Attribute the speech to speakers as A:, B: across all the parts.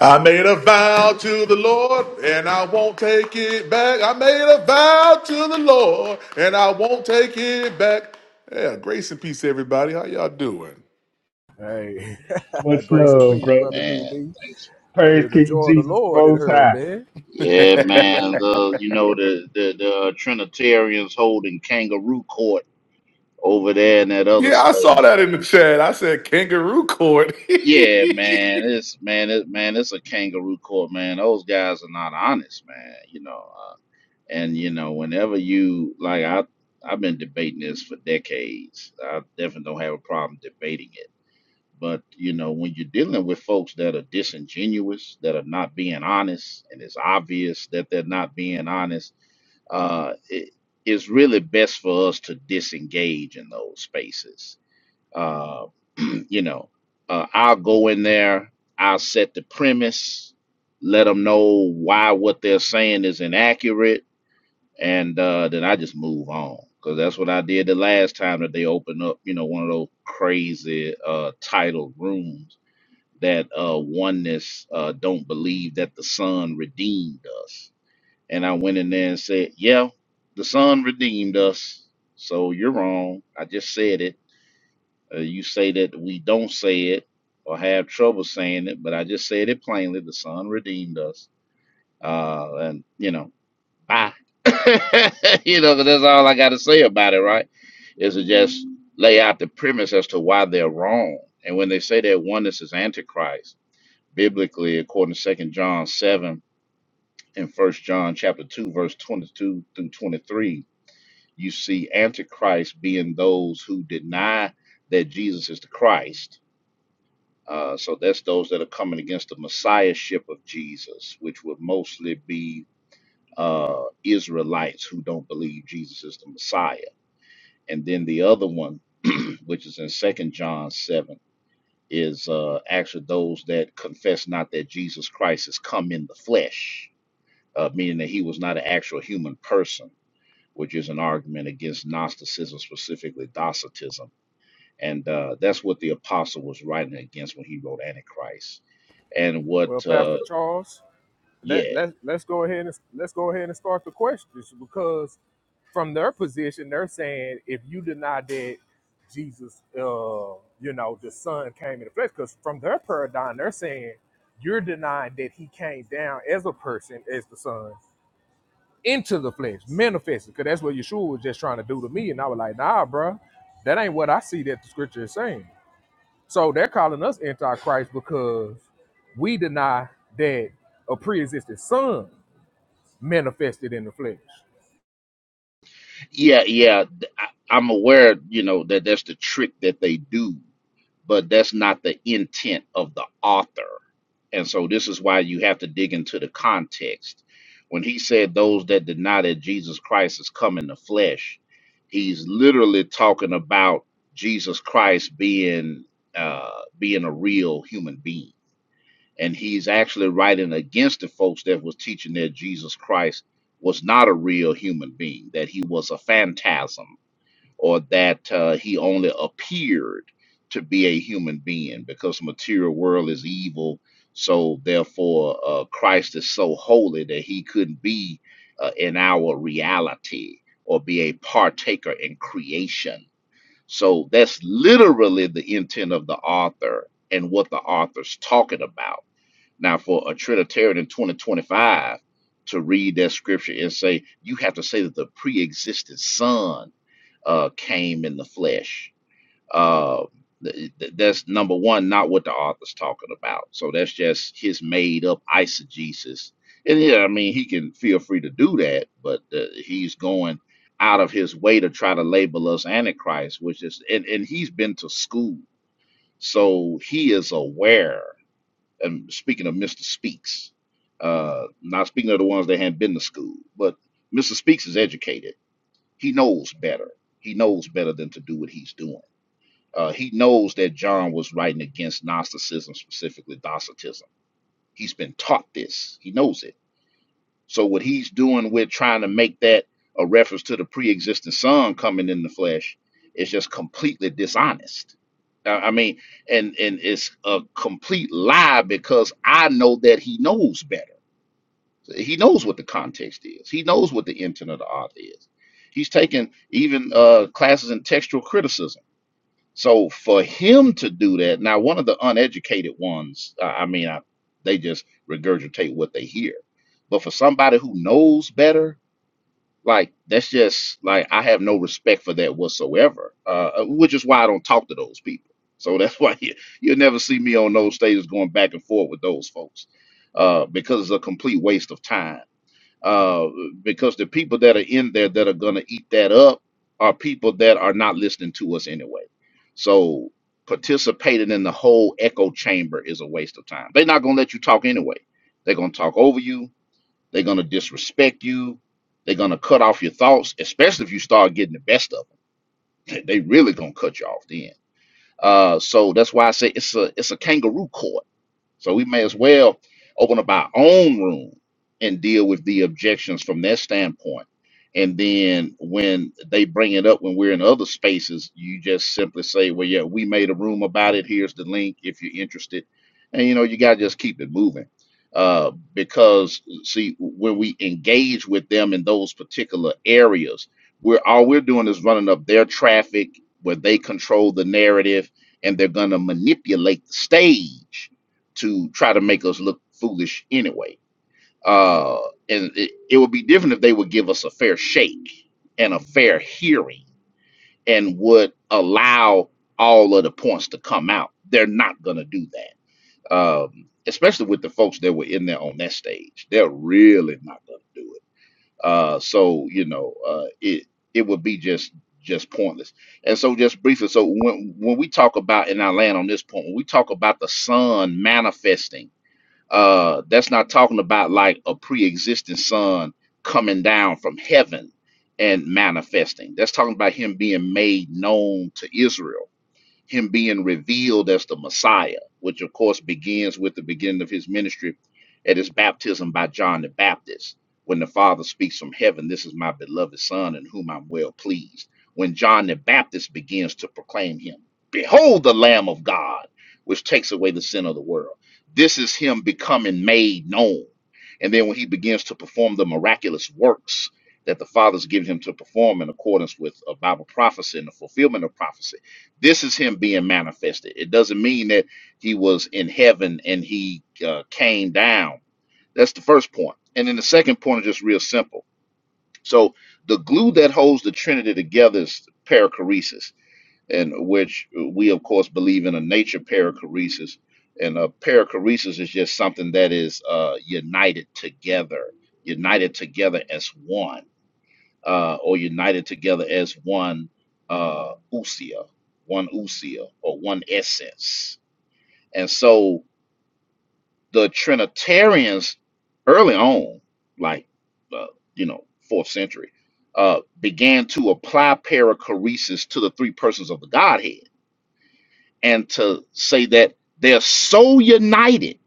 A: I made a vow to the Lord and I won't take it back. I made a vow to the Lord and I won't take it back. Yeah, grace and peace, everybody. How y'all doing?
B: Much love, bro.
C: Man, thanks.
B: Praise King Jesus Most High.
C: Yeah, man. The, you know the the, the Trinitarians holding kangaroo court over there in that other
A: Yeah, I saw
C: space.
A: that in the chat. I said kangaroo court.
C: Yeah, man.
A: hey,
C: It's man. It man. It's a kangaroo court, man. Those guys are not honest, man. You know. Uh, and you know, whenever you like, I I've been debating this for decades. I definitely don't have a problem debating it. But you know, when you're dealing with folks that are disingenuous, that are not being honest, and it's obvious that they're not being honest uh, it, it's really best for us to disengage in those spaces. Uh, you know, uh, I'll go in there, I'll set the premise, let them know why what they're saying is inaccurate, and uh, then I just move on. Because that's what I did the last time that they opened up, you know, one of those crazy uh, titled rooms that uh, oneness uh, don't believe that the Son redeemed us and I went in there and said, Yeah, the Son redeemed us. So you're wrong. I just said it. Uh, you say that we don't say it or have trouble saying it, but I just said it plainly. The Son redeemed us. Uh, and, you know, bye. you know, 'cause that's all I got to say about it, right? Is to just lay out the premise as to why they're wrong. And when they say that oneness is Antichrist, biblically, according to Second John 7, in first john chapter 2 verse 22 through 23 you see antichrist being those who deny that jesus is the christ uh, so that's those that are coming against the messiahship of jesus which would mostly be uh, israelites who don't believe jesus is the messiah and then the other one which is in second john 7 is uh, actually those that confess not that jesus christ has come in the flesh uh, meaning that he was not an actual human person which is an argument against Gnosticism, specifically Docetism. And uh, that's what the apostle was writing against when he wrote Antichrist. And what, uh, yeah, yeah, yeah. th- I, I'm aware, you know, that that's the trick that they do but that's not the intent of the author. And so this is why you have to dig into the context. When he said those that deny that Jesus Christ has come in the flesh, he's literally talking about Jesus Christ being uh, being a real human being. And he's actually writing against the folks that was teaching that Jesus Christ was not a real human being, that he was a phantasm or that uh, he only appeared to be a human being because the material world is evil so therefore uh, christ is so holy that he couldn't be uh, in our reality or be a partaker in creation so that's literally the intent of the author and what the author's talking about now for a trinitarian in 2025 to read that scripture and say you have to say that the pre-existent son uh, came in the flesh. Uh, th- th- that's number one, not what the author's talking about. So that's just his made up eisegesis. And yeah, I mean, he can feel free to do that, but uh, he's going out of his way to try to label us Antichrist, which is, and, and he's been to school. So he is aware. And speaking of Mr. Speaks, uh, not speaking of the ones that haven't been to school, but Mr. Speaks is educated he knows better. He knows better than to do what he's doing. Uh, he knows that John was writing against Gnosticism, specifically Docetism. He's been taught this. He knows it. So what he's doing with trying to make that a reference to the pre-existing Son coming in the flesh is just completely dishonest. I I mean, and and it's a complete lie because I know that he knows better he knows what the context is. He knows what the intent of the author is. He's taken even uh, classes in textual criticism. So for him to do that, now one of the uneducated ones, I I mean, I, they just regurgitate what they hear. But for somebody who knows better, like that's just like I have no respect for that whatsoever. Uh, which is why I don't talk to those people. So that's why you, you'll never see me on those stages going back and forth with those folks uh, because it's a complete waste of time uh, because the people that are in there that are going to eat that up are people that are not listening to us anyway. So participating in the whole echo chamber is a waste of time. They're not going to let you talk anyway. They're going to talk over you. They're going to disrespect you. They're going to cut off your thoughts, especially if you start getting the best of them. They really going to cut you off then. Uh, so that's why I say it's a it's a kangaroo court so we may as well open up our own room and deal with the objections from their standpoint. And then when they bring it up when we're in other spaces, you just simply say, Well, yeah, we made a room about it. Here's the link if you're interested. And you know, you gotta just keep it moving. Uh, because see, when we engage with them in those particular areas, we're all we're doing is running up their traffic where they control the narrative and they're gonna manipulate the stage to try to make us look foolish anyway. Uh, and it, it would be different if they would give us a fair shake and a fair hearing and would allow all of the points to come out. They're not going to do that, um, especially with the folks that were in there on that stage. They're really not going to do it. Uh, so you know, uh, it it would be just just pointless. And so, just briefly, so when when we talk about, and I land on this point, when we talk about the sun manifesting. Uh, that's not talking about like a pre-existing son coming down from heaven and manifesting. That's talking about him being made known to Israel him being revealed as the Messiah, which of course begins with the beginning of his ministry at his baptism by John the Baptist. When the Father speaks from heaven, this is my beloved Son in whom I'm well pleased. When John the Baptist begins to proclaim him, Behold the Lamb of God, which takes away the sin of the world. This is him becoming made known. And then when he begins to perform the miraculous works that the Father's given him to perform in accordance with a Bible prophecy and the fulfillment of prophecy this is him being manifested. It doesn't mean that he was in heaven and he uh, came down. That's the first point. And then the second point is just real simple. So the glue that holds the Trinity together is perichoresis, and which we of course believe in a nature perichoresis. And a perichoresis is just something that is uh, united together, united together as one uh, or united together as one uh, usia, one usia, or one essence. And so the Trinitarians early on, like, uh, you know, fourth century, uh, began to apply perichoresis to the three persons of the Godhead and to say that they're so united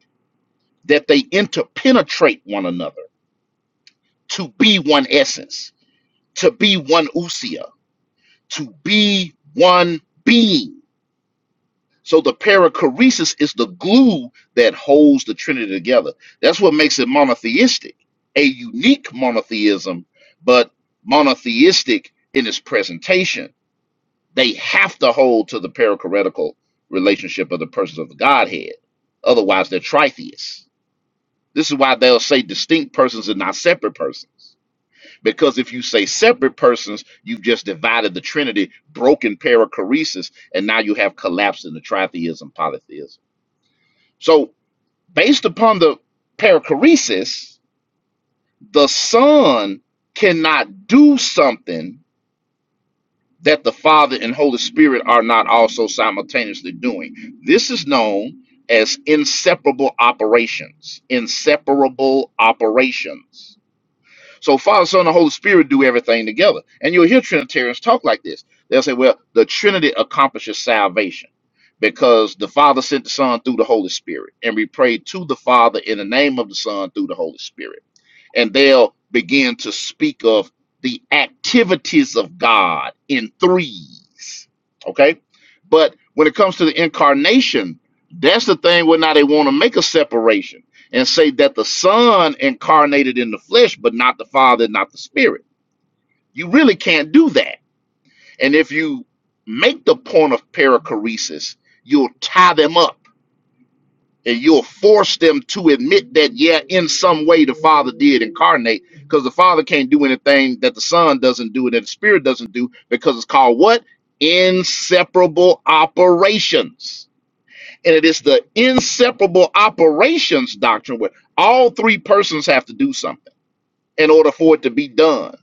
C: that they interpenetrate one another to be one essence, to be one usia, to be one being So the perichoresis is the glue that holds the Trinity together. That's what makes it monotheistic, a unique monotheism, but monotheistic in its presentation. They have to hold to the perichoretical relationship of the persons of the Godhead. Otherwise, they're tritheists. This is why they'll say distinct persons and not separate persons. Because if you say separate persons, you've just divided the Trinity, broken perichoresis, and now you have collapsed into tritheism, polytheism. So, based upon the perichoresis, the Son cannot do something that the Father and Holy Spirit are not also simultaneously doing. This is known as inseparable operations. Inseparable operations. So Father, Son, and Holy Spirit do everything together. And you'll hear Trinitarians talk like this. They'll say, well, the Trinity accomplishes salvation because the Father sent the Son through the Holy Spirit. And we pray to the Father in the name of the Son through the Holy Spirit and they'll begin to speak of the activities of God in threes. Okay? But when it comes to the incarnation, that's the thing where now they want to make a separation and say that the Son incarnated in the flesh, but not the Father, not the Spirit. You really can't do that. And if you make the point of perichoresis, you'll tie them up and you'll force them to admit that yeah in some way the father did incarnate because the father can't do anything that the son doesn't do that the spirit doesn't do because it's called what inseparable operations and it is the inseparable operations doctrine where all three persons have to do something in order for it to be done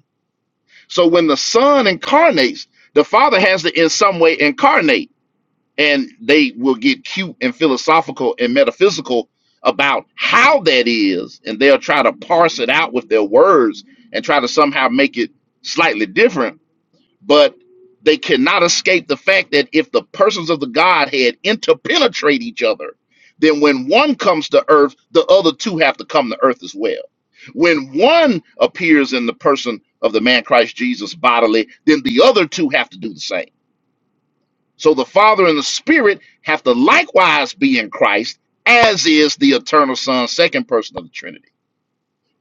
C: so when the son incarnates the father has to in some way incarnate and they will get cute and philosophical and metaphysical about how that is and they'll try to parse it out with their words and try to somehow make it slightly different but they cannot escape the fact that if the persons of the godhead interpenetrate each other then when one comes to earth the other two have to come to earth as well when one appears in the person of the man christ jesus bodily then the other two have to do the same so the Father and the Spirit have to likewise be in Christ, as is the eternal Son, second person of the Trinity.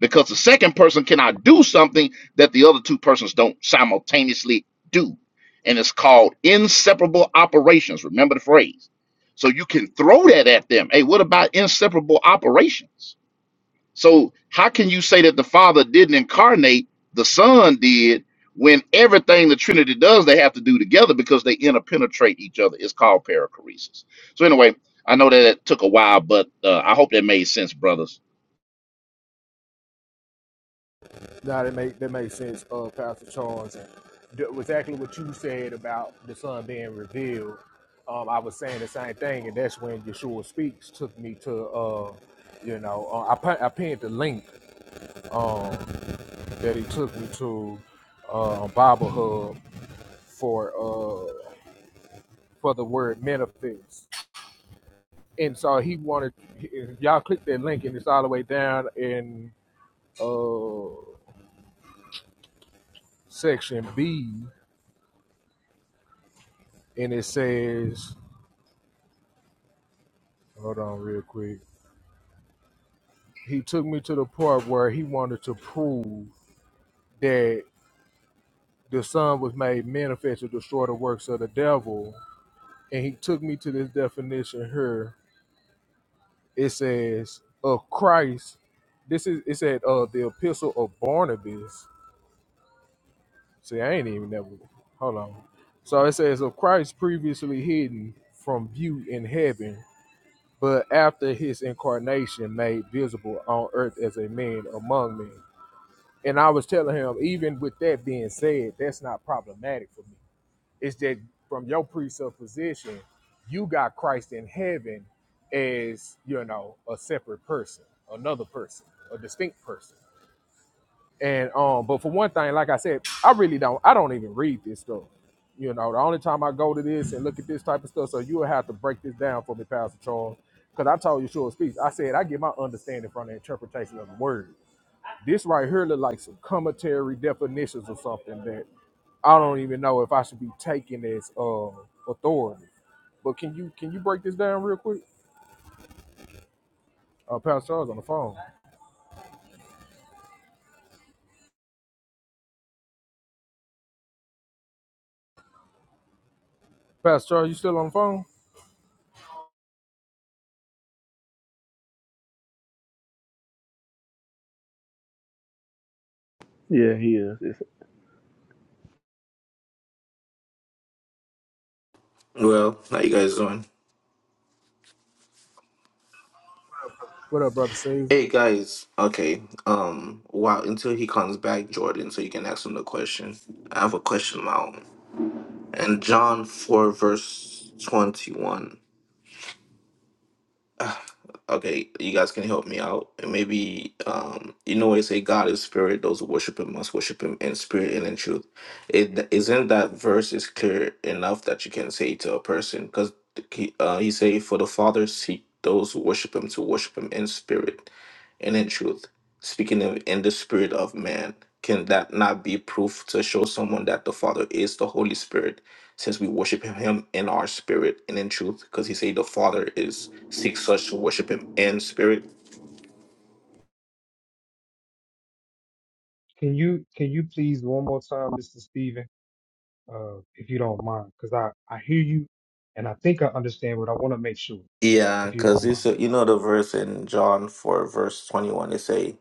C: Because the second person cannot do something that the other two persons don't simultaneously do. And it's called inseparable operations. Remember the phrase. So you can throw that at them. Hey, what about inseparable operations? So how can you say that the Father didn't incarnate, the Son did, when everything the Trinity does, they have to do together because they interpenetrate each other. It's called perichoresis. So anyway, I know that it took a while, but uh, I hope that made sense, brothers.
D: Yeah, he is. It's
E: Well, how you guys doing? Hey guys, okay. Um, wow. Until he comes back, Jordan, so you can ask him the question. I have a question of my own. And John four verse twenty one. Okay, you guys can help me out. And maybe um you know they say God is spirit, those who worship him must worship him in spirit and in truth. It isn't that verse is clear enough that you can say to a person because he, uh, he say for the Father seek those who worship him to worship him in spirit and in truth. Speaking of in the spirit of man, can that not be proof to show someone that the Father is the Holy Spirit? since we worship him in our spirit and in truth, because he said the Father is seeks such to worship him in spirit.
B: Can you can you please one more time, Mr. Stephen, uh, if you don't mind, because I I hear you, and I think I understand, but I want to make sure
E: Yeah,
B: if you
E: because
B: don't mind.
E: you know the verse in John four verse twenty one. They say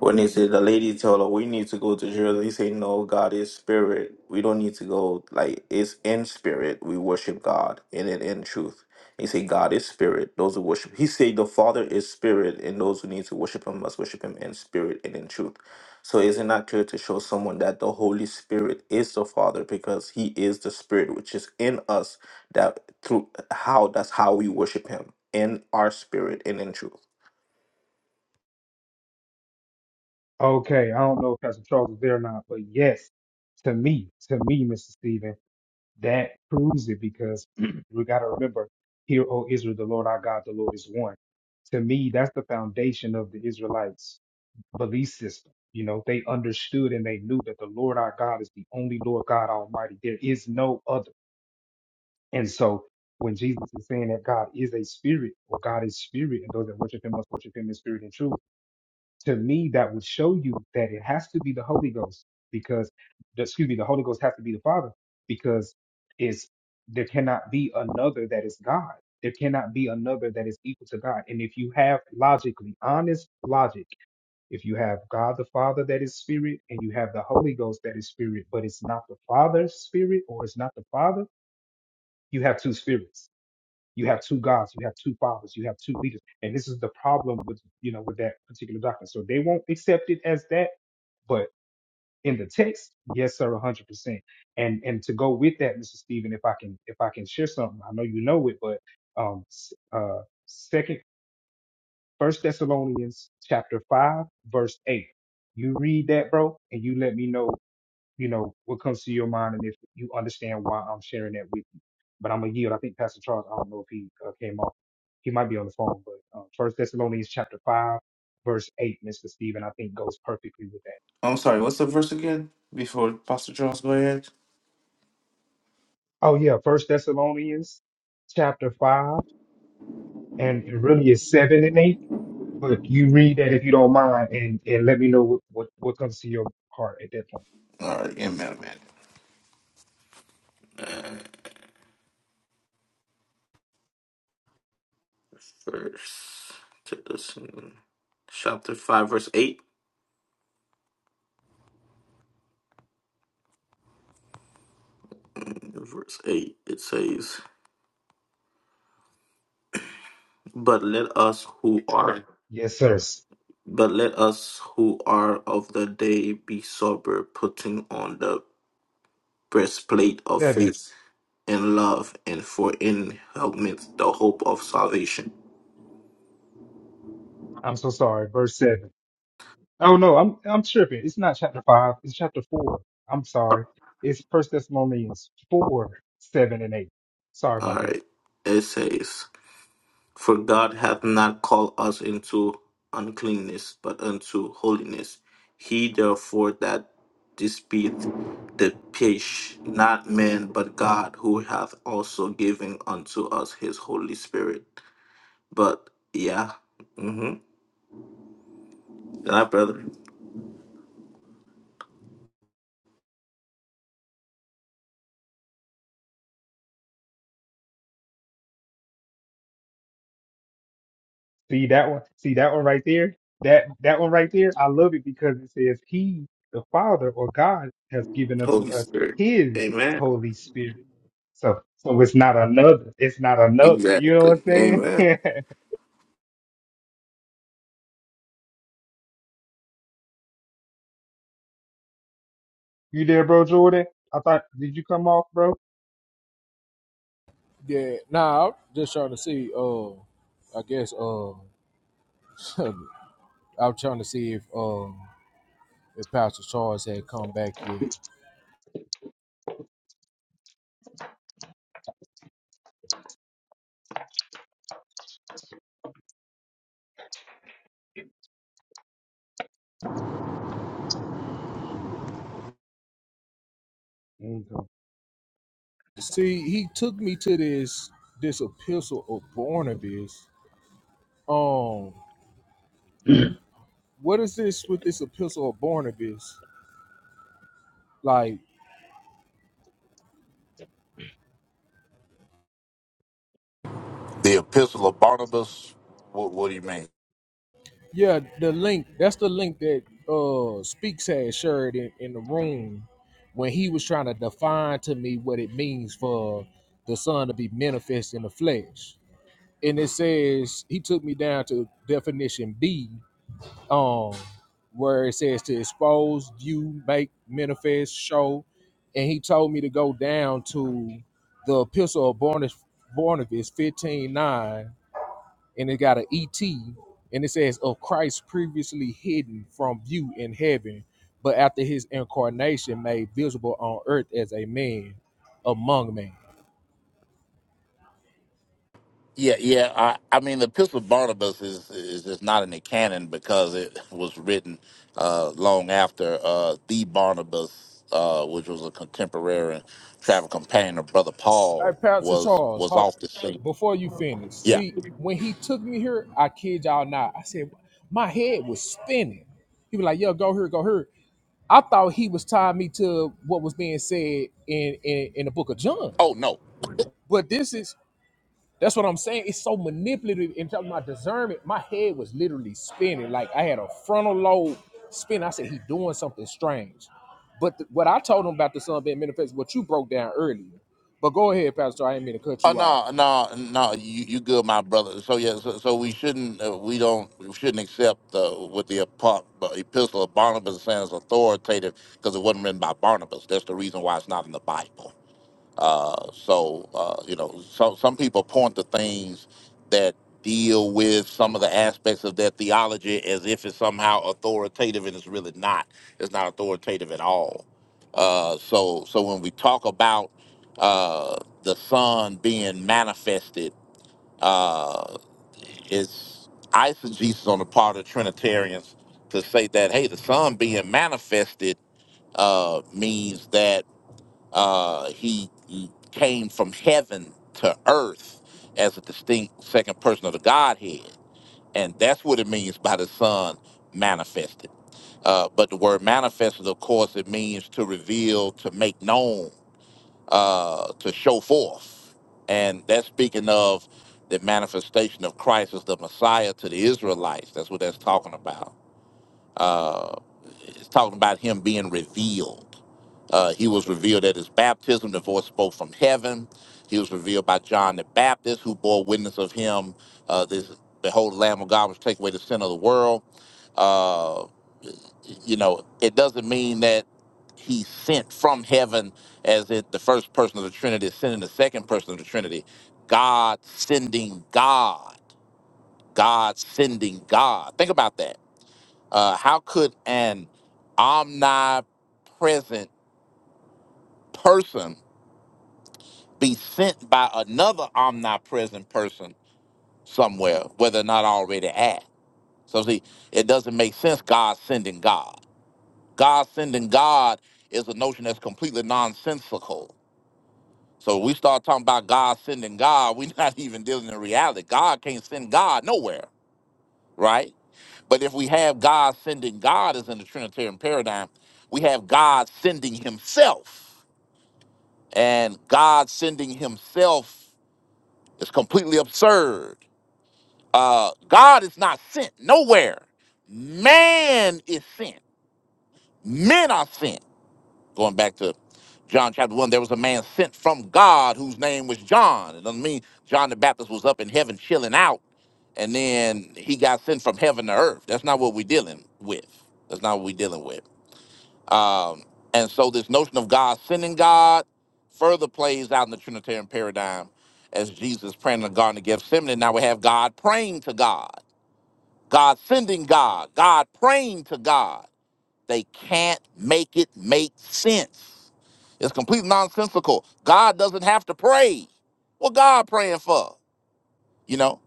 E: When they said the lady told her we need to go to Jerusalem, he said, No, God is spirit. We don't need to go like it's in spirit. We worship God in it in truth. He said, God is spirit. Those who worship He said the Father is spirit, and those who need to worship him must worship him in spirit and in truth. So isn't that clear to show someone that the Holy Spirit is the Father because He is the Spirit which is in us that through how that's how we worship Him in our spirit and in truth.
B: Okay, I don't know if Pastor Charles is there or not, but yes, to me, to me, Mr. Stephen, that proves it because we got to remember, here, O Israel, the Lord our God, the Lord is one. To me, that's the foundation of the Israelites belief system. You know, they understood and they knew that the Lord our God is the only Lord God Almighty. There is no other. And so when Jesus is saying that God is a spirit or God is spirit and those that worship him must worship him in spirit and truth, to me, that would show you that it has to be the Holy Ghost because, excuse me, the Holy Ghost has to be the Father because it's, there cannot be another that is God. There cannot be another that is equal to God. And if you have logically, honest logic, if you have God the Father that is spirit and you have the Holy Ghost that is spirit, but it's not the Father's spirit or it's not the Father, you have two spirits. You have two gods, you have two fathers, you have two leaders. And this is the problem with you know with that particular doctrine. So they won't accept it as that, but in the text, yes, sir, hundred percent. And and to go with that, Mr. Stephen, if I can if I can share something, I know you know it, but um s- uh Second First Thessalonians chapter five, verse eight. You read that, bro, and you let me know, you know, what comes to your mind and if you understand why I'm sharing that with you. But I'm gonna yield. I think Pastor Charles, I don't know if he uh, came off. He might be on the phone, but uh, First Thessalonians chapter five, verse eight, Mr. Stephen, I think goes perfectly with that.
E: I'm sorry, what's the verse again? Before Pastor Charles go ahead?
B: Oh yeah, First Thessalonians chapter five, and it really is seven and eight. But you read that if you don't mind, and, and let me know what, what, what comes to your heart at that point.
E: Alright, amen, Amen. Verse, get this in chapter 5, verse 8. Verse 8, it says, But let us who are
B: Yes, sir.
E: but let us who are of the day be sober, putting on the breastplate of
B: Seven.
E: faith and love, and for in helmet the hope of salvation.
B: I'm so sorry. Verse seven. Oh no, I'm I'm tripping. It's not chapter five. It's chapter four. I'm sorry. It's First Thessalonians four, seven, and eight. Sorry
E: All
B: about that.
E: right. It says. For God hath not called us into uncleanness, but unto holiness. He therefore that despiteth the pish, not man, but God, who hath also given unto us his Holy Spirit. But yeah, mm-hmm. that brother,
B: See that one? See that one right there? That that one right there. I love it because it says He, the Father or God, has given unto
E: Holy
B: us
E: Spirit.
B: His
E: Amen.
B: Holy Spirit. So so it's not another. It's not another. You know what
E: Exactly.
B: I'm
E: Amen.
B: saying? you there, bro, Jordan? I thought. Did you come off, bro? Mm,
C: The Epistle of Barnabas? What, what do you mean? Yeah, yeah. I, I mean, the Epistle of Barnabas is is just not in the canon because it was written uh, long after uh, the Barnabas, uh, which was a contemporary travel companion of Brother Paul, was was off the scene. Yeah. Oh no. Oh no, no, no. You you good, my brother. So yeah. So, so we shouldn't uh, we don't we shouldn't accept uh, what the apo- uh, Epistle of Barnabas is saying is authoritative because it wasn't written by Barnabas. That's the reason why it's not in the Bible. Uh, so uh, you know, so some people point to things that deal with some of the aspects of their theology as if it's somehow authoritative, and it's really not. It's not authoritative at all. Uh, so so when we talk about uh, the Son being manifested, uh, it's eisegesis on the part of Trinitarians to say that hey, the Son being manifested uh, means that uh, he, he came from heaven to earth as a distinct second person of the Godhead. And that's what it means by the Son manifested. Uh, but the word manifested, of course, it means to reveal, to make known, uh, to show forth. And that's speaking of the manifestation of Christ as the Messiah to the Israelites. That's what that's talking about. Uh, it's talking about him being revealed uh, he was revealed at his baptism. The voice spoke from heaven. He was revealed by John the Baptist, who bore witness of him. Uh, this behold, the Lamb of God was take away the sin of the world. Uh, you know, it doesn't mean that he sent from heaven, as if the first person of the Trinity is sending the second person of the Trinity. God sending God. God sending God. Think about that. Uh, how could an omnipresent person be sent by another omnipresent person somewhere, whether or not already at. So see, it doesn't make sense God sending God. God sending God is a notion that's completely nonsensical. So we start talking about God sending God, we're not even dealing in reality. God can't send God nowhere, right? But if we have God sending God as in the Trinitarian paradigm, we have God sending himself. And God sending himself is completely absurd Uh, God is not sent nowhere. Man is sent. Men are sent. Going back to John chapter 1, there was a man sent from God whose name was John. It doesn't mean John the Baptist was up in heaven chilling out and then he got sent from heaven to earth. That's not what we're dealing with. That's not what we're dealing with. Um, and so this notion of God sending God further plays out in the Trinitarian paradigm as Jesus praying in the Garden of Gethsemane. Now we have God praying to God. God sending God, God praying to God. They can't make it make sense. It's completely nonsensical. God doesn't have to pray. What God praying for? You know,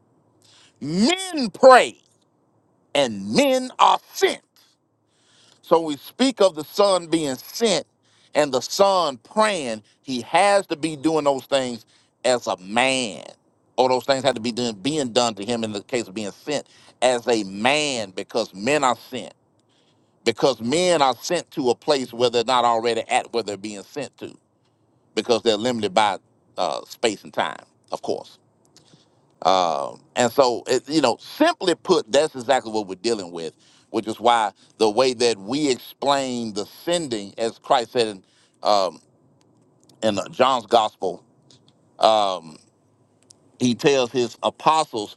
C: men pray and men are sent. So we speak of the son being sent and the son praying. He has to be doing those things as a man. Or those things had to be done, being done to him in the case of being sent as a man because men are sent because men are sent to a place where they're not already at where they're being sent to because they're limited by uh, space and time, of course. Um, and so, it, you know, simply put, that's exactly what we're dealing with, which is why the way that we explain the sending, as Christ said in, um, in uh, John's gospel, um, he tells his apostles,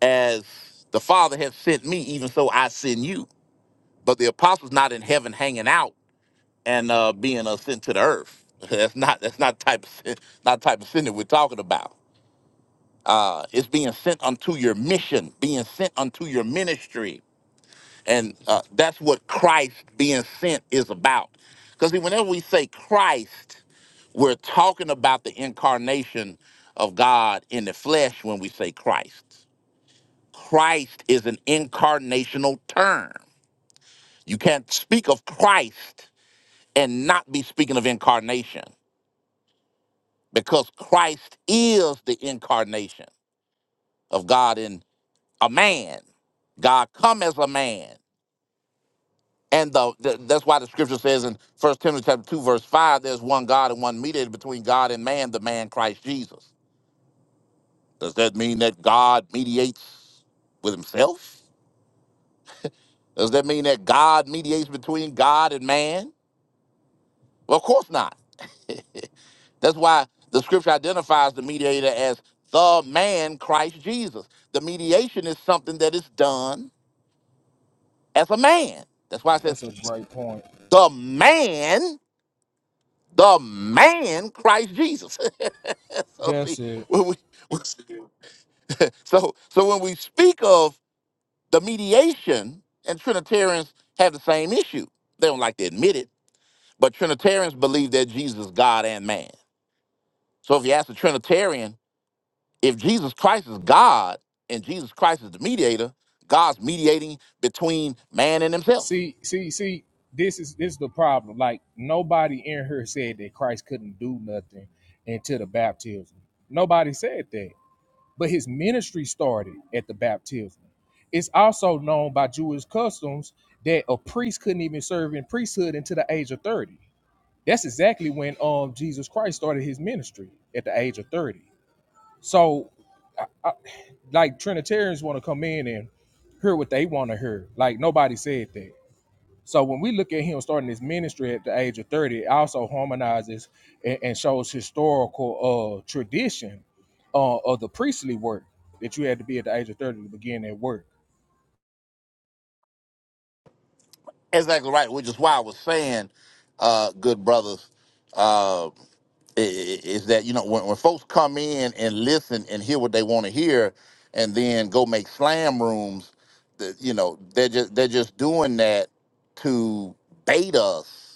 C: as the Father has sent me, even so I send you. But the apostles not in heaven hanging out and uh, being uh, sent to the earth. That's not that's not type of sin, not type of sin that we're talking about. Uh, it's being sent unto your mission, being sent unto your ministry, and uh, that's what Christ being sent is about. Because whenever we say Christ, we're talking about the incarnation of God in the flesh. When we say Christ, Christ is an incarnational term. You can't speak of Christ and not be speaking of incarnation. because Christ is the incarnation of God in a man. God come as a man. And the, the- that's why the scripture says in First Timothy chapter 2, verse 5, there's one God and one mediator between God and man, the man Christ Jesus. Does that mean that God mediates with himself? Does that mean that God mediates between God and man? Well, of course not. That's why the scripture identifies the mediator as the man Christ Jesus. The mediation is something that is done as a man. That's why it says the man, the man, Christ Jesus. so see, when we so so when we speak of the mediation, and Trinitarians have the same issue. They don't like to admit it, but Trinitarians believe that Jesus is God and man. So if you ask a Trinitarian, if Jesus Christ is God and Jesus Christ is the mediator, God's mediating between man and himself. Exactly right, which is why I was saying, uh, good brothers, uh, i- i- is that you know when, when folks come in and listen and hear what they want to hear, and then go make slam rooms, that you know they're just they're just doing that to bait us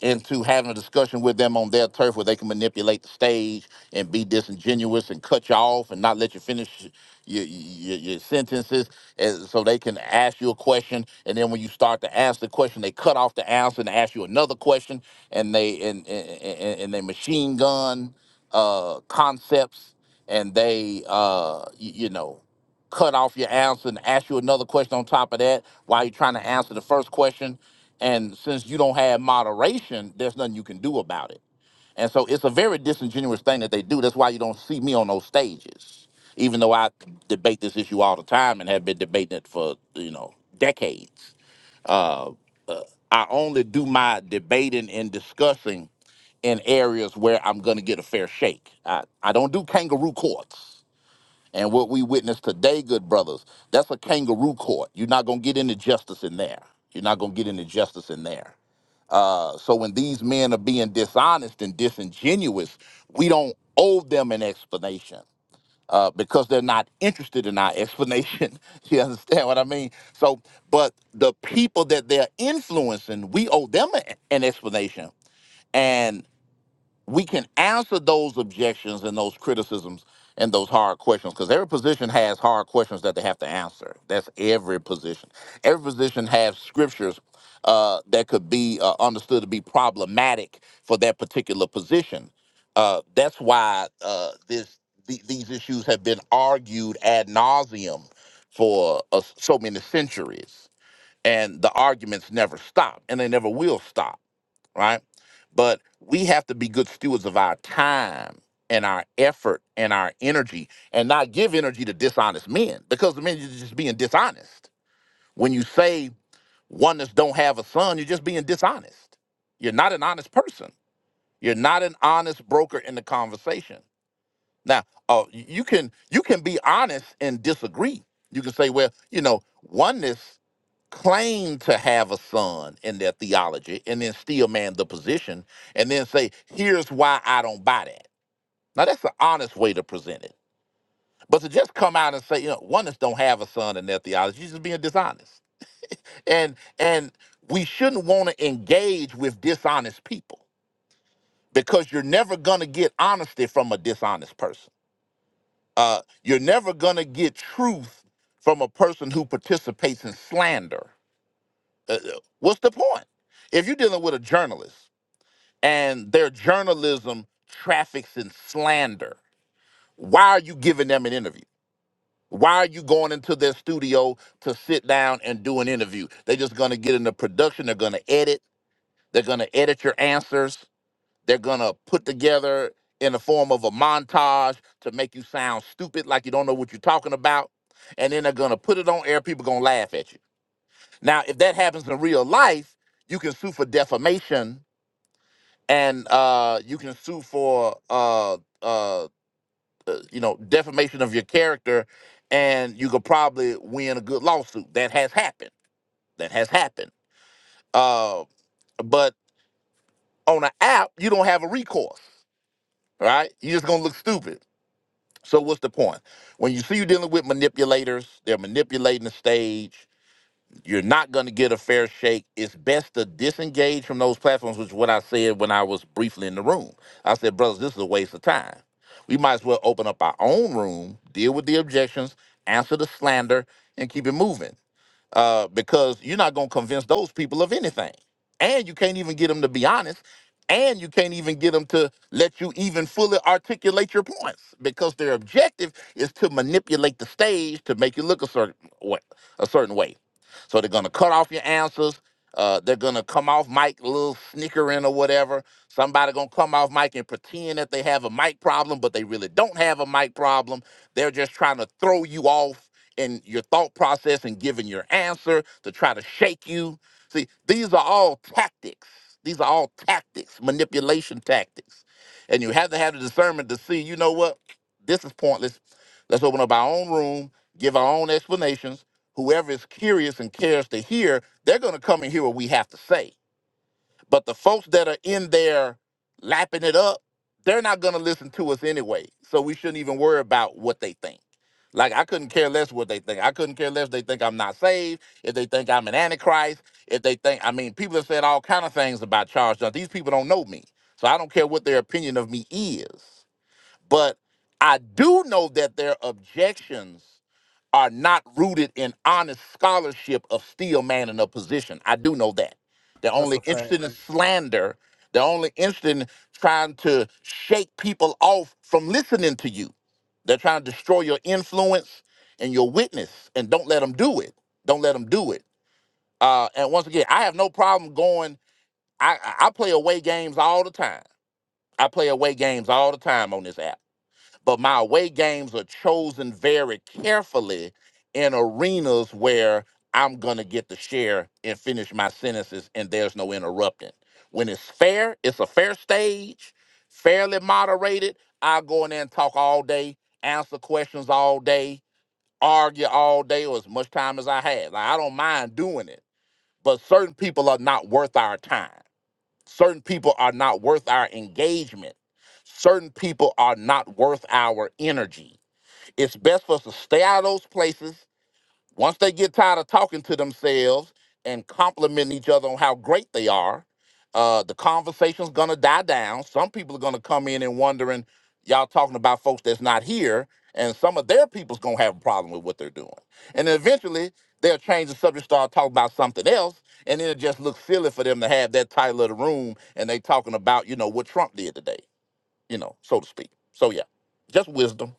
C: into having a discussion with them on their turf where they can manipulate the stage and be disingenuous and cut you off and not let you finish your, your, your sentences and so they can ask you a question and then when you start to ask the question they cut off the answer and ask you another question and they and and, and, and they machine gun uh, concepts and they uh, y- you know cut off your answer and ask you another question on top of that while you're trying to answer the first question and since you don't have moderation, there's nothing you can do about it. And so it's a very disingenuous thing that they do. That's why you don't see me on those stages, even though I debate this issue all the time and have been debating it for you know decades. Uh, uh, I only do my debating and discussing in areas where I'm going to get a fair shake. I, I don't do kangaroo courts. And what we witnessed today, good brothers, that's a kangaroo court. You're not going to get any justice in there. You're not going to get any justice in there. Uh, so when these men are being dishonest and disingenuous, we don't owe them an explanation uh, because they're not interested in our explanation. you understand what I mean? So, but the people that they're influencing, we owe them a- an explanation we can answer those objections and those criticisms and those hard questions because every position has hard questions that they have to answer. That's every position. Every position has scriptures uh, that could be uh, understood to be problematic for that particular position. Uh, that's why uh, this the, these issues have been argued ad nauseum for uh, so many centuries, and the arguments never stop, and they never will stop right? But we have to be good stewards of our time and our effort and our energy and not give energy to dishonest men because the men are just being dishonest. When you say oneness don't have a son, you're just being dishonest. You're not an honest person. You're not an honest broker in the conversation. Now, uh, you can you can be honest and disagree. You can say, well, you know, oneness claim to have a son in their theology and then still man the position and then say, here's why I don't buy that. Now, that's the honest way to present it. But to just come out and say, you know, oneness don't have a son in their theology, you're just being dishonest. And and we shouldn't want to engage with dishonest people because you're never gonna get honesty from a dishonest person. Uh, you're never gonna get truth from a person who participates in slander Uh, uh, what's the point? If you're dealing with a journalist and their journalism traffics in slander, why are you giving them an interview? Why are you going into their studio to sit down and do an interview? They're just going to get into production. They're going to edit. They're going to edit your answers. They're going to put together in the form of a montage to make you sound stupid, like you don't know what you're talking about. And then they're going to put it on air. People going to laugh at you. Now, if that happens in real life, you can sue for defamation and uh, you can sue for uh, uh, uh, you know defamation of your character, and you could probably win a good lawsuit. That has happened. That has happened. Uh, but on an app, you don't have a recourse, right? You're just gonna look stupid. So what's the point? When you see you dealing with manipulators, they're manipulating the stage. you're not going to get a fair shake. It's best to disengage from those platforms, which is what I said when I was briefly in the room. I said, brothers, this is a waste of time. We might as well open up our own room, deal with the objections, answer the slander, and keep it moving uh, because you're not going to convince those people of anything. And you can't even get them to be honest. And you can't even get them to let you even fully articulate your points because their objective is to manipulate the stage to make you look a certain way. A certain way. So they're going to cut off your answers. Uh, they're going to come off mic a little snickering or whatever. Somebody going to come off mic and pretend that they have a mic problem, but they really don't have a mic problem. They're just trying to throw you off in your thought process and giving your answer to try to shake you. See, these are all tactics. These are all tactics, manipulation tactics. And you have to have the discernment to see, you know what? This is pointless. Let's open up our own room, give our own explanations. Whoever is curious and cares to hear, they're going to come and hear what we have to say but the folks that are in there lapping it up, they're not going to listen to us anyway. So we shouldn't even worry about what they think. Like, I couldn't care less what they think. I couldn't care less if they think I'm not saved, if they think I'm an antichrist, if they think, I mean, people have said all kind of things about Charles Johnson. These people don't know me. So I don't care what their opinion of me is. But I do know that their objections are not rooted in honest scholarship of still man in a position. I do know that. They're only interested in slander. They're only interested in trying to shake people off from listening to you. They're trying to destroy your influence and your witness. And don't let them do it. Don't let them do it. Uh, and once again, I have no problem going. I, I I play away games all the time. I play away games all the time on this app but my away games are chosen very carefully in arenas where I'm gonna get to share and finish my sentences and there's no interrupting. When it's fair, it's a fair stage, fairly moderated. I go in there and talk all day, answer questions all day, argue all day or as much time as I have. Like I don't mind doing it, but certain people are not worth our time. Certain people are not worth our engagement. Certain people are not worth our energy. It's best for us to stay out of those places once they get tired of talking to themselves and complimenting each other on how great they are, uh, the conversation's gonna die down. Some people are gonna come in and wondering, y'all talking about folks that's not here, and some of their people's gonna have a problem with what they're doing. And then eventually they'll change the subject, start talking about something else, and it'll just look silly for them to have that title of the room and they talking about, you know, what Trump did today, you know, so to speak. So yeah, just wisdom.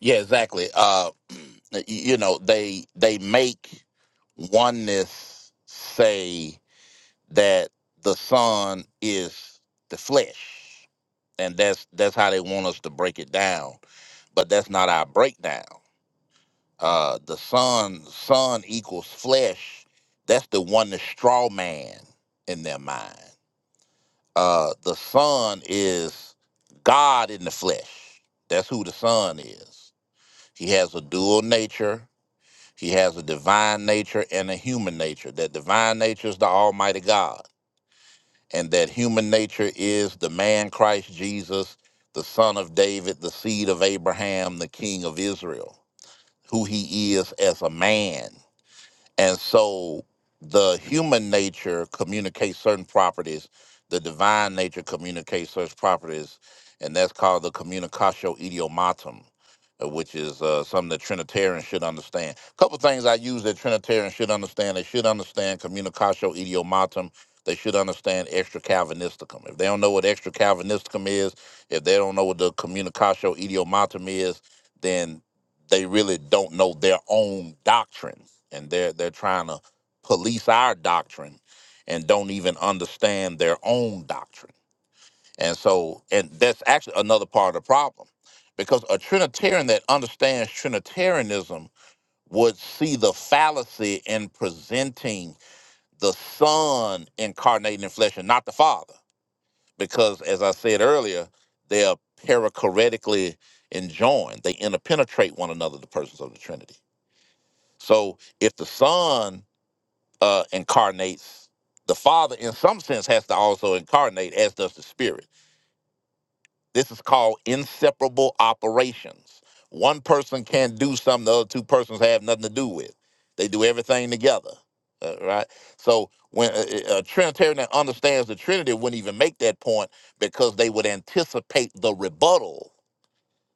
C: Yeah, exactly. Uh, y- you know, they they make oneness say that the son is the flesh, and that's that's how they want us to break it down. But that's not our breakdown. Uh, the son son equals flesh. That's the one the straw man in their mind. Uh, the son is God in the flesh. That's who the son is. He has a dual nature He has a divine nature and a human nature. That divine nature is the Almighty God, and that human nature is the man Christ Jesus, the son of David, the seed of Abraham, the king of Israel, who he is as a man. And so the human nature communicates certain properties, the divine nature communicates certain properties, and that's called the communicatio idiomatum, uh, which is uh, something that Trinitarians should understand. A couple things I use that Trinitarians should understand. They should understand communicatio idiomatum. They should understand extra Calvinisticum. If they don't know what extra Calvinisticum is, if they don't know what the communicatio idiomatum is, then they really don't know their own doctrine and they're they're trying to police our doctrine and don't even understand their own doctrine and so and that's actually another part of the problem because a trinitarian that understands trinitarianism would see the fallacy in presenting the son incarnated in flesh and not the father because as i said earlier they are perichoretically enjoined they interpenetrate one another the persons of the trinity so if the Son uh, incarnates, the Father, in some sense, has to also incarnate, as does the Spirit. This is called inseparable operations. One person can do something the other two persons have nothing to do with. They do everything together, uh, right? So when a, a a Trinitarian that understands the Trinity wouldn't even make that point because they would anticipate the rebuttal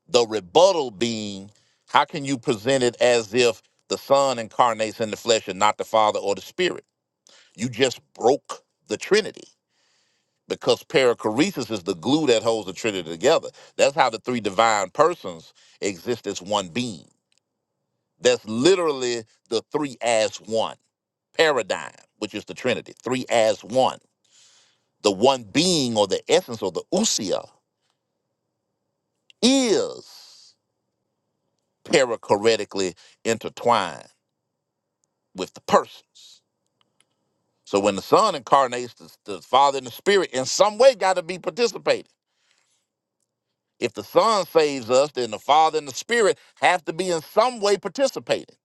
C: the rebuttal being, how can you present it as if the Son incarnates in the flesh and not the Father or the Spirit? You just broke the Trinity because perichoresis is the glue that holds the Trinity together. That's how the three divine persons exist as one being. That's literally the three as one paradigm, which is the Trinity, three as one. The one being or the essence or the usia is perichoretically intertwined with the persons. So when the Son incarnates, the, the Father and the Spirit in some way got to be participating. If the Son saves us, then the Father and the Spirit have to be in some way participating.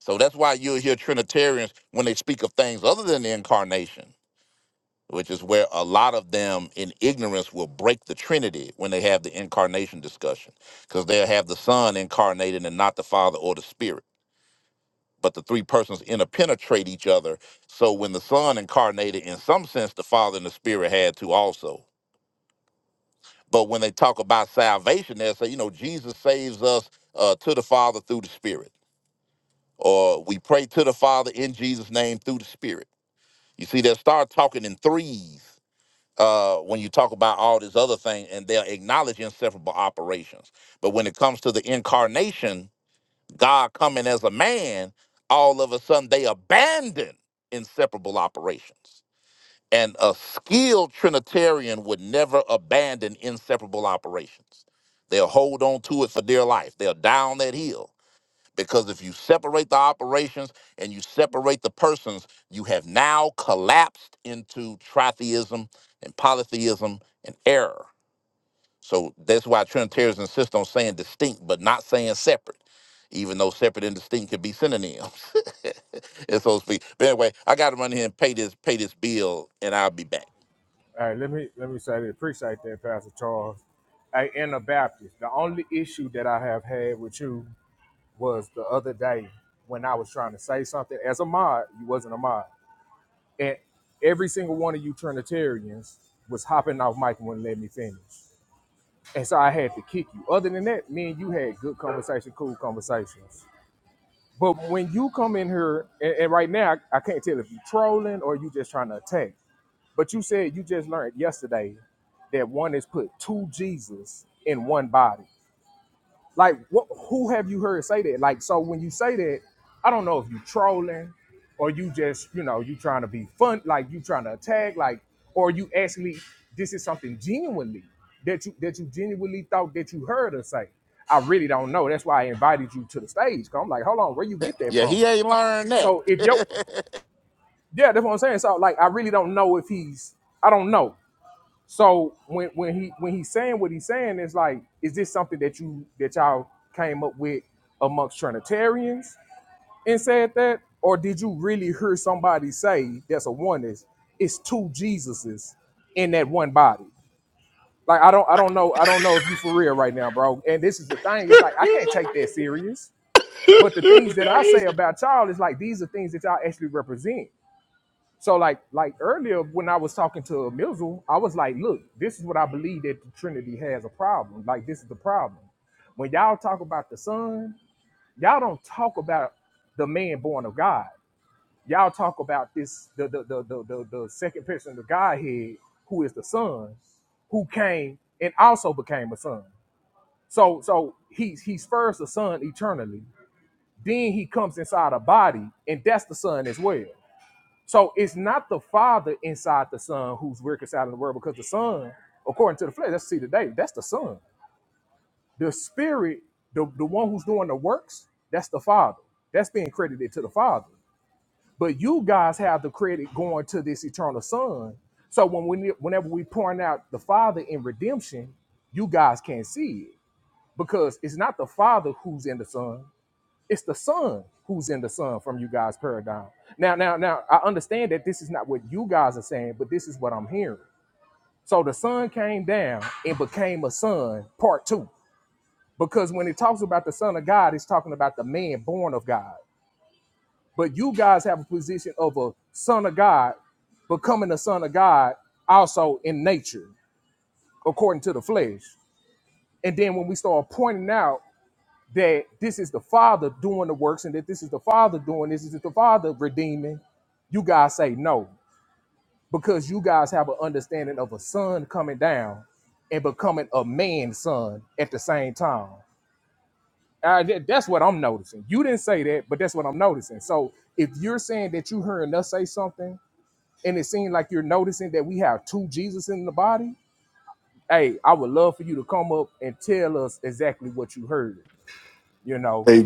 C: So that's why you'll hear Trinitarians when they speak of things other than the incarnation, which is where a lot of them in ignorance will break the Trinity when they have the incarnation discussion, because they'll have the Son incarnated and not the Father or the Spirit. but the three persons interpenetrate each other. So when the Son incarnated, in some sense, the Father and the Spirit had to also. But when they talk about salvation, they say, you know, Jesus saves us uh, to the Father through the Spirit, or we pray to the Father in Jesus' name through the Spirit. You see, they'll start talking in threes uh, when you talk about all this other thing, and they'll acknowledge inseparable operations. But when it comes to the incarnation, God coming as a man, all of a sudden they abandon inseparable operations. And a skilled Trinitarian would never abandon inseparable operations. They'll hold on to it for dear life. They'll die on that hill. Because if you separate the operations and you separate the persons, you have now collapsed into tritheism and polytheism and error. So that's why Trinitarians insist on saying distinct, but not saying separate, even though separate and distinct could be synonyms. and so to speak. But anyway, I gotta run here and pay this pay this bill and I'll be back. Yeah, he ain't learned that.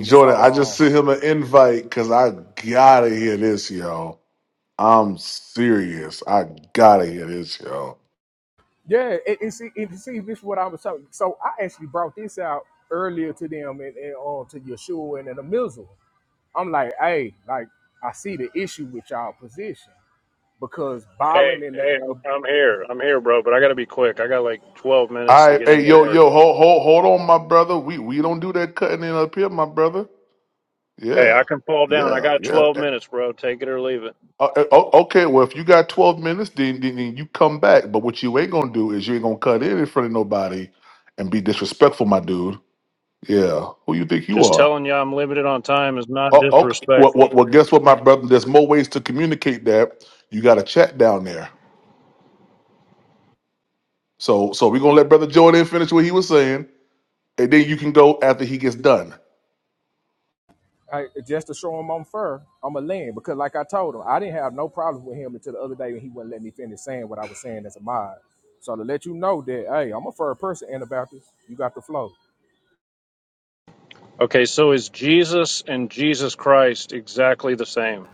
A: Jordan, I just sent him an invite because I gotta hear this, yo. I'm serious. I gotta hear this, yo.
F: Hey, hey, I'm, I'm here. I'm here, bro, but I gotta be quick. I got like 12 minutes
A: All
F: to
A: right,
F: get in
A: hey,
F: there.
A: yo,
F: Eric.
A: yo, hold, hold, hold on, my brother. We we don't do that cutting in up here, my brother.
F: Hey, I
A: Yeah,
F: can fall down. I
A: yeah,
F: got
A: yeah.
F: 12
A: Eh,
F: minutes, bro. Take it or leave it.
A: uh, eh, o- Okay, well, if you got 12 minutes, then, then, then you come back. But what you ain't gonna do is you ain't gonna cut in in front of nobody and be disrespectful, my dude. Yeah, who you think you
F: Just
A: are?
F: telling you I'm limited on time is not
A: Oh, okay. Well, well,
F: disrespectful.
A: well, guess what, my brother? There's more ways to communicate that. You got a chat down there. So, so we're gonna let Brother Jordan finish what he was saying, and then you can go after he gets done.
F: Okay, so is Jesus and Jesus Christ exactly the same?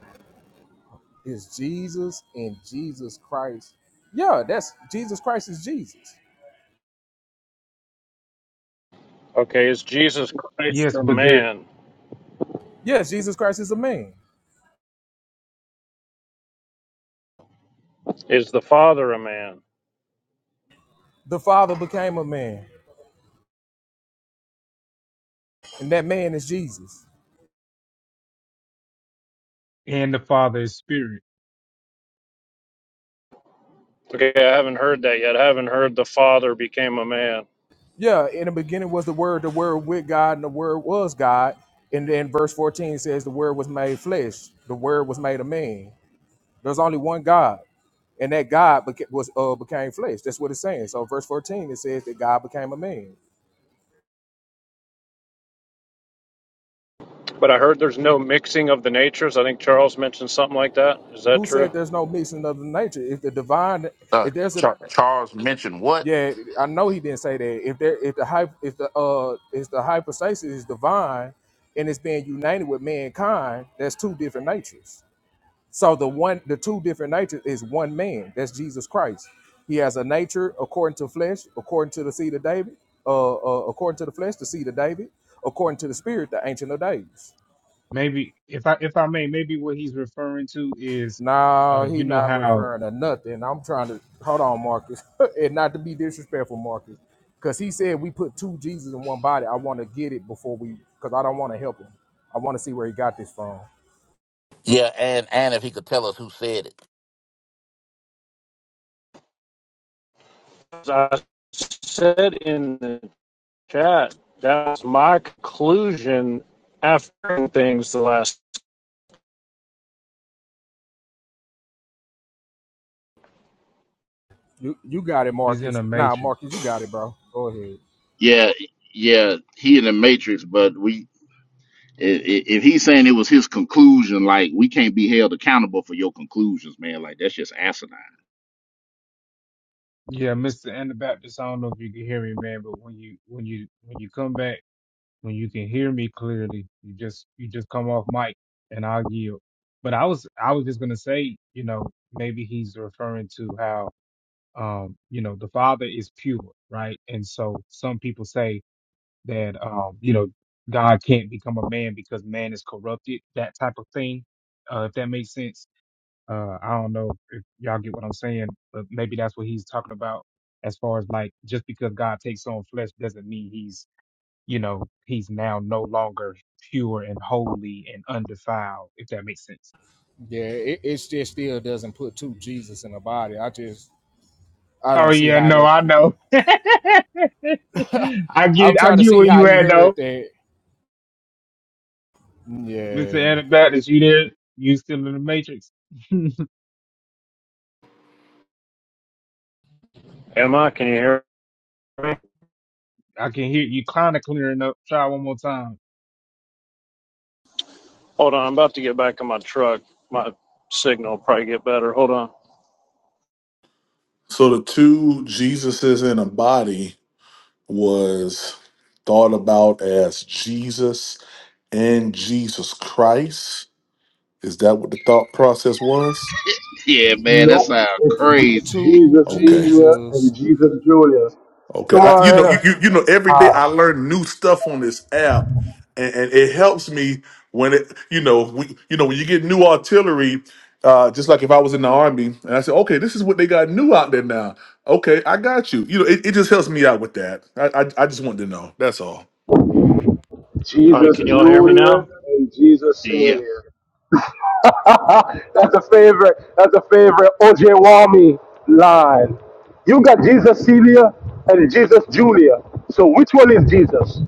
F: Okay, is Jesus Christ
B: Yes,
F: a
B: but there
F: man? Is the Father a man?
B: and the Father is spirit.
F: Okay, I haven't heard that yet. I haven't heard the Father became a man. But I heard there's no mixing of the natures. I think Charles mentioned something like that. Is that true?
C: uh, Char- Charles mentioned what?
B: Maybe if I if I may, maybe what he's referring to is uh you know how
C: Yeah, and and if he could tell us who said it.
F: I said in the chat, that's my conclusion after things the last.
B: he's in a matrix.
C: Yeah, yeah, he in the Matrix, but we i- i- if he's saying it was his conclusion, like we can't be held accountable for your conclusions, man. Like that's just asinine.
B: Yeah, Mr. Anabaptist, I don't know if you can hear me, man, but when you when you when you come back, when you can hear me clearly, you just you just come off mic and I'll yield. But I was I was just gonna say, you know, maybe he's referring to how um, you know, the Father is pure, right? And so some people say that um, you know, God can't become a man because man is corrupted, that type of thing. Uh, if that makes sense. Uh, I don't know if y'all get what I'm saying, but maybe that's what he's talking about as far as like just because God takes on flesh doesn't mean he's, you know, he's now no longer pure and holy and undefiled, if that makes sense. Oh yeah, no, I know. I get I get where you at though. Mr. Anabaptist, you there? You still in the matrix.
F: Am I? Can you hear me?
B: I can hear you kind of clearing up. Try one more time.
F: Hold on, I'm about to get back in my truck. My signal will probably get better. Hold on.
A: So the two Jesuses in a body was thought about as Jesus and Jesus Christ. Is that what the thought process was?
C: Yeah, man, that
G: Nope.
C: sounds
G: It's
C: crazy.
G: Jesus
A: Okay,
G: Senior and Jesus Junior.
A: okay.
G: Come
A: I, you
G: on,
A: know, you,
G: Anna.
A: you you know, every day
G: Ah,
A: I learn new stuff on this app, and, and it helps me when it you know we you know when you get new artillery. Uh, just like if I was in the army and I said, okay, this is what they got new out there now. Okay, I got you. You know, it, it just helps me out with that. I, I I just wanted to know. That's all.
F: All right,
G: Jesus
F: can y'all hear me
G: Junior
F: now?
G: and Jesus
C: Yeah,
G: Senior. That's a favorite. That's a favorite OJ Wami line. You got Jesus Senior and Jesus Junior. So which one is Jesus? Yeah,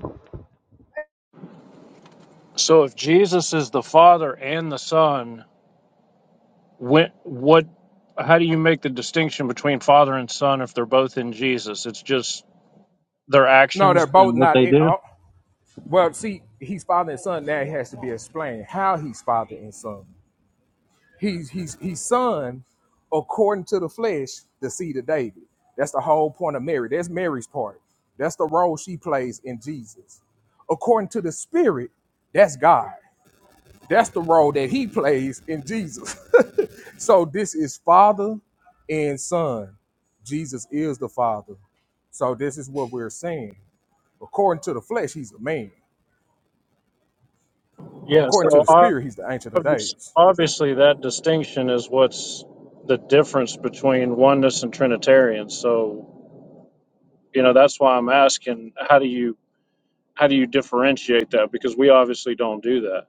F: So if Jesus is the Father and the Son, when, what? How do you make the distinction between Father and Son if they're both in Jesus? It's just their actions and what they do. Yeah. So I, Obvious- Obviously, that distinction is what's the difference between oneness and Trinitarians. So, you know, that's why I'm asking, how do you how do you differentiate that? Because we obviously don't do that.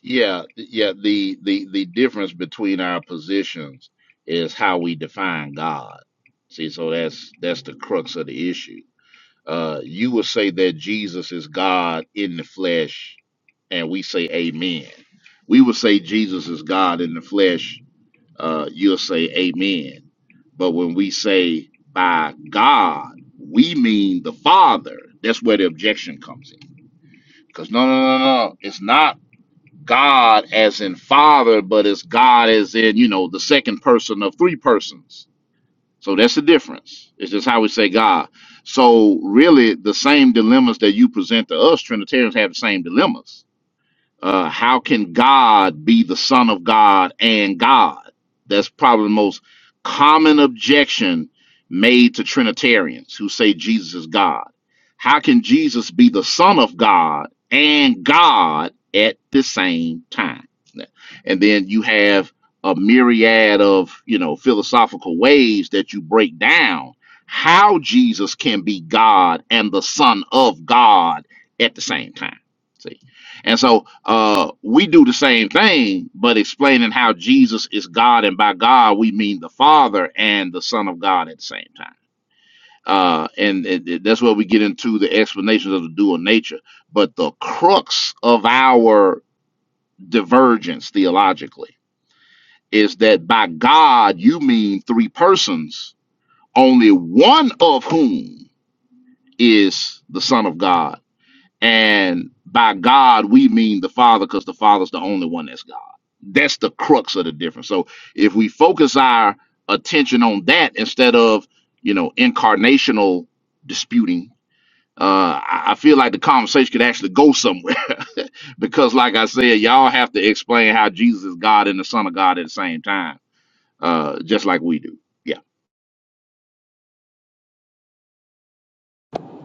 C: yeah, yeah. The the the difference between our positions is how we define God. See, so that's that's the crux of the issue. Uh, you would say that Jesus is God in the flesh, and we say Amen. We would say Jesus is God in the flesh. Uh, you'll say Amen. But when we say by God, we mean the Father. That's where the objection comes in. Because no, no, no, no, no. it's not God as in Father, but it's God as in you know the second person of three persons. So that's the difference. It's just how we say God. So really, the same dilemmas that you present to us Trinitarians have the same dilemmas. Uh, how can God be the Son of God and God? That's probably the most common objection made to Trinitarians who say Jesus is God. How can Jesus be the Son of God and God at the same time? And then you have a myriad of you know philosophical ways that you break down how Jesus can be God and the Son of God at the same time. See? And so uh, we do the same thing, but explaining how Jesus is God, and by God we mean the Father and the Son of God at the same time. Uh, and it, it- that's where we get into the explanations of the dual nature. But the crux of our divergence theologically is that by God you mean three persons, only one of whom is the Son of God And by God, we mean the Father because the Father's the only one that's God. That's the crux of the difference. So if we focus our attention on that instead of, you know, incarnational disputing, uh, I I feel like the conversation could actually go somewhere because, like I said, y'all have to explain how Jesus is God and the Son of God at the same time, uh, just like we do. Yeah.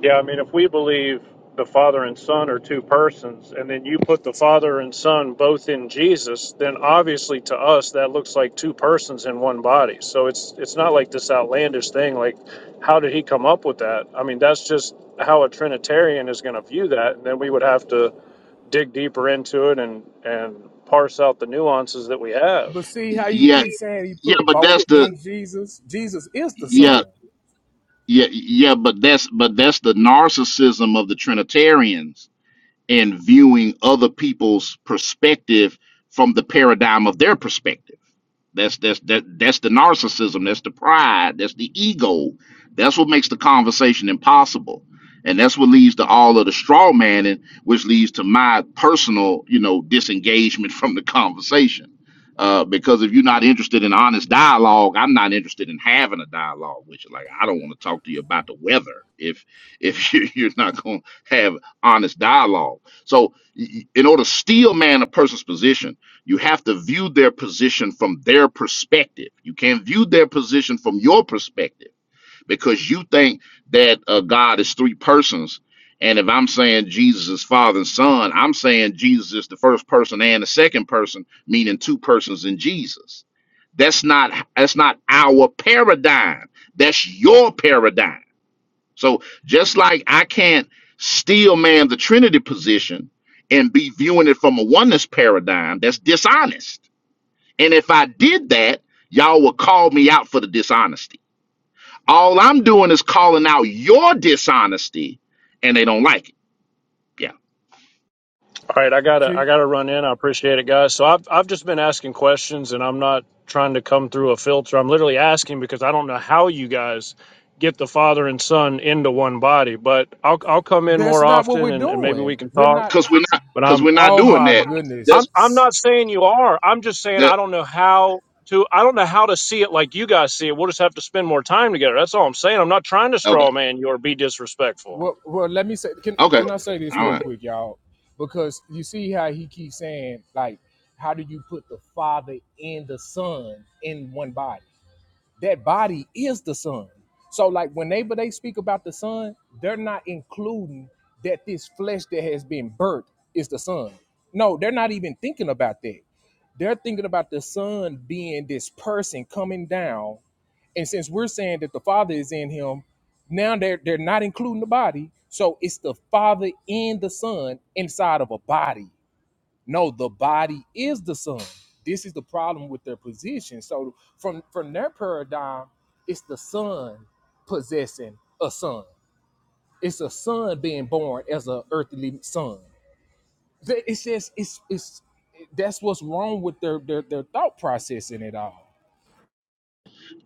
F: Yeah, I mean, if we believe the Father and Son are two persons, and then you put the Father and Son both in Jesus, then obviously to us that looks like two persons in one body. So it's it's not like this outlandish thing. Like, how did he come up with that? I mean, that's just how a Trinitarian is going to view that, and then we would have to dig deeper into it and and parse out the nuances that we have.
C: Yeah. Yeah. But that's the, yeah. Yeah, yeah, but that's but that's the narcissism of the Trinitarians and viewing other people's perspective from the paradigm of their perspective. That's that's that that's the narcissism. That's the pride. That's the ego. That's what makes the conversation impossible, and that's what leads to all of the straw manning, which leads to my personal, you know, disengagement from the conversation. Uh, because if you're not interested in honest dialogue, I'm not interested in having a dialogue with you. Like I don't want to talk to you about the weather if if you- you're not going to have honest dialogue. So, y- y- in order to steel man a person's position you have to view their position from their perspective. You can't view their position from your perspective because you think that uh, God is three persons. And if I'm saying Jesus is Father and Son, I'm saying Jesus is the first person and the second person, meaning two persons in Jesus. That's not that's not our paradigm. That's your paradigm. So just like I can't steel man the Trinity position and be viewing it from a oneness paradigm, that's dishonest and if I did that, y'all would call me out for the dishonesty. All I'm doing is calling out your dishonesty, and they don't like it. Yeah,
F: All right, I gotta I gotta run in. I appreciate it, guys. So I've I've just been asking questions, and I'm not trying to come through a filter. I'm literally asking because I don't know how you guys get the father and son into one body. But I'll I'll come in more often, and, and maybe we can talk.
C: because we're not
F: But
C: because
F: I'm
C: we're not doing that.
F: I'm
C: That's
F: I'm not saying you are. I'm just saying
C: that.
F: I don't know how to I don't know how to see it like you guys see it. We'll just have to spend more time together. That's all I'm saying. I'm not trying to
C: Okay.
F: straw man you or be disrespectful.
C: Okay. All right.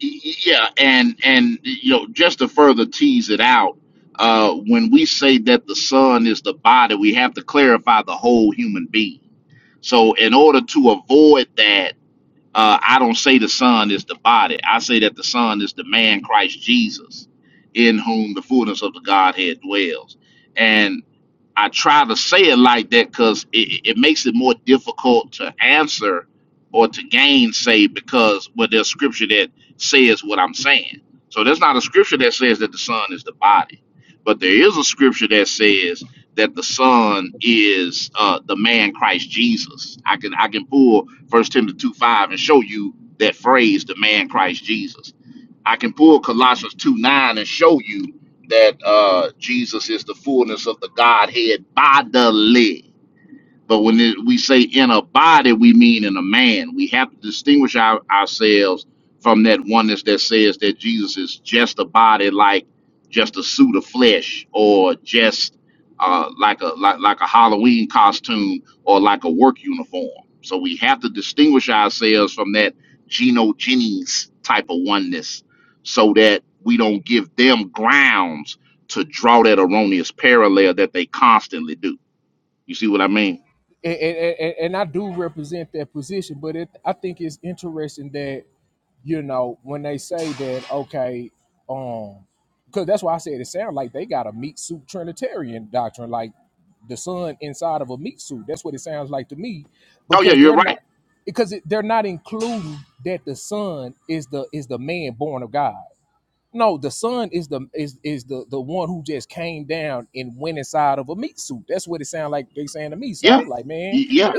C: Y- Yeah, and and you know, just to further tease it out, uh, when we say that the sun is the body, we have to clarify the whole human being. So, in order to avoid that uh, I don't say the Son is the body. I say that the Son is the man Christ Jesus, in whom the fullness of the Godhead dwells. and. I try to say it like that because it, it makes it more difficult to answer or to gainsay because well, there's scripture that says what I'm saying. So there's not a scripture that says that the son is the body, but there is a scripture that says that the son is uh, the man Christ Jesus. I can I can pull First Timothy two five and show you that phrase, the man Christ Jesus I can pull Colossians 2 9 and show you that uh, Jesus is the fullness of the Godhead bodily. But when it, we say in a body, we mean in a man. We have to distinguish our, ourselves from that oneness that says that Jesus is just a body, like just a suit of flesh, or just uh, like a like, like a Halloween costume, or like a work uniform. So we have to distinguish ourselves from that Geno Jennings type of oneness, so that we don't give them grounds to draw that erroneous parallel that they constantly do. You see what I mean? Oh yeah, you're right. Yeah, Y- yeah,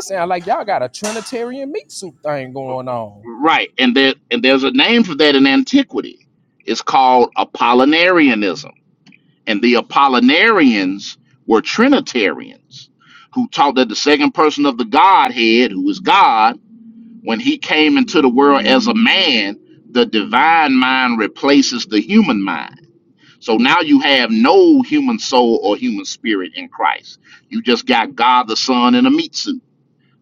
C: right. And there and there's a name for that in antiquity. It's called Apollinarianism. And the Apollinarians were Trinitarians who taught that the second person of the Godhead, who is God, when he came into the world as a man, the divine mind replaces the human mind. So now you have no human soul or human spirit in Christ. You just got God the Son in a meat suit.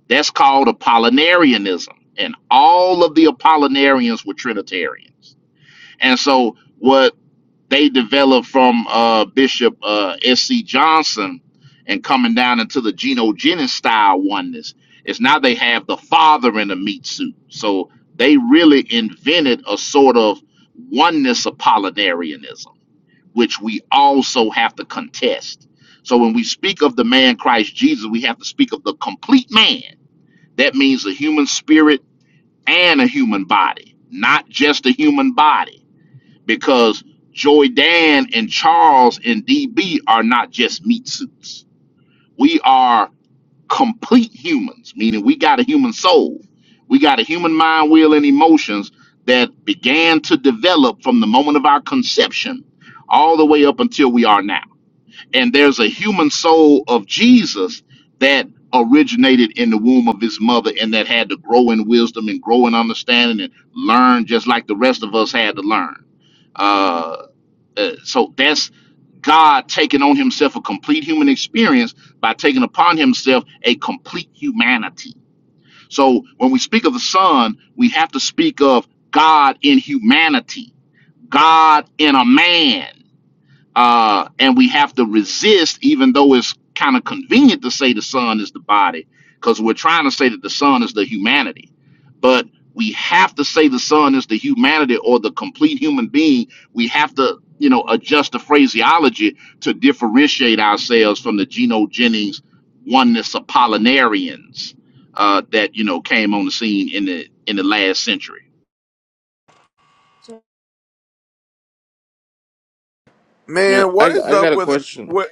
C: That's called Apollinarianism. And all of the Apollinarians were Trinitarians. And so what they developed from uh, Bishop uh, S.C. Johnson and coming down into the Geno Jennings style oneness is now they have the father in a meat suit. So they really invented a sort of oneness Apollinarianism which we also have to contest. So when we speak of the man Christ Jesus, we have to speak of the complete man. That means a human spirit and a human body, not just a human body, because Joy Dan and Charles and DB are not just meat suits. We are complete humans, meaning we got a human soul. We got a human mind, will, and emotions that began to develop from the moment of our conception all the way up until we are now and there's a human soul of Jesus that originated in the womb of his mother and that had to grow in wisdom and grow in understanding and learn just like the rest of us had to learn. Uh, uh, so that's God taking on himself a complete human experience by taking upon himself a complete humanity. So when we speak of the Son, we have to speak of God in humanity, God in a man uh, and we have to resist, even though it's kind of convenient to say the sun is the body, because we're trying to say that the sun is the humanity. But we have to say the sun is the humanity or the complete human being. We have to, you know, adjust the phraseology to differentiate ourselves from the Geno Jennings oneness Apollinarians uh, that you know came on the scene in the in the last century.
E: Yeah,
H: Man,
E: I,
H: what is
E: I got
H: up
E: a
H: with
E: question,
H: what?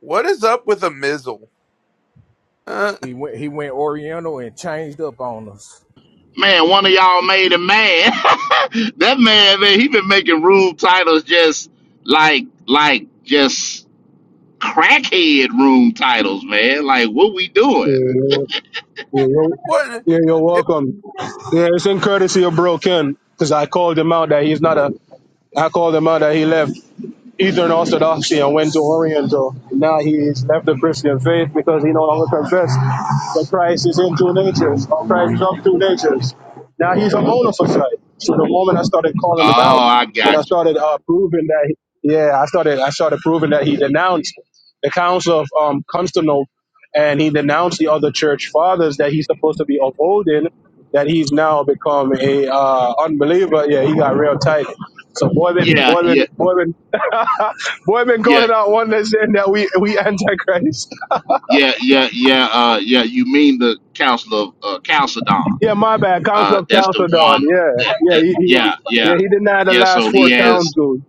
H: What is up with a mizzle? Uh,
C: Man, one of y'all made a man. that man, man, he been making room titles just like like just crackhead room titles, man. Like what we doing?
G: you're, you're-
H: what?
G: yeah, you're welcome. Yeah, it's in courtesy of Bro Ken, because I called him out that he's not a. I called him out that he left. Eastern Orthodoxy and went to Oriental. Now he's left the Christian faith because he no longer confessed that Christ is in two natures, or Christ is of two natures. Now he's a monophysite. So the moment I started calling him out
C: Oh, I
G: and I
C: got you.
G: started uh, proving that, he, yeah, I started I started proving that he denounced the Council of um, Constantinople and he denounced the other church fathers that he's supposed to be upholding that he's now become a uh, unbeliever. Yeah, he got real tight. So boy been
C: Yeah,
G: boy been
C: yeah,
G: boy been boy been
C: yeah,
G: calling out one that's saying that we we antichrist.
C: yeah, yeah, yeah, uh yeah, you mean the Council of uh Chalcedon.
G: Yeah, my bad. Council
C: Uh
G: of
C: that's the
G: Chalcedon.
C: one
G: Yeah,
C: that
G: yeah,
C: that
G: he,
C: yeah,
G: he
C: yeah.
G: yeah he denied the
C: Yeah,
G: last
C: so he
G: four
C: has
G: councils.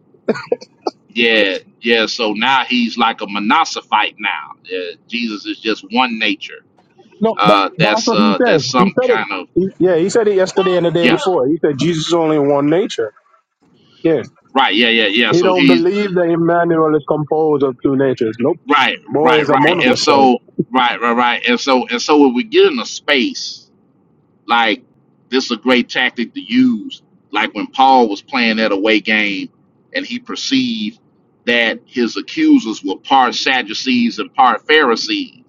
C: yeah, yeah, so now he's like a monosophite now. Yeah, Jesus is just one nature
G: No, but
C: uh
G: that's
C: that's
G: what he
C: uh
G: said.
C: that's
G: He
C: some
G: said it.
C: kind of
G: He, yeah, he said it yesterday and the day
C: yeah
G: before. He said Jesus is only one nature. Yeah,
C: right yeah yeah yeah
G: he
C: so
G: don't
C: he's
G: believe that Emmanuel is composed of two natures. Nope,
C: right
G: boy is
C: right
G: a
C: right and
G: monophysite.
C: so right right right and so and so when we get in a space like this is a great tactic to use like when paul was playing that away game and he perceived that his accusers were part sadducees and part pharisees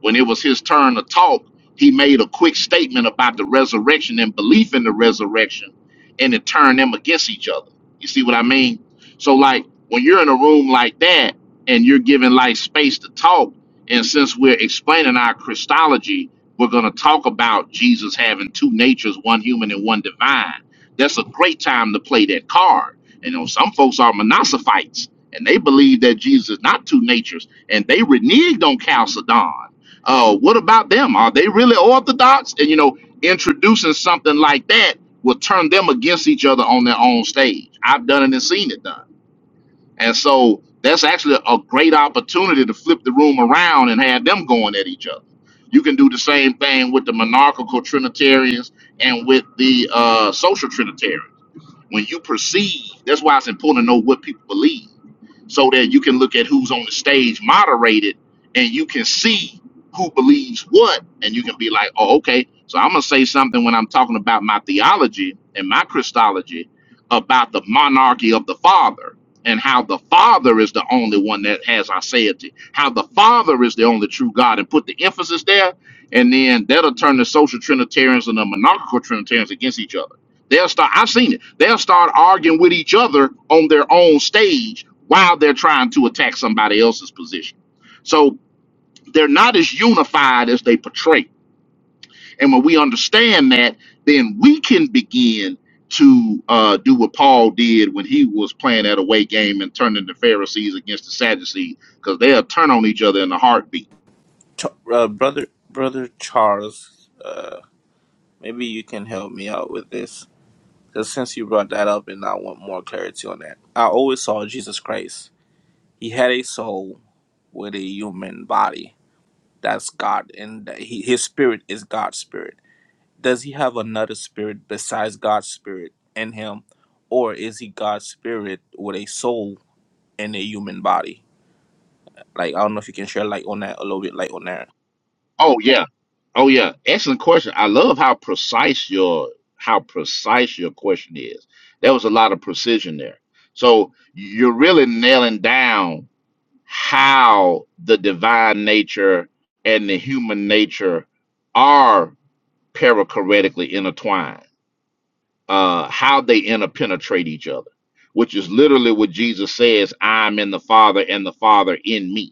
C: when it was his turn to talk, he made a quick statement about the resurrection and belief in the resurrection, and it turned them against each other. You see what I mean? So, like, when you're in a room like that and you're given like space to talk, and since we're explaining our Christology, we're going to talk about Jesus having two natures, one human and one divine. That's a great time to play that card. And you know, some folks are monophysites, and they believe that Jesus is not two natures, and they reneged on Chalcedon uh, what about them? Are they really orthodox? And you know, introducing something like that will turn them against each other on their own stage. I've done it and seen it done. And so that's actually a great opportunity to flip the room around and have them going at each other. You can do the same thing with the monarchical Trinitarians and with the uh, social Trinitarians. When you perceive, that's why it's important to know what people believe so that you can look at who's on the stage moderated and you can see who believes what and you can be like oh okay so i'm going to say something when i'm talking about my theology and my christology about the monarchy of the father and how the father is the only one that has our satiety how the father is the only true god and put the emphasis there and then that'll turn the social trinitarians and the monarchical trinitarians against each other They'll start. I've seen it. They'll start arguing with each other on their own stage while they're trying to attack somebody else's position. So they're not as unified as they portray. And when we understand that, then we can begin to uh, do what Paul did when he was playing that away game and turning the Pharisees against the Sadducees, because they'll turn on each other in a heartbeat
E: Ch- uh, brother brother Charles. Uh, maybe you can help me out with this. Because since you brought that up, and I want more clarity on that, I always saw Jesus Christ. He had a soul with a human body. That's God, and that he, his spirit is God's spirit. Does he have another spirit besides God's spirit in him, or is he God's spirit with a soul and a human body? Like I don't know if you can share light on that a little bit, light on that.
C: Oh yeah. Oh yeah. Excellent question. I love how precise your how precise your question is. There was a lot of precision there. So you're really nailing down how the divine nature and the human nature are perichoretically intertwined. Uh how they interpenetrate each other, which is literally what Jesus says, I'm in the Father and the Father in me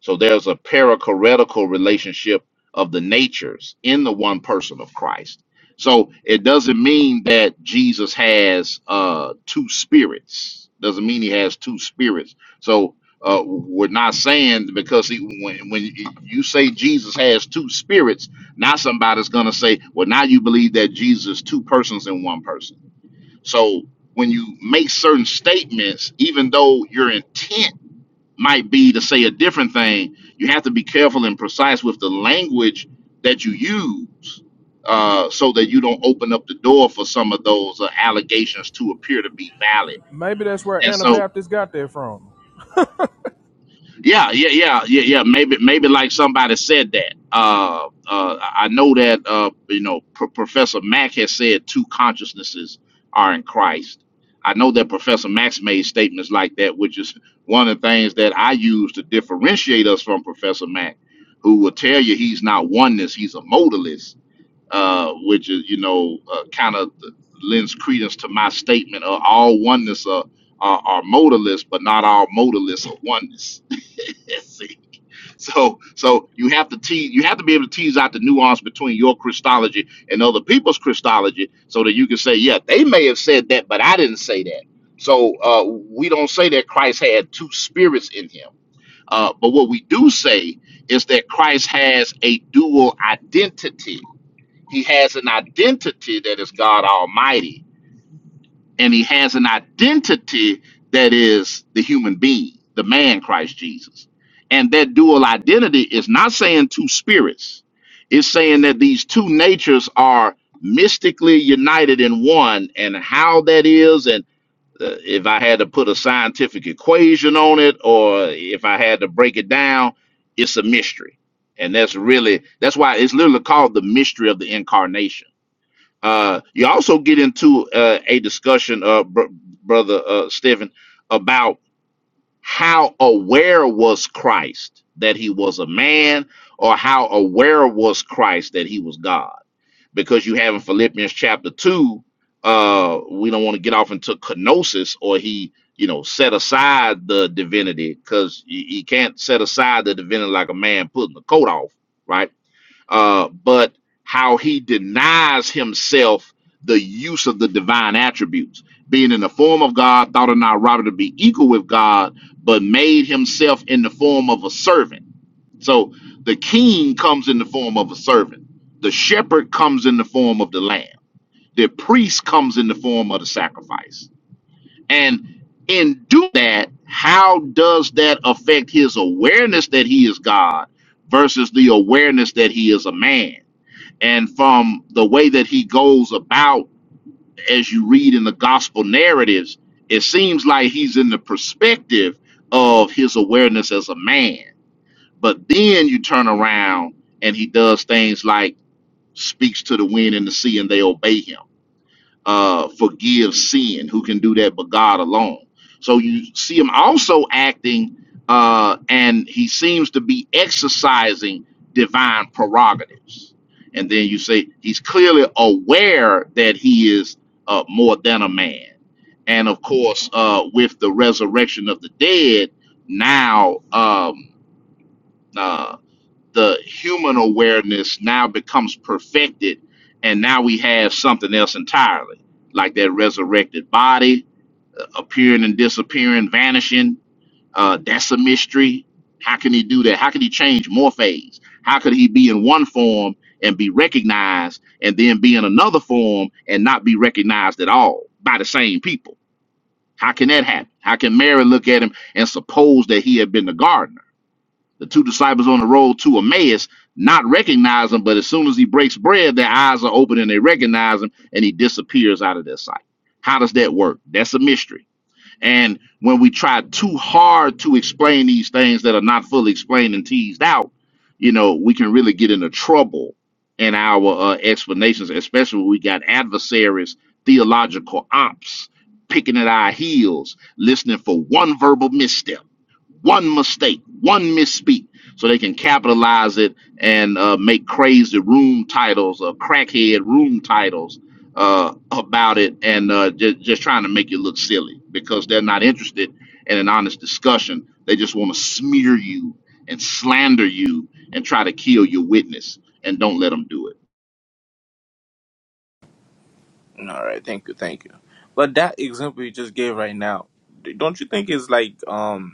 C: so there's a perichoretical relationship of the natures in the one person of Christ. So it doesn't mean that Jesus has uh, two spirits. Doesn't mean he has two spirits. So uh, we're not saying because he, when when you say Jesus has two spirits, now somebody's gonna say, well, now you believe that Jesus is two persons in one person. So when you make certain statements, even though your intent might be to say a different thing. You have to be careful and precise with the language that you use uh, so that you don't open up the door for some of those uh, allegations to appear to be valid. And so Yeah, yeah, yeah, yeah, yeah. Maybe, maybe like somebody said that. Uh, uh, I know that uh, you know Pro Professor Mack has said two consciousnesses are in Christ. I know that Professor Mack's made statements like that, which is one of the things that I use to differentiate us from Professor Mack, who will tell you he's not oneness, he's a modalist, uh, which is you know uh, kind of lends credence to my statement of all oneness are, are, are modalists, but not all modalists are oneness See, so so you have to tease you have to be able to tease out the nuance between your Christology and other people's Christology so that you can say, yeah, they may have said that, but I didn't say that. So uh, we don't say that Christ had two spirits in him. Uh, but what we do say is that Christ has a dual identity. He has an identity that is God Almighty, and he has an identity that is the human being, the man Christ Jesus. And that dual identity is not saying two spirits, it's saying that these two natures are mystically united in one, and how that is, and uh, if I had to put a scientific equation on it, or if I had to break it down, it's a mystery. And that's really, that's why it's literally called the mystery of the incarnation uh, you also get into uh, a discussion, uh, br- brother uh, Stephen, about how aware was Christ that he was a man, or how aware was Christ that he was God? Because you have in Philippians chapter two, uh, we don't want to get off into kenosis, or he, you know, set aside the divinity, because he he can't set aside the divinity like a man putting the coat off, right? uh, but how he denies himself the use of the divine attributes, being in the form of God, thought it not robbery to be equal with God, but made himself in the form of a servant. So the king comes in the form of a servant, the shepherd comes in the form of the lamb, the priest comes in the form of the sacrifice. And in doing that, how does that affect his awareness that he is God versus the awareness that he is a man? And from the way that he goes about, as you read in the gospel narratives, it seems like he's in the perspective of his awareness as a man. But then you turn around and he does things like speaks to the wind and the sea and they obey him uh, forgive sin, who can do that but God alone. So you see him also acting, uh, and he seems to be exercising divine prerogatives. And then you say he's clearly aware that he is uh, more than a man. And of course, uh, with the resurrection of the dead, now um, uh, the human awareness now becomes perfected and now we have something else entirely like that resurrected body appearing and disappearing vanishing uh, that's a mystery how can he do that how can he change more how could he be in one form and be recognized and then be in another form and not be recognized at all by the same people how can that happen how can mary look at him and suppose that he had been the gardener the two disciples on the road to Emmaus not recognize him, but as soon as he breaks bread, their eyes are open and they recognize him and he disappears out of their sight. How does that work? That's a mystery. And when we try too hard to explain these things that are not fully explained and teased out, you know, we can really get into trouble in our uh, explanations, especially when we got adversaries, theological ops picking at our heels, listening for one verbal misstep one mistake, one misspeak, so they can capitalize it and uh, make crazy room titles or crackhead room titles uh, about it, and uh, just, just trying to make you look silly because they're not interested in an honest discussion. They just want to smear you and slander you and try to kill your witness, and don't let them do it.
E: All right, thank you, thank you. But that example you just gave right now, don't you think is like um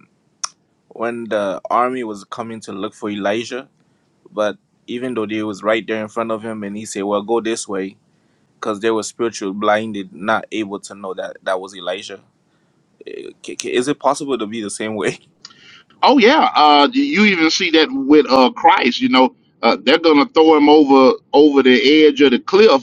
E: when the army was coming to look for Elijah, but even though they was right there in front of him, and he said, "Well, go this way," because they were spiritually blinded, not able to know that that was Elijah. Eh, ca- ca- Is it possible to be the same way?
C: Oh yeah, uh, you even see that with uh, Christ. You know, uh, they're gonna throw him over over the edge of the cliff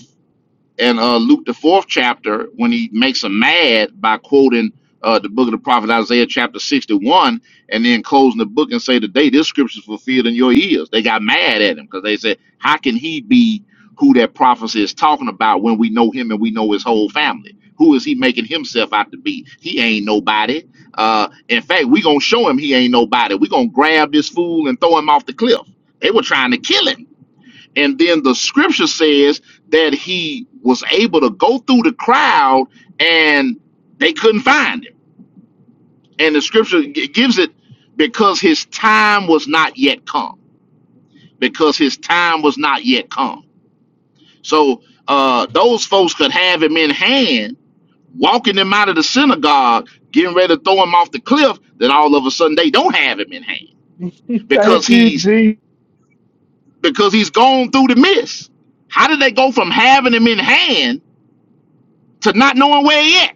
C: and uh, Luke the fourth chapter when he makes them mad by quoting uh, the book of the prophet Isaiah chapter sixty one, and then closing the book and say, "Today this scripture is fulfilled in your ears." They got mad at him because they said, "How can he be who that prophecy is talking about when we know him and we know his whole family? Who is he making himself out to be? He ain't nobody. Uh, in fact, we gonna show him he ain't nobody. We gonna grab this fool and throw him off the cliff. They were trying to kill him." And then the scripture says that he was able to go through the crowd and they couldn't find him. And the scripture g- gives it because his time was not yet come. Because his time was not yet come. So uh, those folks could have him in hand, walking him out of the synagogue, getting ready to throw him off the cliff. Then all of a sudden they don't have him in hand because
B: Thank you,
C: he's
B: G.
C: because he's gone through the mist. How did they go from having him in hand to not knowing where he at.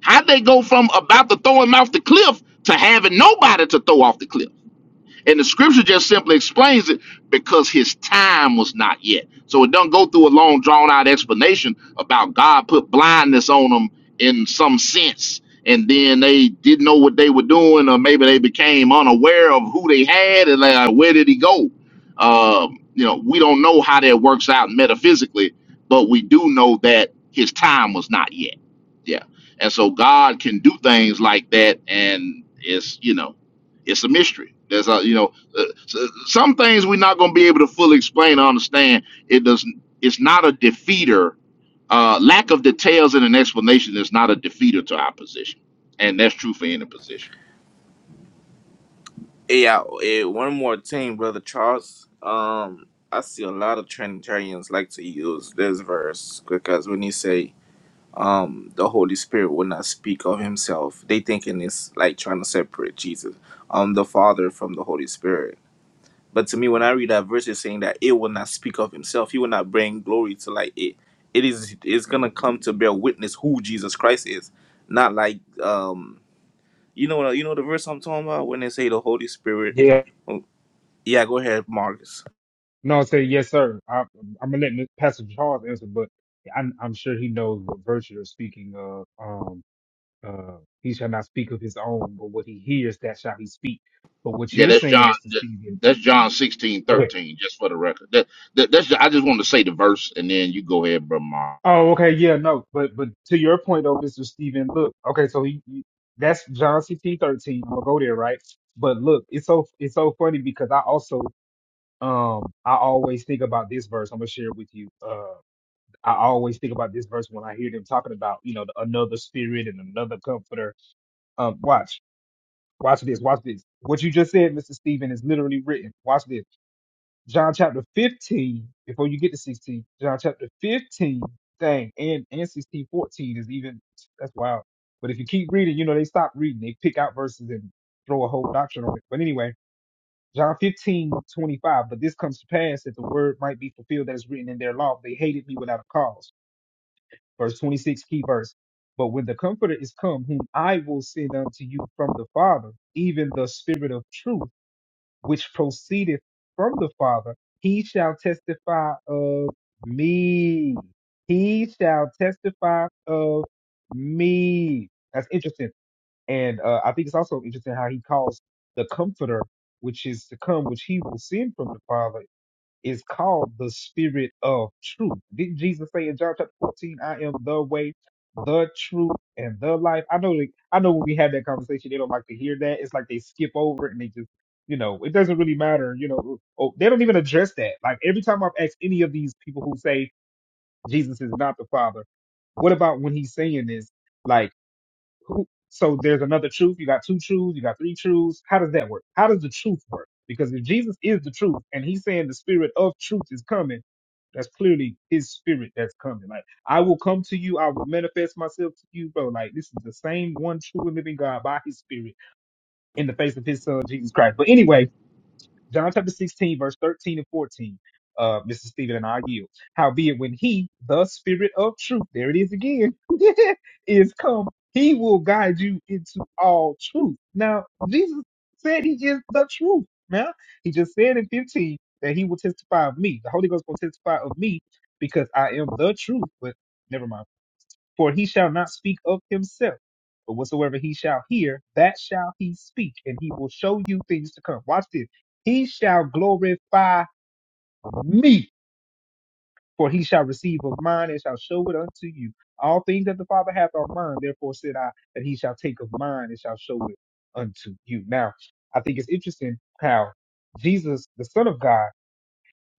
C: How they go from about to throw him off the cliff to having nobody to throw off the cliff? And the scripture just simply explains it because his time was not yet. So it doesn't go through a long, drawn out explanation about God put blindness on them in some sense. And then they didn't know what they were doing, or maybe they became unaware of who they had and like, where did he go? Um, you know, we don't know how that works out metaphysically, but we do know that his time was not yet. Yeah. And so God can do things like that. And it's, you know, it's a mystery. That's all. You know, uh, s- some things we're not going to be able to fully explain or understand. It doesn't. It's not a defeater. Uh, lack of details and an explanation is not a defeater to our position, and that's true for any position.
E: Yeah. eh, One more thing, brother Charles. Um, I see a lot of Trinitarians like to use this verse because when he say, um, the Holy Spirit will not speak of Himself, they thinking it's like trying to separate Jesus, um, the Father from the Holy Spirit But to me, when I read that verse, it's saying that it will not speak of himself. He will not bring glory to like it. It is it's gonna come to bear witness who Jesus Christ is, not like um you know you know the verse I'm talking about when they say the Holy Spirit.
B: Yeah.
E: Oh, yeah, go ahead, Marcus.
B: No, I say yes, sir. I, I'm gonna let Mr. Pastor Charles answer, but I'm, I'm sure he knows what virtue of speaking. Of um, uh, he shall not speak of his own, but what he hears, that shall he speak. But what
C: Yeah,
B: you're
C: that's
B: saying,
C: John.
B: Mr.
C: that-
B: Stephen,
C: That's John sixteen
B: go ahead.
C: thirteen. Just for the record, that, that that's. I just want to say the verse, and then you go ahead, brother. Mark.
B: Oh, okay, yeah, no, but but to your point though, Mr. Stephen, look, okay, so he, he that's John 16, 13. I'm gonna go there, right? But look, it's so it's so funny because I also um I always think about this verse. I'm gonna share it with you. Uh I always think about this verse when I hear them talking about, you know, the, another spirit and another comforter. Um watch. Watch this, watch this. What you just said, Mr. Stephen, is literally written. Watch this. John chapter 15, before you get to 16, John chapter 15, dang, and, and 16:14 is even that's wild. But if you keep reading, you know, they stop reading. They pick out verses and throw a whole doctrine on it. But anyway, John 15 25. but this comes to pass that the word might be fulfilled that is written in their law. They hated me without a cause. Verse 26, key verse. But when the Comforter is come, whom I will send unto you from the Father, even the Spirit of truth, which proceedeth from the Father, he shall testify of me. He shall testify of me. That's interesting and uh, I think it's also interesting how he calls the Comforter, which is to come, which he will send from the Father, is called the Spirit of Truth. Didn't Jesus say in John chapter 14, I am the way, the truth, and the life? I know, that- I know when we have that conversation, they don't like to hear that. It's like they skip over it and they just, you know, it doesn't really matter. You know, oh, they don't even address that. Like every time I've asked any of these people who say Jesus is not the Father, what about when he's saying this? like? Who- So there's another truth. You got two truths. You got three truths. How does that work? How does the truth work? Because if Jesus is the truth and he's saying the spirit of truth is coming, that's clearly his spirit that's coming. Like, I will come to you. I will manifest myself to you, bro. Like, this is the same one true and living God by his spirit in the face of his son, Jesus Christ. But anyway, John chapter 16, verse 13 and 14. Uh, Mr. Stephen and I yield. Howbeit, when he, the spirit of truth, there it is again, is come, he will guide you into all truth. Now, Jesus said he is the truth. Now, he just said in 15 that he will testify of me. The Holy Ghost will testify of me because I am the truth. But never mind. For he shall not speak of himself, but whatsoever he shall hear, that shall he speak, and he will show you things to come. Watch this. He shall glorify me, for he shall receive of mine and shall show it unto you. All things that the Father hath are mine, therefore said I, that he shall take of mine and shall show it unto you. Now, I think it's interesting how Jesus, the Son of God,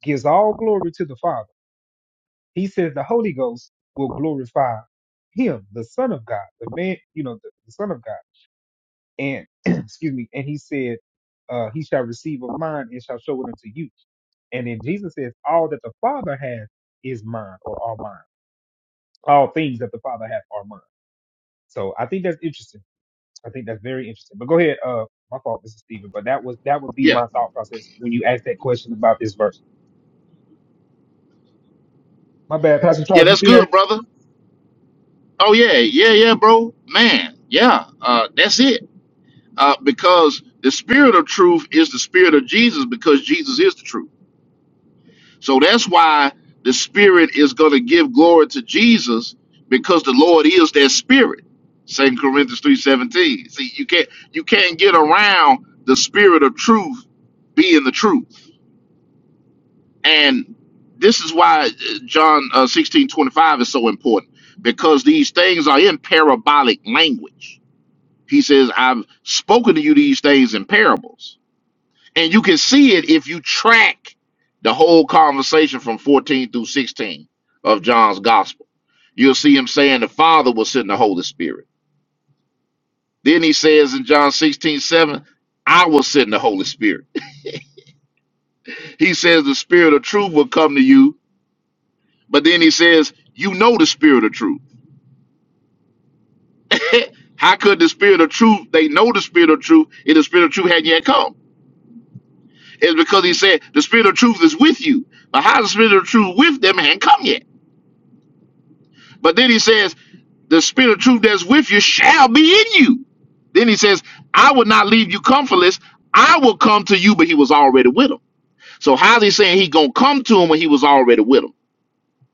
B: gives all glory to the Father He says the Holy Ghost will glorify him, the Son of God, the man, you know, the, the Son of God. And excuse me, and he said, uh, he shall receive of mine and shall show it unto you. And then Jesus says, All that the Father has is mine or are mine. All things that the Father hath are mine. So I think that's interesting. I think that's very interesting. But go ahead, uh, my fault, Mr. Stephen. But that was that would be
C: Yeah,
B: my thought process when you asked that question about this verse. My bad, Pastor
C: yeah,
B: Charles, you
C: that's
B: there?
C: good, brother. Oh yeah, yeah, yeah, bro, man, yeah. Uh, that's it uh, because the spirit of truth is the spirit of Jesus because Jesus is the truth. So that's why the spirit is going to give glory to Jesus because the Lord is that spirit. Second Corinthians 3:17. See, you can't you can't get around the spirit of truth being the truth. And this is why uh, John uh, 16, twenty five is so important because these things are in parabolic language. He says, I've spoken to you these things in parables And you can see it if you track the whole conversation from 14 through 16 of John's gospel. You'll see him saying the Father will send the Holy Spirit. Then he says in John 16:7, I will send the Holy Spirit. He says the Spirit of truth will come to you, but then he says, You know the Spirit of truth. How could the Spirit of truth, they know the Spirit of truth, if the Spirit of truth hadn't yet come? It's because he said, The Spirit of truth is with you. But how is the Spirit of truth with them and hadn't come yet? But then he says, the spirit of truth that's with you shall be in you. Then he says, I will not leave you comfortless. I will come to you, but he was already with him. So how's he saying he gonna come to him when he was already with him?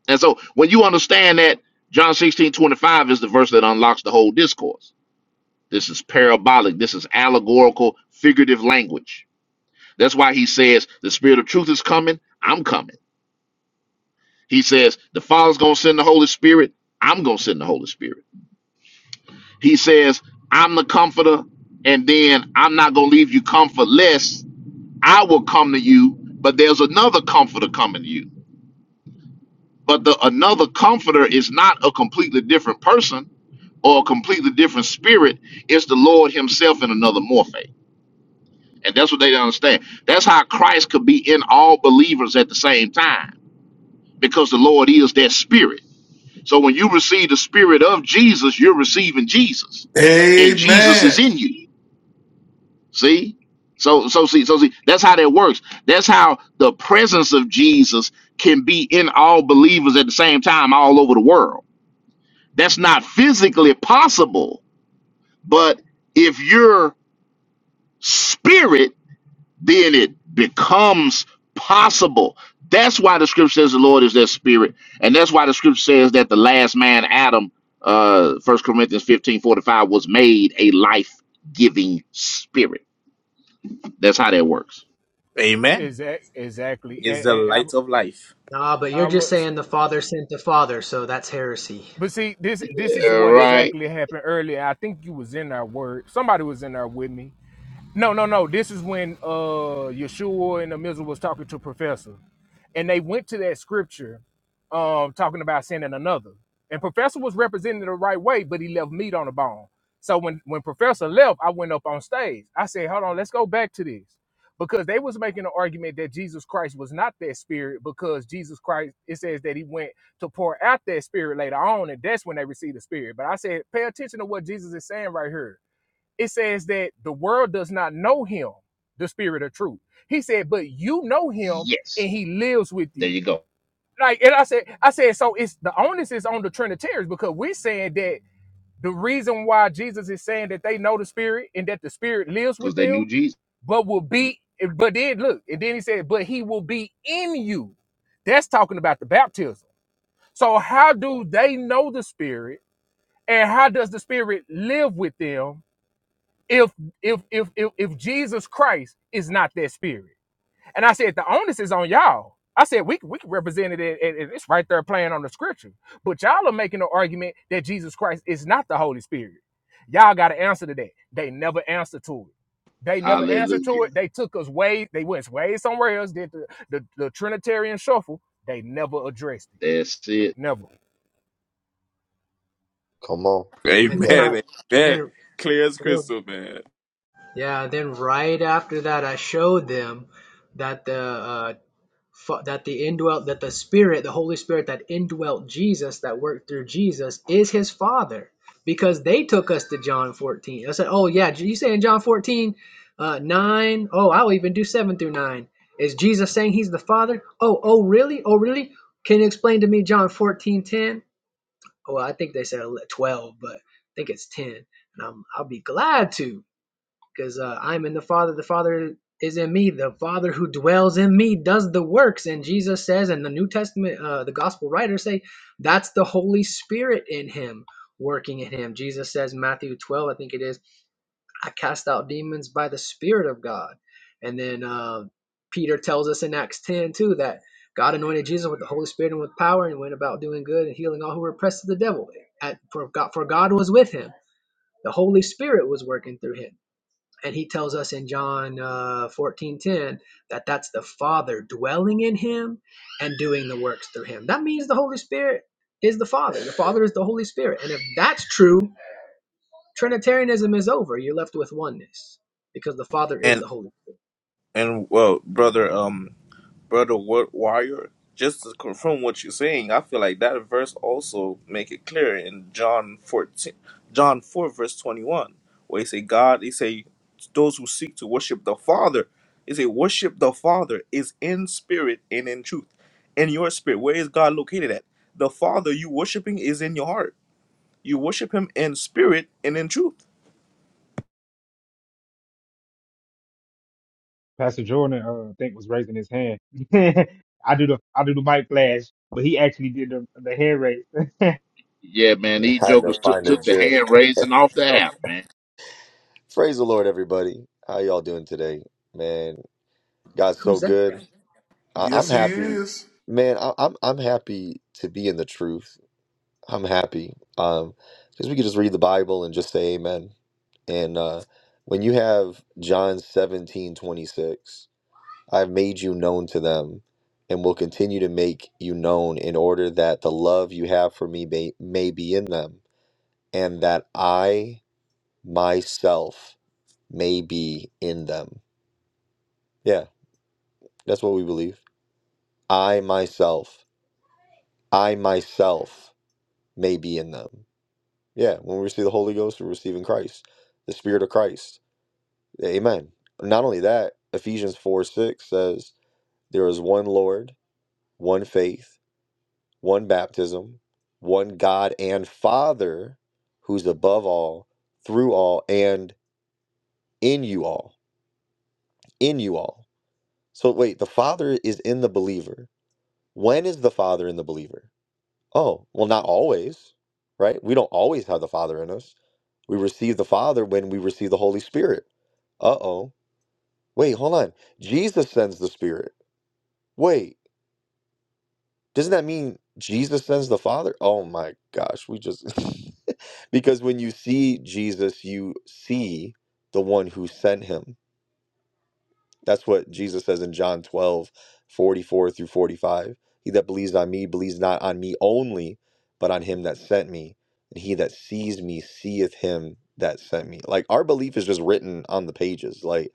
C: And so when you understand that John 16 25 is the verse that unlocks the whole discourse. This is parabolic, this is allegorical, figurative language. That's why he says the spirit of truth is coming, I'm coming. He says the Father's gonna send the Holy Spirit, I'm gonna send the Holy Spirit. He says, I'm the comforter, and then I'm not going to leave you comfortless. I will come to you, but there's another comforter coming to you. But the another comforter is not a completely different person or a completely different spirit. It's the Lord Himself in another morphe. And that's what they don't understand. That's how Christ could be in all believers at the same time because the Lord is that spirit. So when you receive the spirit of Jesus, you're receiving Jesus, and Jesus is
A: Amen.
C: in you. See? So so see so see that's how that works. That's how the presence of Jesus can be in all believers at the same time all over the world. That's not physically possible, but if you're spirit, then it becomes possible. That's why the scripture says the Lord is that spirit, and that's why the scripture says that the last man Adam uh First Corinthians 15 45 was made a life-giving spirit. That's how that works.
E: Amen. Is the light of life.
I: Nah, but you're just saying the Father sent the Father, so that's heresy.
C: Yeah, right. Yes. There you go. Because they knew Jesus. Hallelujah. That's it.
J: Come on.
I: And then
J: Yeah,
I: I,
E: Amen.
I: and then,
E: Amen. Clear as
I: then-
E: crystal, man.
I: yeah, then right after that, I showed them that the uh, fa- that the indwelt that the Spirit, the Holy Spirit that indwelt Jesus, that worked through Jesus, is His Father, because they took us to John 14. I said, oh yeah, you saying John 14, uh, nine? Oh, I'll even do seven through nine. Is Jesus saying He's the Father? Oh, oh really? Oh really? Can you explain to me John 14, 10? well, I think they said 12, but I think it's 10. And I'm, I'll be glad to because uh, I'm in the Father. The Father is in me. The Father who dwells in me does the works. And Jesus says, and the New Testament, uh, the gospel writers say, that's the Holy Spirit in him, working in him. Jesus says, Matthew 12, I think it is I cast out demons by the Spirit of God. And then uh, Peter tells us in Acts 10 too that God anointed Jesus with the Holy Spirit and with power and went about doing good and healing all who were oppressed of the devil. At, for, God, for God was with him, the Holy Spirit was working through him. And he tells us in John uh, 14 ten that that's the Father dwelling in him and doing the works through him. That means the Holy Spirit is the Father, the Father is the Holy Spirit. And if that's true, Trinitarianism is over. You're left with oneness because the Father is
E: And.
I: the Holy.
E: And well, brother, um, brother Wa- Wire, just to confirm what you're saying, I feel like that verse also make it clear in John 14, John 4 verse 21, where he say God, he say those who seek to worship the Father, he say worship the Father is in spirit and in truth. In your spirit, where is God located at? The Father you worshiping is in your heart. You worship Him in spirit and in truth.
B: Pastor Jordan, uh, I think was raising his hand. I do the I do the mic flash, but he actually did the the hand raise.
C: Yeah, man.
J: I
C: These
J: had to
C: jokers took
J: find a
C: took the
J: gym.
C: hand raising off the app, man.
J: Praise the Lord, everybody. How y'all doing today? Man, God's so
I: Who's that
J: good.
I: guy?
J: I, I'm
A: Yes, he
J: happy.
A: is.
J: Man, I, I'm I'm happy to be in the truth. I'm happy. Um, because we could just read the Bible and just say amen. And uh when you have John seventeen twenty six, I've made you known to them and will continue to make you known in order that the love you have for me may, may be in them and that I myself may be in them. Yeah, that's what we believe. I myself, I myself may be in them. Yeah, when we receive the Holy Ghost, we're receiving Christ, the Spirit of Christ. Amen. Not only that, Ephesians 4 6 says, There is one Lord, one faith, one baptism, one God and Father who's above all, through all, and in you all. In you all. So wait, the Father is in the believer When is the Father in the believer? Oh, well, not always, right? We don't always have the Father in us. We receive the Father when we receive the Holy Spirit. Uh oh. Wait, hold on. Jesus sends the Spirit. Wait, doesn't that mean Jesus sends the Father? Oh my gosh, we just. because when you see Jesus, you see the one who sent him. That's what Jesus says in John 12, 44 through 45. He that believes on me believes not on me only, but on him that sent me. And he that sees me seeth him that sent me. Like our belief is just written on the pages. Like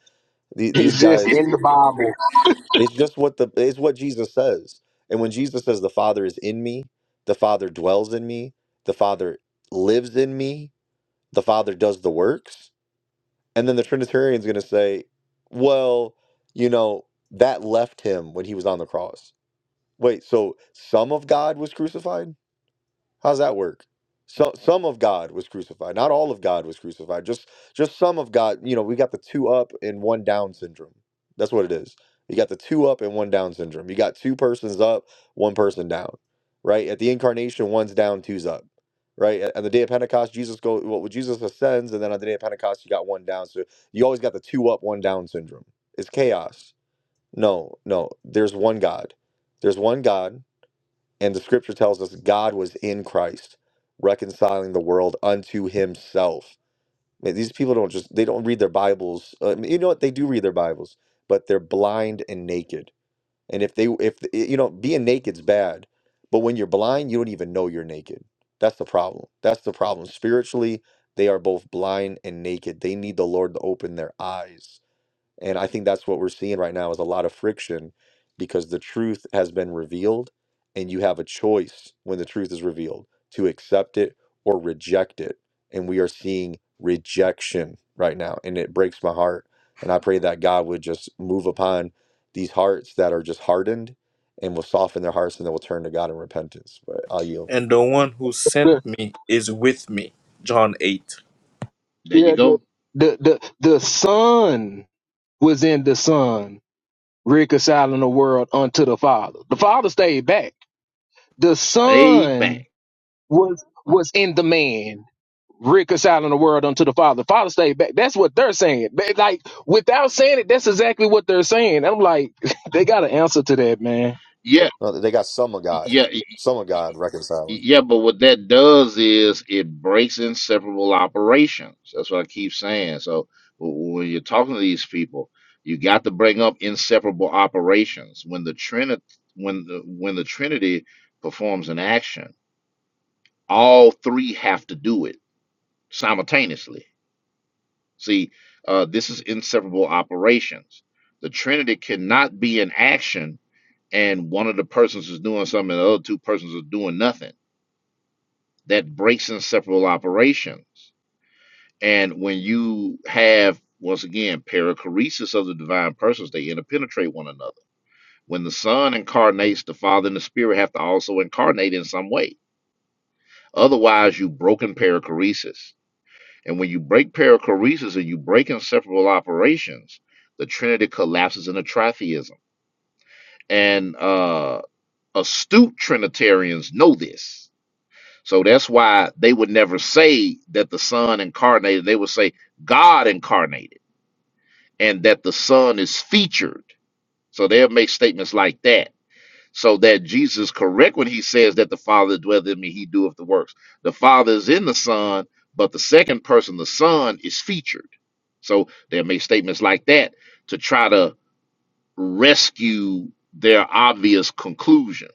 J: the- these
K: It's just
J: guys,
K: in the Bible.
J: it's just what the it's what Jesus says. And when Jesus says the Father is in me, the Father dwells in me, the Father lives in me, the Father does the works, and then the Trinitarian's going to say, well, you know, that left him when he was on the cross. Wait, so some of God was crucified? How's that work? So, some of God was crucified. Not all of God was crucified. Just just some of God. You know, we got the two up and one down syndrome. That's what it is. You got the two up and one down syndrome. You got two persons up, one person down. Right at the incarnation, one's down, two's up. Right at, at the day of Pentecost, Jesus go well, well, Jesus ascends, and then on the day of Pentecost, you got one down. So you always got the two up, one down syndrome. It's chaos. No, no. There's one God. There's one God. And the scripture tells us God was in Christ, reconciling the world unto himself. Man, these people don't just, they don't read their Bibles. Uh, you know what? They do read their Bibles, but they're blind and naked. And if they, if, you know, being naked's bad, but when you're blind, you don't even know you're naked. That's the problem. That's the problem. Spiritually, they are both blind and naked. They need the Lord to open their eyes. And I think that's what we're seeing right now is a lot of friction because the truth has been revealed and you have a choice when the truth is revealed to accept it or reject it. And we are seeing rejection right now and it breaks my heart. And I pray that God would just move upon these hearts that are just hardened and will soften their hearts and they will turn to God in repentance. But I'll yield.
E: And the one who sent me is with me. John 8.
C: There you go. They back. Yeah.
J: No, they got some of God,
C: Yeah, y-
J: some of God reconciling.
C: yeah, but what that does is it breaks inseparable operations. That's what I keep saying. So w- when you're talking to these people, you got to bring up inseparable operations. When the Trinity, when the when the Trinity performs an action, all three have to do it simultaneously. See, uh, this is inseparable operations. The Trinity cannot be in action and one of the persons is doing something and the other two persons are doing nothing. That breaks inseparable operations. And when you have, once again, perichoresis of the divine persons, they interpenetrate one another. When the Son incarnates, the Father and the Spirit have to also incarnate in some way. Otherwise, you've broken perichoresis. And when you break perichoresis and you break inseparable operations, the Trinity collapses into tritheism. And uh, astute Trinitarians know this. So that's why they would never say that the Son incarnated. They would say God incarnated and that the Son is featured. So they'll make statements like that so that Jesus correct when he says that the Father dwelleth in me, he doeth the works. The Father is in the Son, but the second person, the Son, is featured. So they'll make statements like that to try to rescue their obvious conclusion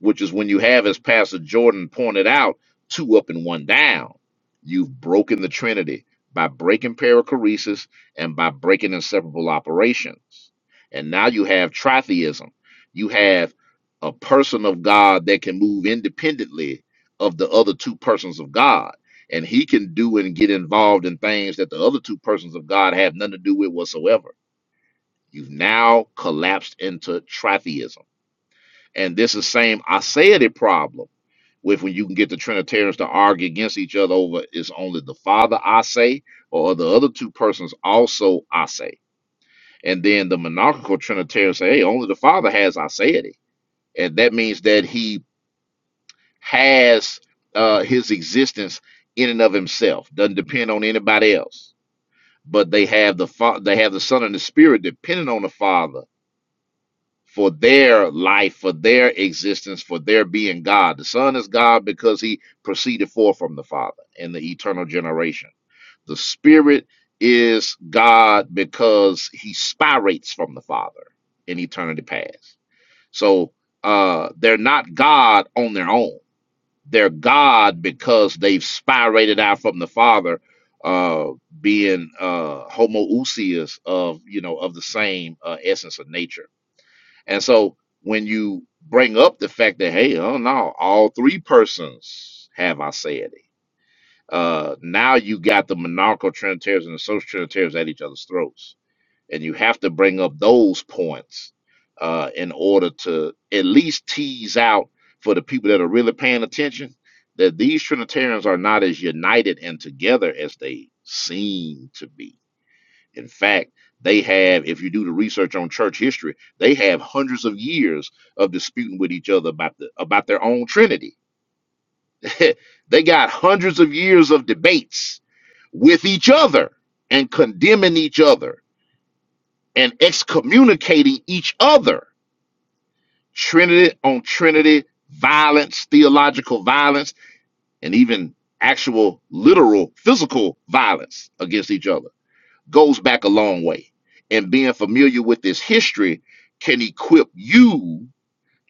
C: which is when you have, as Pastor Jordan pointed out, two up and one down. You've broken the Trinity by breaking perichoresis and by breaking inseparable operations. And now you have tritheism. You have a person of God that can move independently of the other two persons of God. And he can do and get involved in things that the other two persons of God have nothing to do with whatsoever. You've now collapsed into tritheism and this is same I said it problem with when you can get the Trinitarians to argue against each other over it's only the Father I say, or the other two persons also I say. And then the monarchical Trinitarians say, hey, only the Father has I said it. And that means that he has uh, his existence in and of himself, doesn't depend on anybody else. But they have the fa- they have the Son and the Spirit depending on the Father for their life, for their existence, for their being God. The Son is God because he proceeded forth from the Father in the eternal generation. The Spirit is God because he spirates from the Father in eternity past. So uh, they're not God on their own. They're God because they've spirated out from the Father, uh, being uh, homoousios of you know of the same uh, essence of nature and so when you bring up the fact that, hey, oh no, all three persons have aseity, uh, now you got the monarchical Trinitarians and the social Trinitarians at each other's throats. And you have to bring up those points uh, in order to at least tease out for the people that are really paying attention that these Trinitarians are not as united and together as they seem to be in fact, they have, if you do the research on church history, they have hundreds of years of disputing with each other about the about their own Trinity. they got hundreds of years of debates with each other and condemning each other and excommunicating each other. Trinity on Trinity violence, theological violence, and even actual literal physical violence against each other. goes back a long way. And being familiar with this history can equip you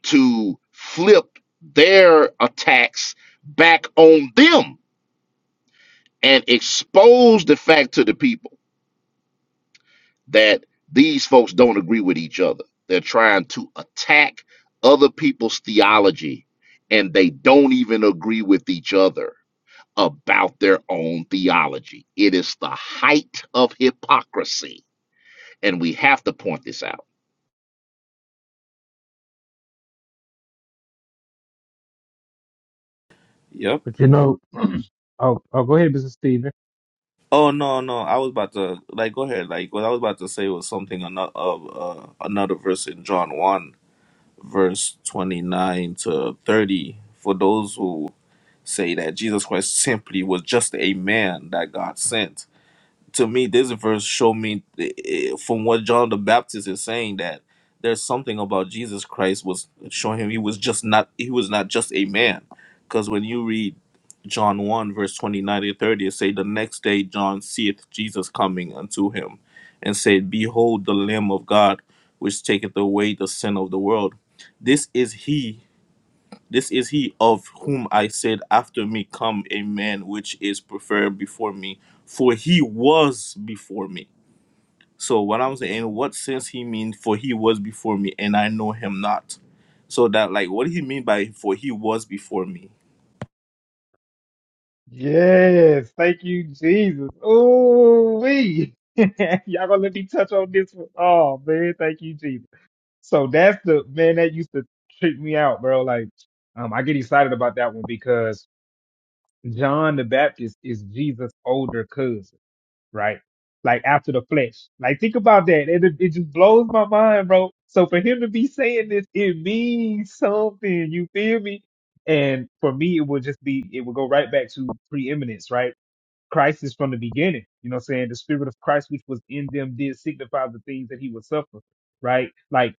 C: to flip their attacks back on them and expose the fact to the people that these folks don't agree with each other. They're trying to attack other people's theology and they don't even agree with each other about their own theology. It is the height of hypocrisy. And we have to point this out
E: Yep.
B: But you know, oh, oh, go ahead, Mr. Stephen.
E: Oh no, no! I was about to like go ahead. Like what I was about to say was something another of uh, another verse in John one, verse twenty nine to thirty. For those who say that Jesus Christ simply was just a man that God sent, to me, this verse showed me eh, eh, from what John the Baptist is saying that there's something about Jesus Christ was showing him he was just not he was not just a man, because when you read John one verse twenty nine to thirty, it say the next day John seeth Jesus coming unto him, and said, Behold the Lamb of God, which taketh away the sin of the world. This is he. This is he of whom I said, After me come a man which is preferred before me, for he was before me. So, what I'm saying, in what sense he means, for he was before me, and I know him not. So, that, like, what do he mean by, for he was before me?
B: Yes, thank you, Jesus. Ooh wee. Y'all gonna let me touch on this one? Oh man, thank you, Jesus. So that's the man that used to trick me out, bro. Like, um, I get excited about that one because John the Baptist is Jesus' older cousin. right? Like after the flesh. Like think about that. It it just blows my mind, bro. So for him to be saying this, it means something. You feel me? And for me, it would just be it would go right back to preeminence, right? Christ is from the beginning. You know what I'm saying? The spirit of Christ which was in them did signify the things that he would suffer. Right? Like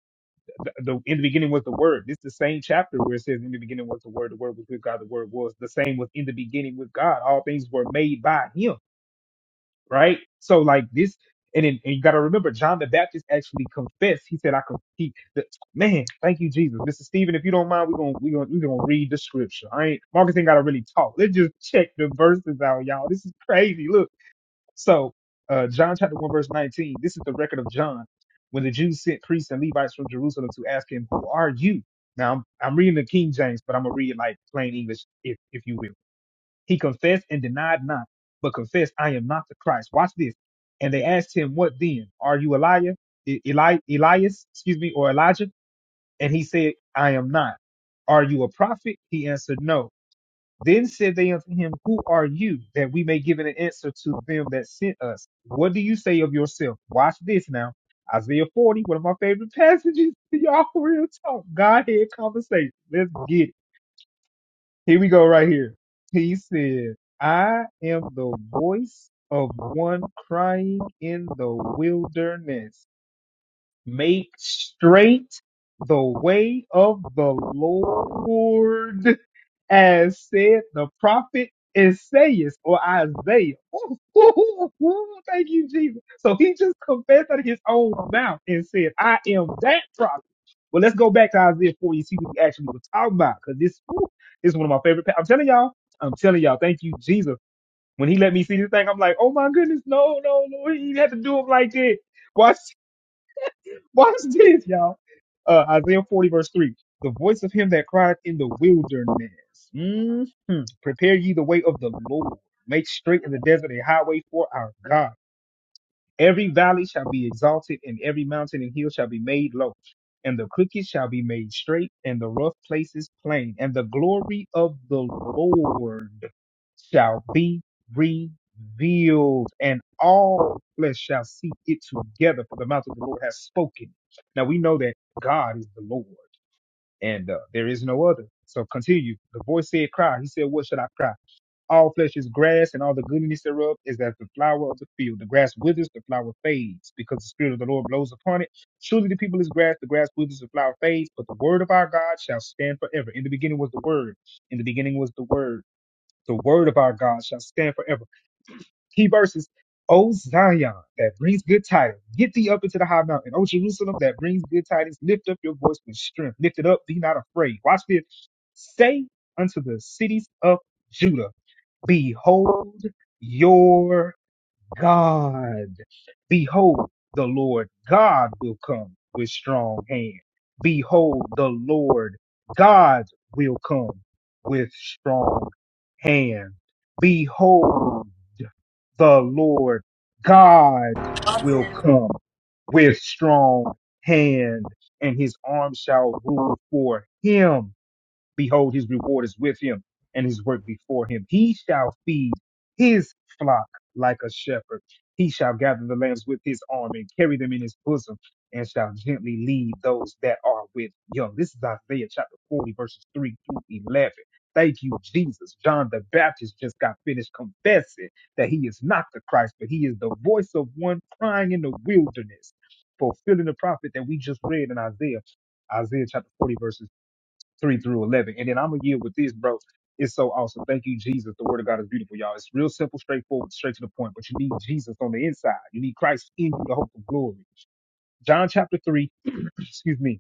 B: the, the in the beginning was the word. This is the same chapter where it says in the beginning was the word, the word was with God, the word was the same was in the beginning with God. All things were made by him right? So like this, and then, and you got to remember, John the Baptist actually confessed. He said, "I can." He, the, man, thank you, Jesus, Mister Stephen. If you don't mind, we're gonna we're gonna we're gonna read the scripture. I ain't Marcus ain't got to really talk. Let's just check the verses out, y'all. This is crazy. Look, so uh John chapter one verse nineteen. This is the record of John when the Jews sent priests and Levites from Jerusalem to ask him, "Who are you?" Now I'm I'm reading the King James, but I'm gonna read it like plain English, if if you will. He confessed and denied not, but confessed, I am not the Christ. Watch this. And they asked him, What then? Are you Elijah? E- Eli- Elias, excuse me, or Elijah? And he said, I am not. Are you a prophet? He answered, No. Then said they unto him, Who are you, that we may give an answer to them that sent us? What do you say of yourself? Watch this now. Isaiah 40, one of my favorite passages. Y'all real talk. Godhead conversation. Let's get it. Here we go right here. He said, I am the voice of one crying in the wilderness. Make straight the way of the Lord as said the prophet Isaiah or Isaiah. Thank you, Jesus. So he just confessed out of his own mouth and said, I am that prophet. Well, let's go back to Isaiah 40 and see what we actually were talking about because this whew, this is one of my favorite. pa- I'm telling y'all, I'm telling y'all, thank you, Jesus. When he let me see this thing, I'm like, oh my goodness, no, no, no, he had to do it like that. Watch this, y'all. Uh, Isaiah 40, verse 3. The voice of him that cried in the wilderness. hmm Prepare ye the way of the Lord. Make straight in the desert a highway for our God. Every valley shall be exalted, and every mountain and hill shall be made low, and the crooked shall be made straight, and the rough places plain, and the glory of the Lord shall be revealed, and all flesh shall see it together, for the mouth of the Lord has spoken. Now we know that God is the Lord, and uh, there is no other. So continue. The voice said, Cry. He said, What should I cry? All flesh is grass, and all the goodness thereof is as the flower of the field. The grass withers, the flower fades, because the Spirit of the Lord blows upon it. Surely the people is grass, the grass withers, the flower fades, but the word of our God shall stand forever. In the beginning was the word. In the beginning was the word. The word of our God shall stand forever. Key verses. O Zion, that brings good tidings, get thee up into the high mountain. O Jerusalem, that brings good tidings, lift up your voice with strength. Lift it up, be not afraid. Watch this. Say unto the cities of Judah. Behold your God. Behold, the Lord God will come with strong hand. Behold, the Lord God will come with strong hand. Behold, the Lord God will come with strong hand, and his arm shall rule for him Behold, his reward is with him and his work before him. He shall feed his flock like a shepherd. He shall gather the lambs with his arm and carry them in his bosom and shall gently lead those that are with young. This is Isaiah chapter 40, verses 3 through 11. Thank you, Jesus. John the Baptist just got finished confessing that he is not the Christ, but he is the voice of one crying in the wilderness, fulfilling the prophet that we just read in Isaiah. Isaiah chapter 40, verses. 3 through 11. And then I'm going to yield with this, bro. It's so awesome. Thank you, Jesus. The word of God is beautiful, y'all. It's real simple, straightforward, straight to the point. But you need Jesus on the inside. You need Christ in you, the hope of glory. John chapter 3, excuse me,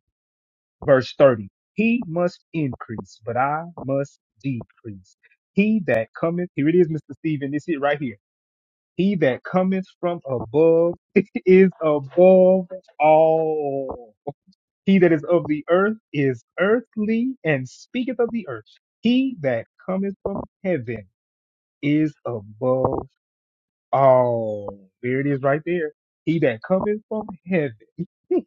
B: verse 30. He must increase, but I must decrease. He that cometh, here it is, Mr. Stephen, this it right here. He that cometh from above is above all. He that is of the earth is earthly and speaketh of the earth. He that cometh from heaven is above all. There it is right there. He that cometh from heaven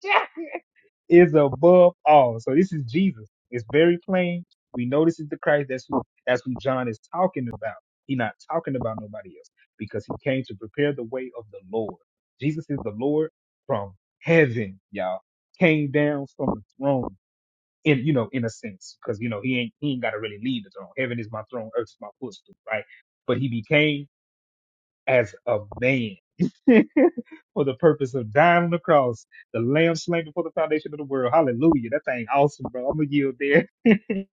B: is above all. So this is Jesus. It's very plain. We know this is the Christ. That's who that's who John is talking about. He's not talking about nobody else because he came to prepare the way of the Lord. Jesus is the Lord from heaven, y'all. Came down from the throne in you know in a sense because you know he ain't he ain't got to really leave the throne. Heaven is my throne, earth is my footstool, right? But he became as a man for the purpose of dying on the cross, the lamb slain before the foundation of the world. Hallelujah! That thing awesome, bro. I'm gonna yield there.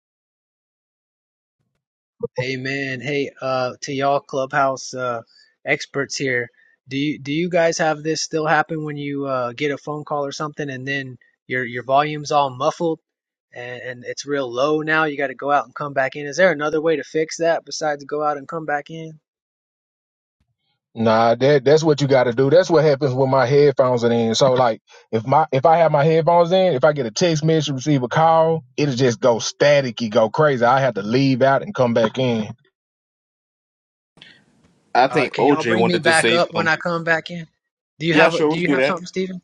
I: Amen. Hey, uh, to y'all clubhouse uh, experts here, do you do you guys have this still happen when you uh, get a phone call or something, and then your your volume's all muffled? and, and it's real low now. You got to go out and come back in. Is there another way to fix that besides go out and come back in?
E: I
I: All right,
E: think
I: can y'all
E: OJ
I: bring me
E: wanted to
I: back
E: say
I: up when
E: something.
I: I come back in? Do you
E: Yeah,
I: have
E: sure,
I: Do
E: we'll
I: you
E: do
I: have
E: that.
I: something, Steven?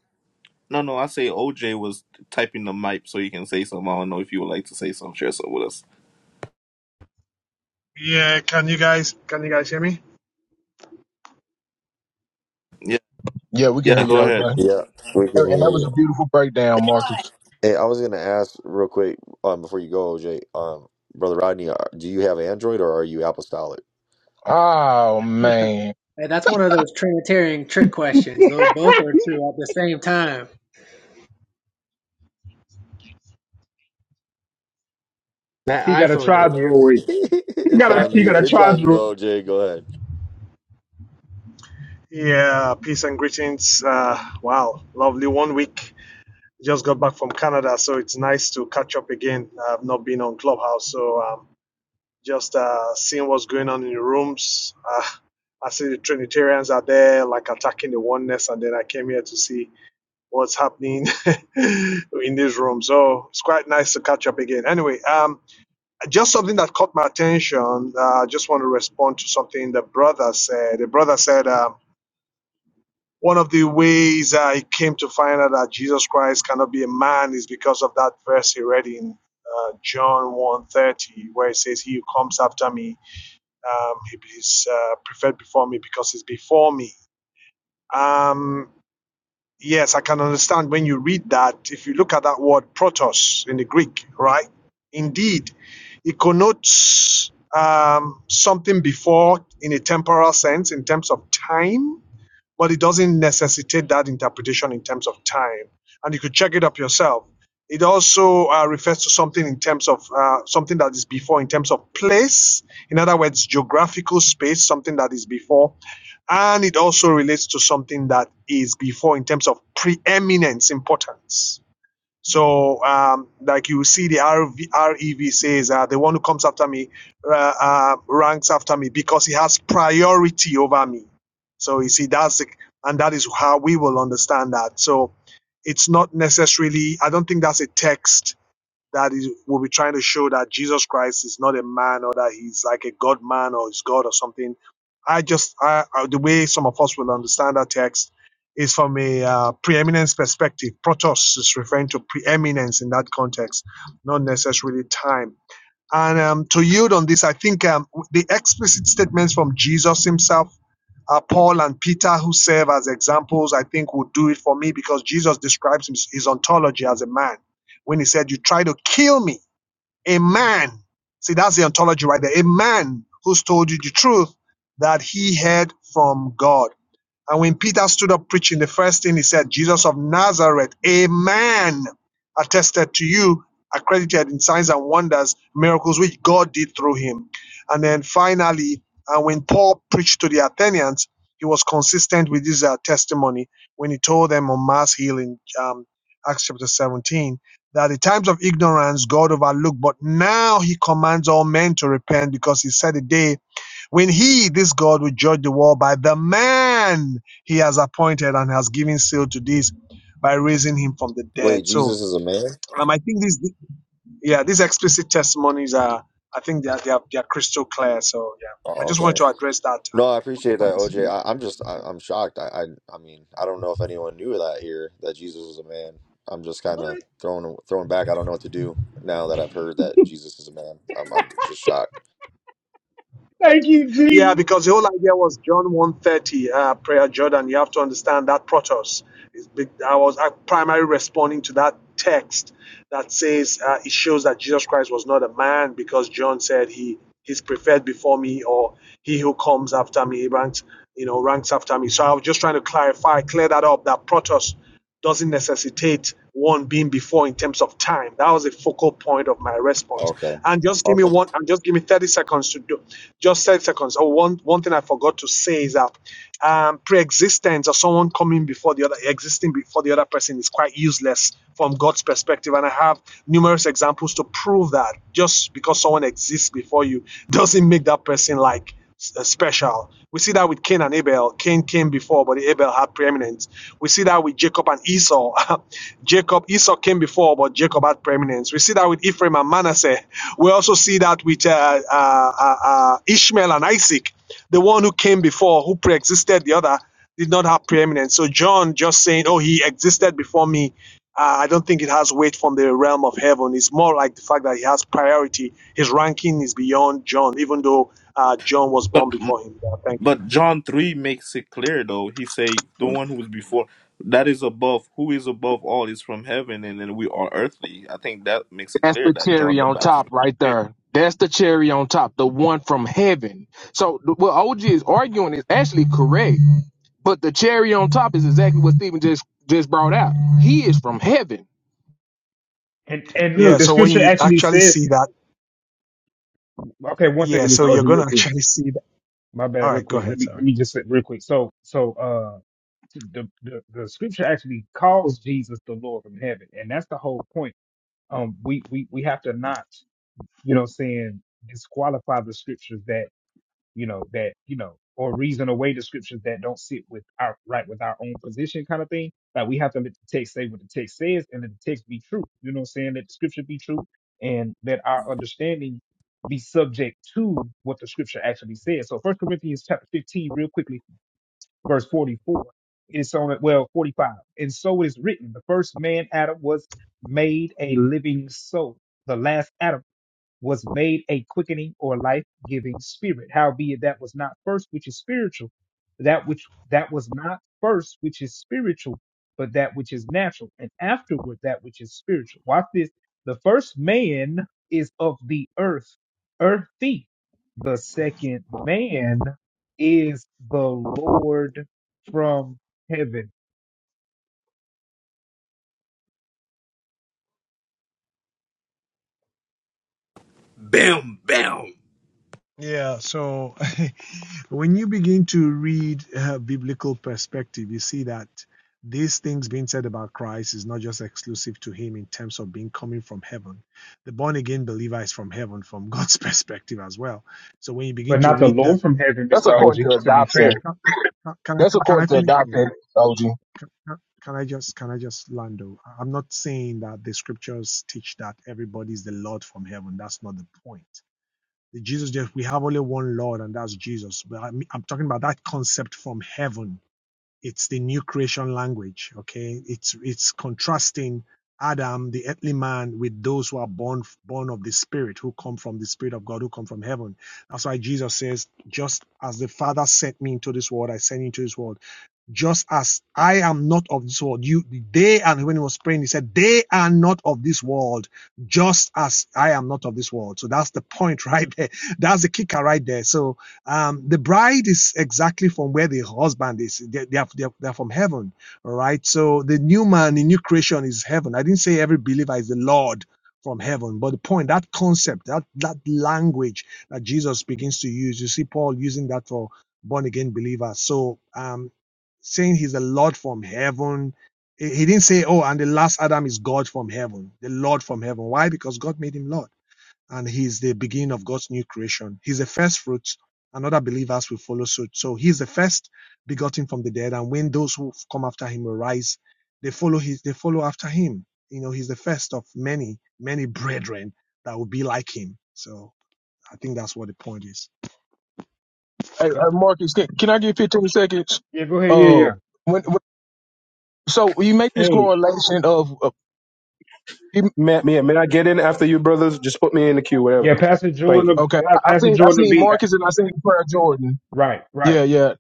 E: No, no, I say OJ was typing the mic so he can say something. I don't know if you would like to say something, share something with us.
L: Yeah, can you guys can you guys hear me?
E: Yeah,
K: Yeah, we can hear
E: yeah,
K: you,
E: go
K: LJ.
E: ahead.
K: And
J: Yeah, we can hear
K: and that
J: you.
K: was a beautiful breakdown, Marcus.
J: Hey, I was gonna ask real quick um, before you go, OJ, um, brother Rodney, are, do you have Android or are you apostolic?
K: Oh man,
I: Hey, that's one of those Trinitarian trick questions. Those both are true at the same time. That
B: he got a
I: iPhone is
J: It-
I: terrible.
B: tridroid.
I: The
B: He
J: it's
B: got
J: on
B: a he
I: iPhone
J: you.
B: got
I: is
B: a
J: It's on
I: terrible.
J: you,
B: tridroid.
J: OJ. Go ahead.
L: Yeah, peace and greetings. Uh, wow, lovely one week. Just got back from Canada, so it's nice to catch up again. I've not been on Clubhouse, so um, just uh, seeing what's going on in the rooms. Uh, I see the Trinitarians are there, like attacking the oneness, and then I came here to see what's happening in this room. So it's quite nice to catch up again. Anyway, um, just something that caught my attention. uh, I uh, just want to respond to something the brother said. The brother said um, one of the ways I came to find out that Jesus Christ cannot be a man is because of that verse he read in uh, John one thirty, where it says, he who comes after me, um, he is uh, preferred before me because he's before me. Um, Yes, I can understand when you read that. If you look at that word protos in the Greek, right? Indeed, it connotes um, something before in a temporal sense in terms of time but it doesn't necessitate that interpretation in terms of time. And you could check it up yourself. It also uh, refers to something in terms of uh, something that is before, in terms of place. In other words, geographical space, something that is before. And it also relates to something that is before in terms of preeminence, importance. So, um, like you see, the RV, REV says uh, the one who comes after me uh, uh, ranks after me because he has priority over me. So you see, that's the, and that is how we will understand that. So it's not necessarily. I don't think that's a text that is will be trying to show that Jesus Christ is not a man or that he's like a God man or is God or something. I just I, I, the way some of us will understand that text is from a uh, preeminence perspective. Protos is referring to preeminence in that context, not necessarily time. And um, to yield on this, I think um, the explicit statements from Jesus himself uh, Paul and Peter, who serve as examples, I think would do it for me because Jesus describes his, his ontology as a man. When he said, You try to kill me, a man. See, that's the ontology right there. A man who's told you the truth that he heard from God. And when Peter stood up preaching, the first thing he said, Jesus of Nazareth, a man attested to you, accredited in signs and wonders, miracles which God did through him. And then finally, and when Paul preached to the Athenians, he was consistent with his uh, testimony when he told them on mass healing, um, Acts chapter 17, that the times of ignorance God overlooked, but now he commands all men to repent because he said a day when he, this God, will judge the world by the man he has appointed and has given seal to this by raising him from the
J: Wait,
L: dead. So
J: Jesus is a man?
L: um, I think these, yeah, these explicit testimonies are, I think they are, they are, they are crystal clear. So yeah, I
J: Oh,
L: just wanted
J: okay.
L: to address that.
J: No, I appreciate that,
L: Thanks.
J: OJ. I, am just, I, I'm shocked. I, I, I mean, I don't know if anyone knew that here that Jesus was a man. I'm just kind of
I: What?
J: thrown, thrown back. I don't know what to do now that I've heard that Jesus is a man. I'm, I'm just shocked.
B: Thank you,
L: Yeah,
B: Jesus.
L: because the whole idea was John 130, uh, prayer Jordan. You have to understand that protos. Is big, I was uh, primarily responding to that text that says uh, it shows that Jesus Christ was not a man because John said he is preferred before me or he who comes after me ranks, you know, ranks after me. So I was just trying to clarify, clear that up, that protos doesn't necessitate one being before in terms of time. That was the focal point of my response.
J: Okay.
L: And just give me
J: Okay.
L: one and just give me 30 seconds to do. Just 10 seconds. Oh, one, one thing I forgot to say is that um, pre-existence or someone coming before the other, existing before the other person is quite useless from God's perspective. And I have numerous examples to prove that just because someone exists before you doesn't make that person like uh, special. We see that with Cain and Abel. Cain came before, but Abel had preeminence. We see that with Jacob and Esau. Jacob, Esau came before, but Jacob had preeminence. We see that with Ephraim and Manasseh. We also see that with uh, uh, uh, uh, Ishmael and Isaac. The one who came before, who pre existed the other, did not have preeminence. So John just saying, oh, he existed before me, uh, I don't think it has weight from the realm of heaven. It's more like the fact that he has priority. His ranking is beyond John, even though uh, John was born
E: But
L: before him. Yeah, thank you.
E: But John three makes it clear though. He say the one who was before that is above who is above all is from heaven and then we are earthly. I think that makes it clear that John the Baptist.
K: What Stephen just just brought out. He is from heaven.
B: And and
L: Yeah,
B: look, the
L: so when
B: scripture
L: you
B: actually
L: actually
B: says,
L: see that,
B: okay, one
L: yeah,
B: second,
L: so
B: Mr.
L: you're
B: Ocean,
L: going
B: real
L: to
B: quick.
L: actually see that.
B: My
L: All
B: bad, real
L: right, go
B: quick. Let
L: ahead.
B: me
L: Sorry.
B: let me just say real quick. So so uh the, the the scripture actually calls Jesus the Lord from heaven, and that's the whole point. Um we we we have to not, you know, what I'm saying disqualify the scriptures that you know, that, you know, or reason away the scriptures that don't sit with our right with our own position kind of thing. Like we have to let the text say what the text says and let the text be true. You know what I'm saying? That the scripture be true and that our understanding be subject to what the scripture actually says. So first Corinthians chapter 15, real quickly, verse 44. It's on it, well, 45. And so it is written, the first man Adam was made a living soul. The last Adam was made a quickening or life giving spirit. Howbeit that was not first which is spiritual, that which that was not first which is spiritual, but that which is natural, and afterward that which is spiritual. Watch this. The first man is of the earth, earthy. The second man is the Lord from heaven.
E: Bam bam.
L: Yeah, so when you begin to read uh, biblical perspective, you see that these things being said about Christ is not just exclusive to him in terms of being coming from heaven. The born again believer is from heaven from God's perspective as well. So when you begin
B: But
L: to
B: not the
L: read that,
B: Lord from heaven,
K: that's
B: Mr.
K: according
B: OG,
K: to
B: to be
K: adoption.
B: fair.
L: can, can- can I
K: That's
L: can
K: according
L: I
K: to
L: finish? Can,
K: adoption, OG.
L: can can I just can I just land? though? I'm not saying that the scriptures teach that everybody's the Lord from heaven. That's not the point Jesus just we have only one Lord and that's Jesus. But I'm, I'm talking about that concept from heaven. It's the new creation language. Okay, it's it's contrasting Adam, the earthly man, with those who are born born of the Spirit, who come from the Spirit of God, who come from heaven. That's why Jesus says, "Just as the Father sent me into this world, I send you into this world." just as I am not of this world. You, they, and when he was praying, he said, they are not of this world, just as I am not of this world. So that's the point right there. That's the kicker right there. So, um, the bride is exactly from where the husband is. They, they are, they are, they are from heaven. All right. So the new man, the new creation is heaven. I didn't say every believer is the Lord from heaven, but the point, that concept, that, that language that Jesus begins to use, you see Paul using that for born again believers. So, um, saying he's the Lord from heaven. He he didn't say, oh, and the last Adam is God from heaven, the Lord from heaven. Why? Because God made him Lord. And he's the beginning of God's new creation. He's the first fruits, and other believers will follow suit. So he's the first begotten from the dead. And when those who come after him arise, they follow his, they follow after him. You know, he's the first of many, many brethren that will be like him. So I think that's what the point is.
K: Hey, hey
B: But
K: Marcus, can, can I get 15 seconds?
B: yeah, go ahead. Yeah,
K: Uh,
B: yeah,
K: when, when so you make this
G: Hey.
K: correlation of, of
G: May, may, may I get in after you, brothers? Just put me in the queue,
B: yeah.
G: whatever.
B: Pastor
G: Thank you.
B: Jordan,
K: okay,
B: uh,
K: I I
B: Pastor
K: see, I
B: Jordan to
K: see
B: be uh,
K: Marcus and I see Prayer Jordan.
B: right, right.
K: Yeah, yeah.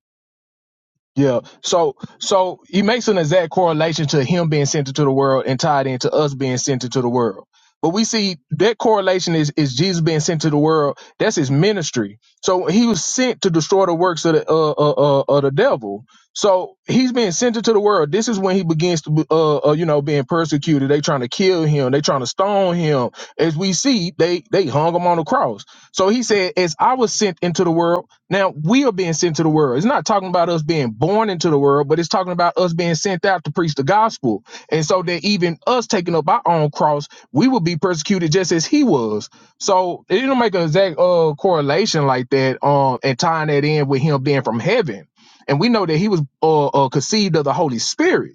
K: Yeah. So so he makes an exact correlation to him being sent into the world and tied into us being sent into the world. But we see that correlation is is Jesus being sent to the world. That's his ministry. So he was sent to destroy the works of the uh, uh, uh, of the devil. So he's being sent into the world. This is when he begins to uh, uh you know being persecuted. They trying to kill him. They trying to stone him. As we see, they they hung him on the cross. So he said, "As I was sent into the world." Now we are being sent to the world. It's not talking about us being born into the world, but it's talking about us being sent out to preach the gospel. And so that even us taking up our own cross, we will be persecuted just as he was. So it don't make an exact uh, correlation like that, um, and tying that in with him being from heaven. And we know that he was uh, uh conceived of the Holy Spirit.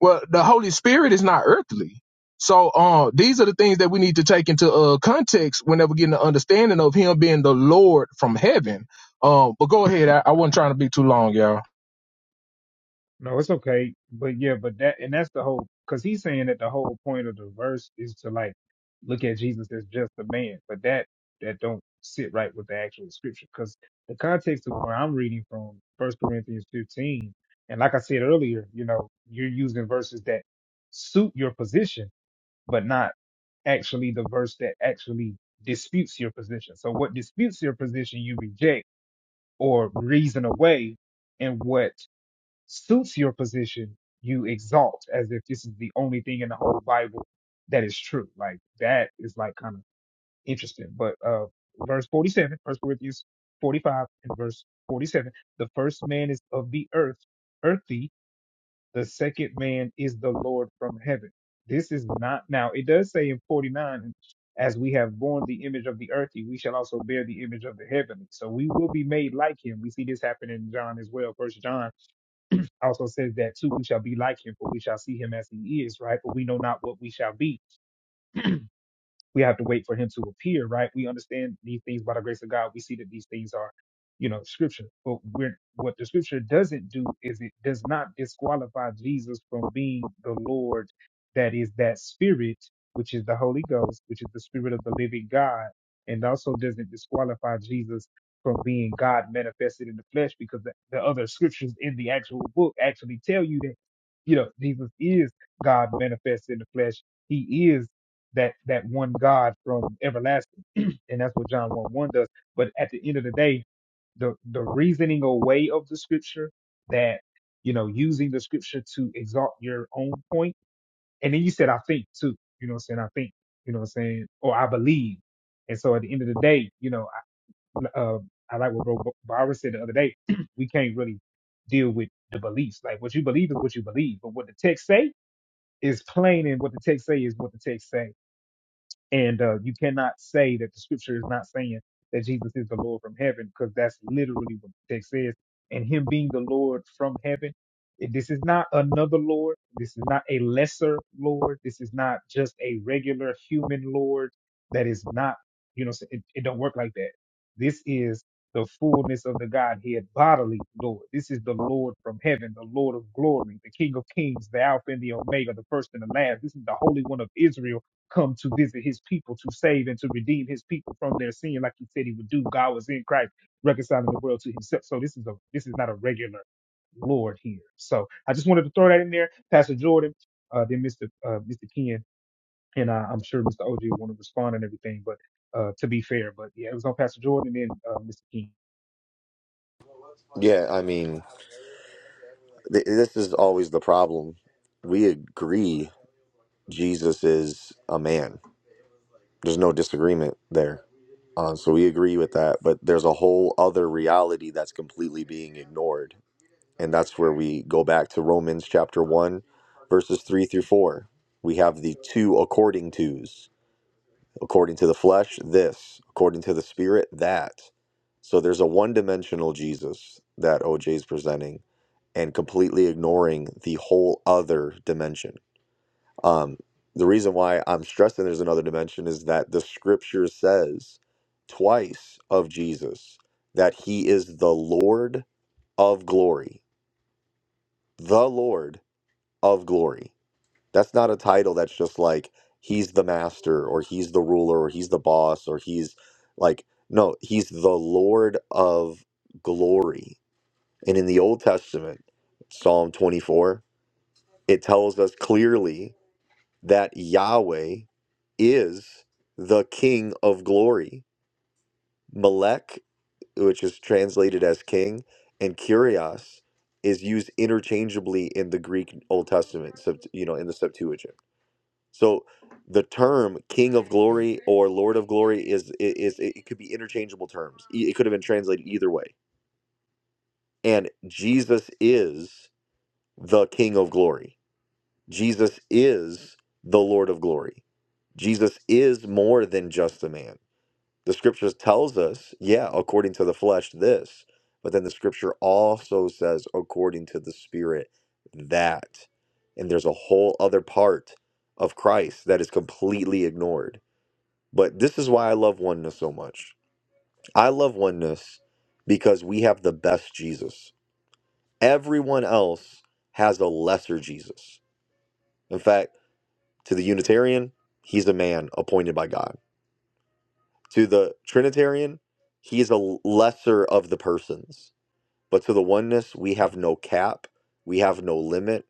K: Well, the Holy Spirit is not earthly. So uh, these are the things that we need to take into uh, context whenever getting an understanding of him being the Lord from heaven. Um, but go ahead. I, I wasn't trying to be too long, y'all.
B: No, it's okay. But yeah, but that and that's the whole because he's saying that the whole point of the verse is to like look at Jesus as just a man, but that that don't sit right with the actual scripture because the context of where I'm reading from First Corinthians 15, and like I said earlier, you know, you're using verses that suit your position, but not. actually the verse that actually disputes your position. So what disputes your position, you reject or reason away, and what suits your position, you exalt as if this is the only thing in the whole Bible that is true. Like that is like kind of interesting. But uh, verse 47, First Corinthians 45 and verse 47, the first man is of the earth, earthy, the second man is the Lord from heaven. This is not, now it does say in 49, as we have borne the image of the earthy, we shall also bear the image of the heavenly. So we will be made like him. We see this happen in John as well. First John also says that too, we shall be like him, for we shall see him as he is, right? But we know not what we shall be we have to wait for him to appear, right? We understand these things by the grace of God. We see that these things are, you know, scripture. But we're, what the scripture doesn't do is it does not disqualify Jesus from being the Lord that is that spirit, which is the Holy Ghost, which is the spirit of the living God, and also doesn't disqualify Jesus from being God manifested in the flesh because the, the other scriptures in the actual book actually tell you that, you know, Jesus is God manifested in the flesh. He is that that one God from everlasting, and that's what John one one does. But at the end of the day, the the reasoning away of the scripture that you know using the scripture to exalt your own point, and then you said I think too, you know what I'm saying? I think, you know what I'm saying, or I believe. And so at the end of the day, you know, I, uh, I like what Bro Barbara said the other day. we can't really deal with the beliefs. Like what you believe is what you believe, but what the text say is plain, and what the text say is what the text say. And uh, you cannot say that the scripture is not saying that Jesus is the Lord from heaven, because that's literally what the text says. And him being the Lord from heaven, eh, this is not another Lord. This is not a lesser Lord. This is not just a regular human Lord that is not, you know, it, it don't work like that. This is the fullness of the Godhead bodily Lord. This is the Lord from heaven, the Lord of glory, the King of kings, the Alpha and the Omega, the first and the last. This is the Holy One of Israel come to visit his people to save and to redeem his people from their sin, like he said he would do. God was in Christ, reconciling the world to himself. So this is a this is not a regular Lord here. So I just wanted to throw that in there. Pastor Jordan, uh, then Mr. Uh, Mr. Ken, and uh, I'm sure Mr. OG will want to respond and everything. But uh, to be fair, but yeah, it was on Pastor Jordan and then uh, Mr. Ken.
J: Yeah, I mean. th- this is always the problem. We agree Jesus is a man. There's no disagreement there. Uh, so we agree with that. But there's a whole other reality that's completely being ignored. And that's where we go back to Romans chapter 1, verses 3 through 4. We have the two according tos according to the flesh this according to the spirit that so there's a one-dimensional jesus that oj is presenting and completely ignoring the whole other dimension um, the reason why i'm stressing there's another dimension is that the scripture says twice of jesus that he is the lord of glory the lord of glory that's not a title that's just like he's the master or he's the ruler or he's the boss or he's like no, he's the Lord of glory. And in the Old Testament, Psalm 24, it tells us clearly that Yahweh is the king of glory. Melech, which is translated as king, and Kyrios is used interchangeably in the Greek Old Testament, Sept- you know, in the Septuagint. So the term King of Glory or Lord of Glory is is it it could be interchangeable terms. E- It could have been translated either way. And Jesus is the King of Glory. Jesus is the Lord of Glory. Jesus is more than just a man. The scriptures tells us, yeah, according to the flesh this, but then the scripture also says according to the spirit that. And there's a whole other part of Christ that is completely ignored But this is why I love oneness so much. I love oneness because we have the best Jesus. Everyone else has a lesser Jesus. In fact, to the Unitarian, he's a man appointed by God. To the Trinitarian, he's a lesser of the persons. But to the oneness, we have no cap, we have no limit.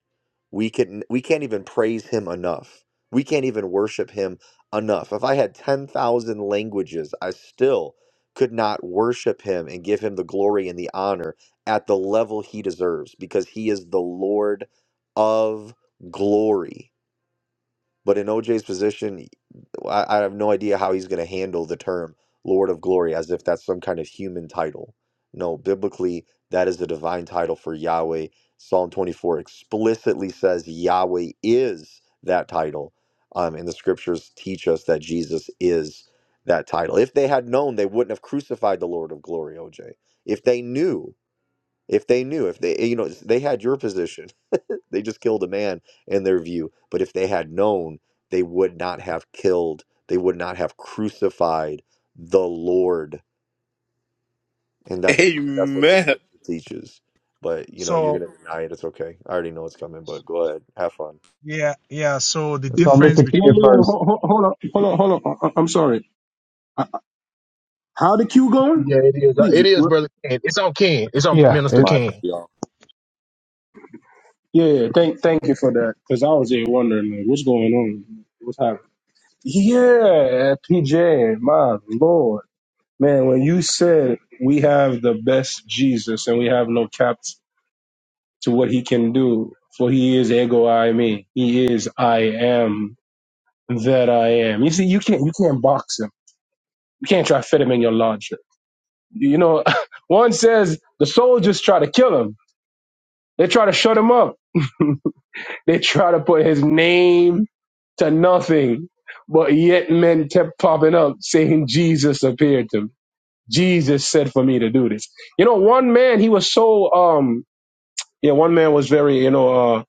J: We can we can't even praise him enough. We can't even worship him enough. If I had 10,000 languages, I still could not worship him and give him the glory and the honor at the level he deserves because he is the Lord of glory. But in OJ's position, I, I have no idea how he's going to handle the term Lord of Glory as if that's some kind of human title. No, biblically, that is the divine title for Yahweh. Psalm 24 explicitly says Yahweh is that title. Um, and the scriptures teach us that Jesus is that title. If they had known, they wouldn't have crucified the Lord of Glory, OJ. If they knew, if they knew, if they, you know, they had your position they just killed a man in their view. But if they had known, they would not have killed, they would not have crucified the Lord. And that's that's what the
E: Amen.
J: scripture teaches. But you know, you're
L: So
J: gonna deny it, it's okay. I already know it's coming, but go ahead. Have fun.
L: yeah, yeah. So the
G: Yeah,
B: So
L: difference
B: Mr.
G: yeah, yeah.
B: King
L: between
B: first.
G: Hold, hold on, hold on, hold on. I, I- am sorry. How the queue going?
K: Yeah, it is. Uh,
G: Please.
K: It
G: you-
K: is,
G: re-
K: brother. Ken. It's on Ken. It's on
B: Yeah,
J: That's
K: Minister
B: it,
J: my
K: Ken.
J: bad.
G: Yeah, yeah. Thank, thank you for that. Because I was there wondering like, what's going on, what's happening. Yeah, PJ, my lord, man. When you said we have the best Jesus and we have no caps to what he can do, for he is ego I me. He is I am that I am. You see, you can't you can't box him You can't try to fit him in your lodge. You know, one says the soldiers try to kill him. They try to shut him up. They try to put his name to nothing. But yet men kept popping up saying Jesus appeared to him. Jesus said for me to do this. You know, one man, he was so um yeah, one man was very, you know, uh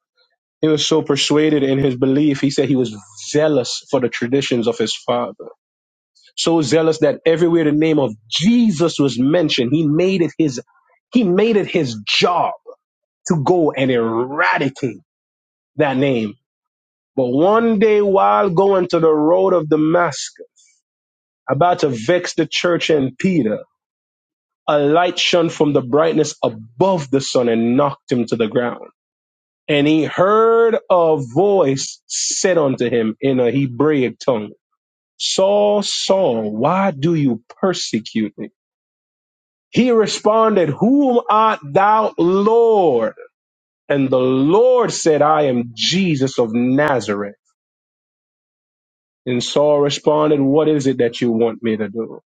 G: he was so persuaded in his belief. He said he was zealous for the traditions of his father so zealous that everywhere the name of Jesus was mentioned, he made it his he made it his job to go and eradicate that name. But one day while going to the road of Damascus, about to vex the church and Peter, a light shone from the brightness above the sun and knocked him to the ground. And he heard a voice said unto him in a Hebraic tongue, Saul, Saul, why do you persecute me? He responded, Whom art thou, Lord? And the Lord said, I am Jesus of Nazareth. And Saul responded, What is it that you want me to do?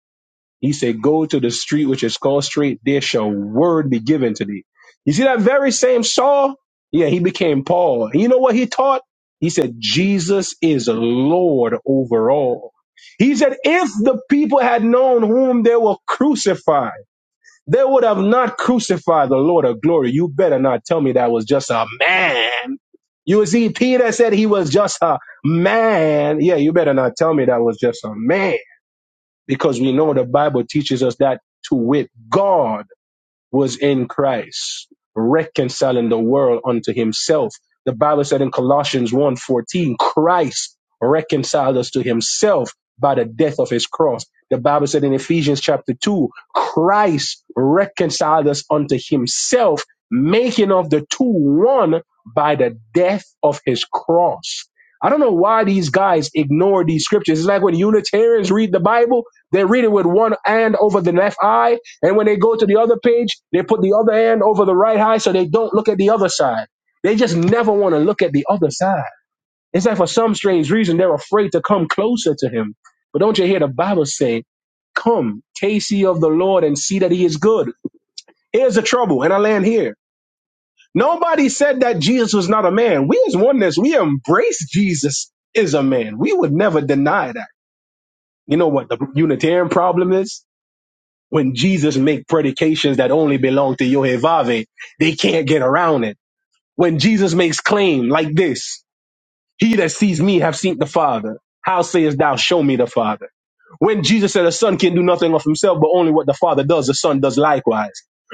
G: He said, Go to the street which is called straight, there shall word be given to thee. You see that very same Saul? Yeah, he became Paul. And you know what he taught? He said, Jesus is Lord over all. He said, If the people had known whom they were crucifying, They would have not crucified the Lord of glory. You better not tell me that was just a man. You see, Peter said he was just a man. Yeah, you better not tell me that was just a man because we know the Bible teaches us that to wit, God was in Christ, reconciling the world unto himself. The Bible said in Colossians one fourteen, Christ reconciled us to himself by the death of his cross. The Bible said in Ephesians chapter 2, Christ reconciled us unto himself, making of the two one by the death of his cross. I don't know why these guys ignore these scriptures. It's like when Unitarians read the Bible, they read it with one hand over the left eye and when they go to the other page, they put the other hand over the right eye so they don't look at the other side. They just never want to look at the other side. It's like for some strange reason, they're afraid to come closer to him. But don't you hear the Bible say, Come, taste ye of the Lord and see that he is good. Here's the trouble, and I land here. Nobody said that Jesus was not a man. We as oneness, we embrace Jesus is a man. We would never deny that. You know what the Unitarian problem is? when Jesus make predications that only belong to Yehovah, they can't get around it. When Jesus makes claim like this, he that sees me have seen the Father. How sayest thou, show me the Father? When Jesus said the son can do nothing of himself, but only what the father does, the son does likewise.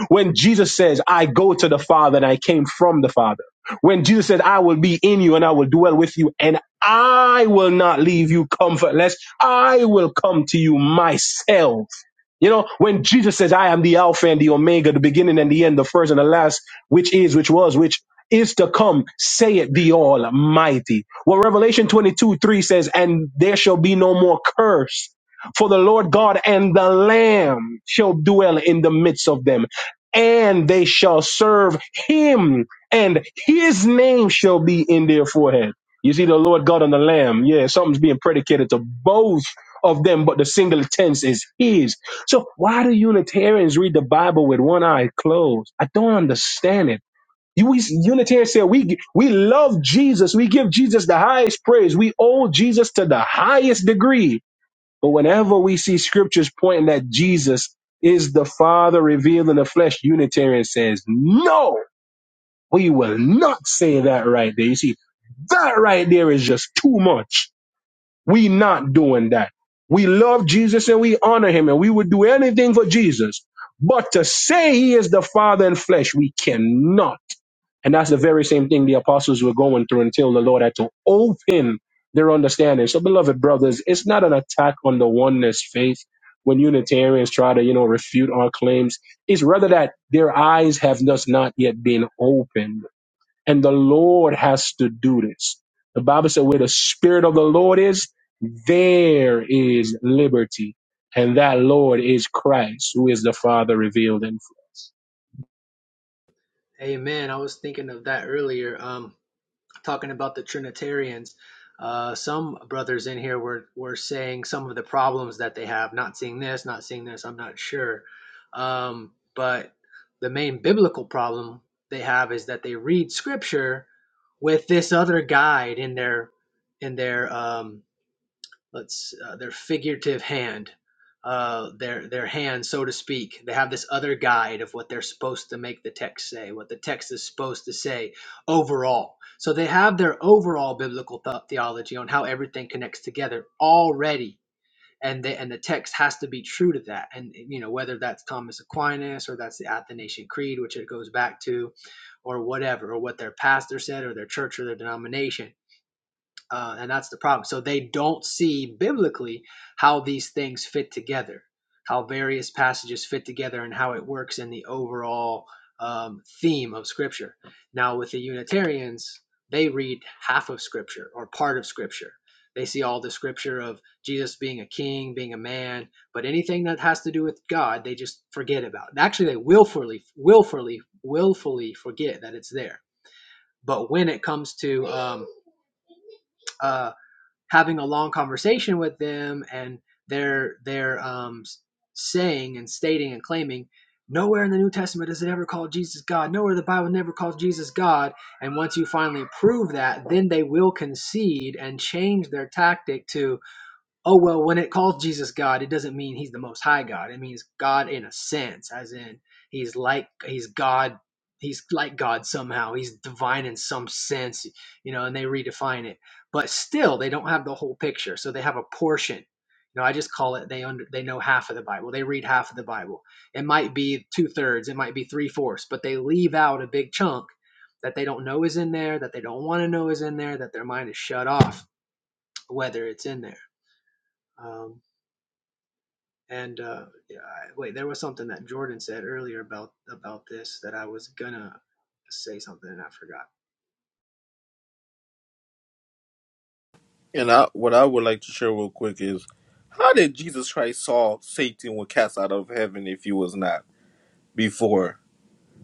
G: When Jesus says, I go to the father and I came from the father. When Jesus said, I will be in you and I will dwell with you and I will not leave you comfortless. I will come to you myself. You know, when Jesus says, I am the Alpha and the Omega, the beginning and the end, the first and the last, which is, which was, which is to come, say it the Almighty. Well, Revelation 22 3 says, And there shall be no more curse. For the Lord God and the Lamb shall dwell in the midst of them, and they shall serve him, and his name shall be in their forehead. You see, the Lord God and the Lamb, yeah, something's being predicated to both of them, but the singular tense is his. So why do Unitarians read the Bible with one eye closed? I don't understand it. You, we, Unitarians say we we love Jesus. We give Jesus the highest praise. We owe Jesus to the highest degree but whenever we see scriptures pointing that Jesus is the Father revealed in the flesh, Unitarian says, no, we will not say that right there. You see, that right there is just too much. We not doing that. We love Jesus and we honor him and we would do anything for Jesus. But to say he is the Father in flesh, we cannot. And that's the very same thing the apostles were going through until the Lord had to open their understanding. So, beloved brothers, it's not an attack on the oneness faith when Unitarians try to, you know, refute our claims. It's rather that their eyes have just not yet been opened. And the Lord has to do this. The Bible said, where the Spirit of the Lord is, there is liberty. And that Lord is Christ, who is the Father revealed in flesh.
I: Hey man, I was thinking of that earlier. Um, talking about the Trinitarians, uh, some brothers in here were, were saying some of the problems that they have. Not seeing this, not seeing this, I'm not sure. Um, but the main biblical problem they have is that they read scripture with this other guide in their in their um, let's uh, their figurative hand uh their their hand so to speak they have this other guide of what they're supposed to make the text say what the text is supposed to say overall so they have their overall biblical th- theology on how everything connects together already and they, and the text has to be true to that and you know whether that's thomas aquinas or that's the athanasian creed which it goes back to or whatever or what their pastor said or their church or their denomination uh, and that's the problem. So they don't see biblically how these things fit together, how various passages fit together, and how it works in the overall um, theme of Scripture. Now, with the Unitarians, they read half of Scripture or part of Scripture. They see all the Scripture of Jesus being a king, being a man, but anything that has to do with God, they just forget about. Actually, they willfully, willfully, willfully forget that it's there. But when it comes to um, uh, having a long conversation with them and they're they're um, saying and stating and claiming nowhere in the new testament does it ever call jesus god nowhere the bible never calls jesus god and once you finally prove that then they will concede and change their tactic to Oh well, when it calls Jesus God, it doesn't mean he's the most high God. It means God in a sense, as in he's like he's God, he's like God somehow. He's divine in some sense, you know, and they redefine it. But still they don't have the whole picture. So they have a portion. You know, I just call it they under they know half of the Bible. They read half of the Bible. It might be two thirds, it might be three fourths, but they leave out a big chunk that they don't know is in there, that they don't want to know is in there, that their mind is shut off, whether it's in there. Um, and uh, yeah, I, wait, there was something that Jordan said earlier about about this that I was gonna say something and I forgot.
E: And I what I would like to share real quick is how did Jesus Christ saw Satan was cast out of heaven if he was not before?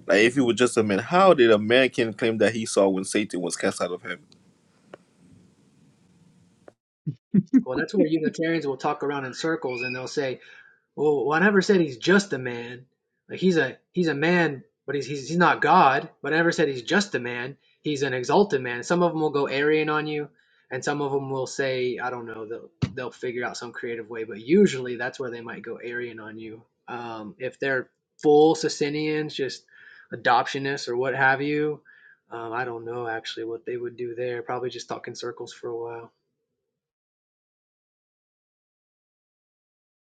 E: Like if he was just a man, how did a man can claim that he saw when Satan was cast out of heaven?
I: Well, that's where Unitarians will talk around in circles and they'll say, Well, well, I never said he's just a man. Like he's a he's a man, but he's he's, he's not God. But I never said he's just a man. He's an exalted man. Some of them will go Arian on you, and some of them will say I don't know. They'll they'll figure out some creative way. But usually that's where they might go Arian on you. Um, if they're full Socinians, just adoptionists or what have you, um, I don't know actually what they would do there. Probably just talk in circles for a while.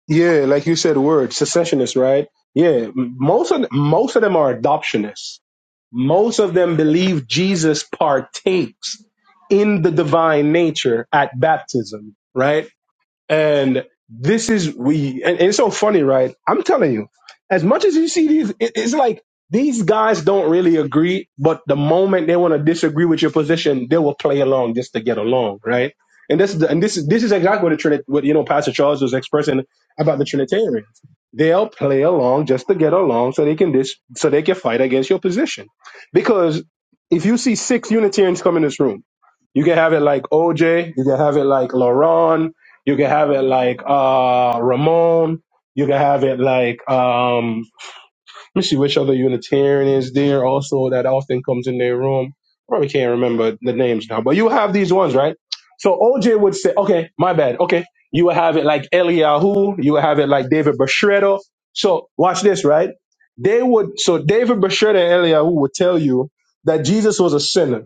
G: Yeah, like you said, the word secessionists, right? Yeah, most of most of them are adoptionists. Most of them believe Jesus partakes in the divine nature at baptism, right? And this is we, and, and it's so funny, right? I'm telling you, as much as you see these, it, it's like these guys don't really agree, but the moment they want to disagree with your position, they will play along just to get along, right? And this, is the- and this, is- this is exactly what the Trinit, what you know, Pastor Charles was expressing about the Trinitarians. They'll play along just to get along, so they can dis, so they can fight against your position. Because if you see six Unitarians come in this room, you can have it like OJ, you can have it like Laron, you can have it like uh Ramon. You can have it like um let me see which other Unitarian is there also that often comes in their room. Probably can't remember the names now, but you have these ones, right? So OJ would say, Okay, my bad. Okay. You will have it like Eliyahu, you will have it like David Bashredo. So watch this, right? They would so David Bashredo and Eliyahu would tell you that Jesus was a sinner.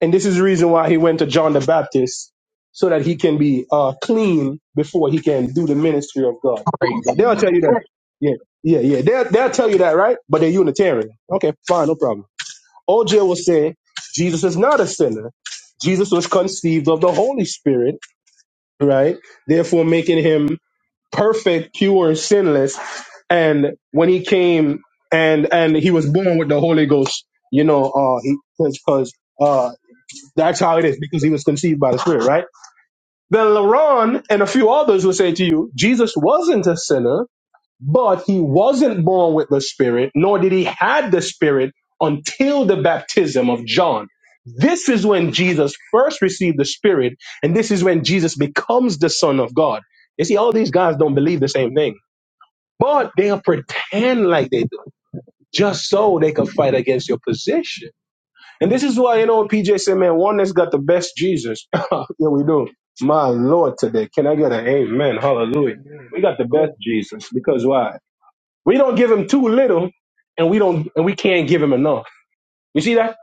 G: And this is the reason why he went to John the Baptist so that he can be uh, clean before he can do the ministry of God. Like
K: Crazy
G: they'll
K: work.
G: tell you that. Yeah, yeah, yeah. They'll, they'll tell you that, right? But they're Unitarian. Okay, fine, no problem. OJ will say Jesus is not a sinner. Jesus was conceived of the Holy Spirit, right? Therefore, making him perfect, pure, sinless. And when he came and and he was born with the Holy Ghost, you know, uh, because uh, that's how it is because he was conceived by the Spirit, right? Then Laron and a few others will say to you, Jesus wasn't a sinner, but he wasn't born with the Spirit, nor did he have the Spirit until the baptism of John. This is when Jesus first received the Spirit, and this is when Jesus becomes the Son of God. You see, all these guys don't believe the same thing, but they'll pretend like they do, just so they can fight against your position and this is why, you know, PJ said, man, one that's got the best Jesus. yeah, we do. My Lord, today. Can I get an amen?
I: Oh,
G: Hallelujah.
I: no.
G: We got the
I: Oh,
G: best Jesus because why? We don't give him too little and we don't, and we can't give him enough. You see that?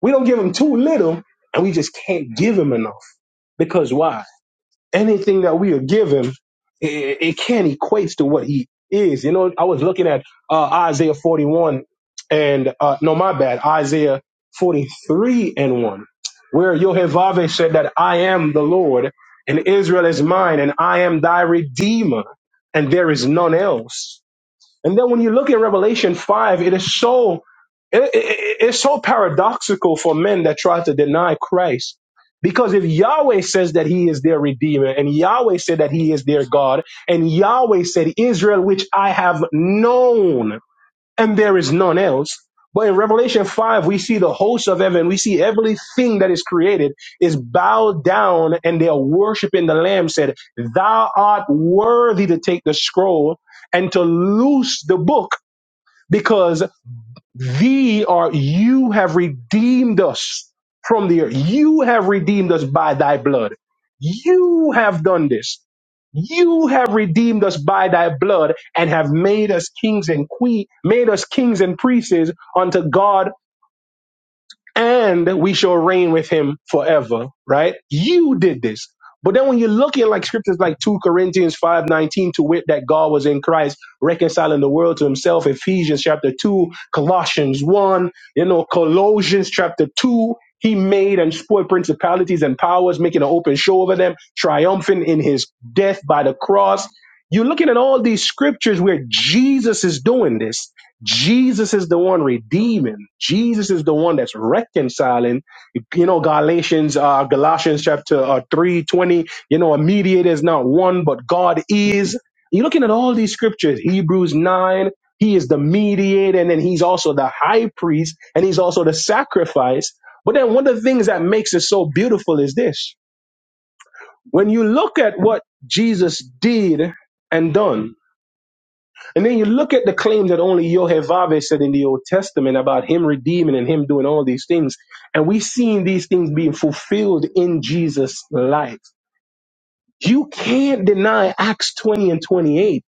G: We don't give him too little and we just can't give him enough because why? anything that we are given, it, it can't equate to what he is. You know, I was looking at uh, Isaiah 41 and, uh, no, my bad, Isaiah 43 and 1, where Yohevave said that I am the Lord and Israel is mine and I am thy redeemer and there is none else. And then when you look at Revelation 5, it is so it, it- it's so paradoxical for men that try to deny Christ. Because if Yahweh says that he is their redeemer, and Yahweh said that he is their God, and Yahweh said, Israel, which I have known and there is none else. But in Revelation 5, we see the hosts of heaven. We see everything that is created is bowed down and they are worshiping the Lamb, said, Thou art worthy to take the scroll and to loose the book. Because Thee are you have redeemed us from the earth. You have redeemed us by thy blood. You have done this. You have redeemed us by thy blood and have made us kings and queen, made us kings and priests unto God and we shall reign with him forever, right? You did this. But then when you look at like scriptures like 2 Corinthians 5 19, to wit that God was in Christ, reconciling the world to himself, Ephesians chapter 2, Colossians 1, you know, Colossians chapter 2, he made and spoiled principalities and powers, making an open show over them, triumphant in his death by the cross. You're looking at all these scriptures where Jesus is doing this Jesus is the one redeeming. Jesus is the one that's reconciling. You know, Galatians, uh, Galatians chapter uh, three twenty. You know, a mediator is not one, but God is. You're looking at all these scriptures. Hebrews nine. He is the mediator, and then he's also the high priest, and he's also the sacrifice. But then one of the things that makes it so beautiful is this: when you look at what Jesus did and done, and then you look at the claims that only Yohevave said in the Old Testament about him redeeming and him doing all these things. And we've seen these things being fulfilled in Jesus' life. You can't deny Acts 20 and 28.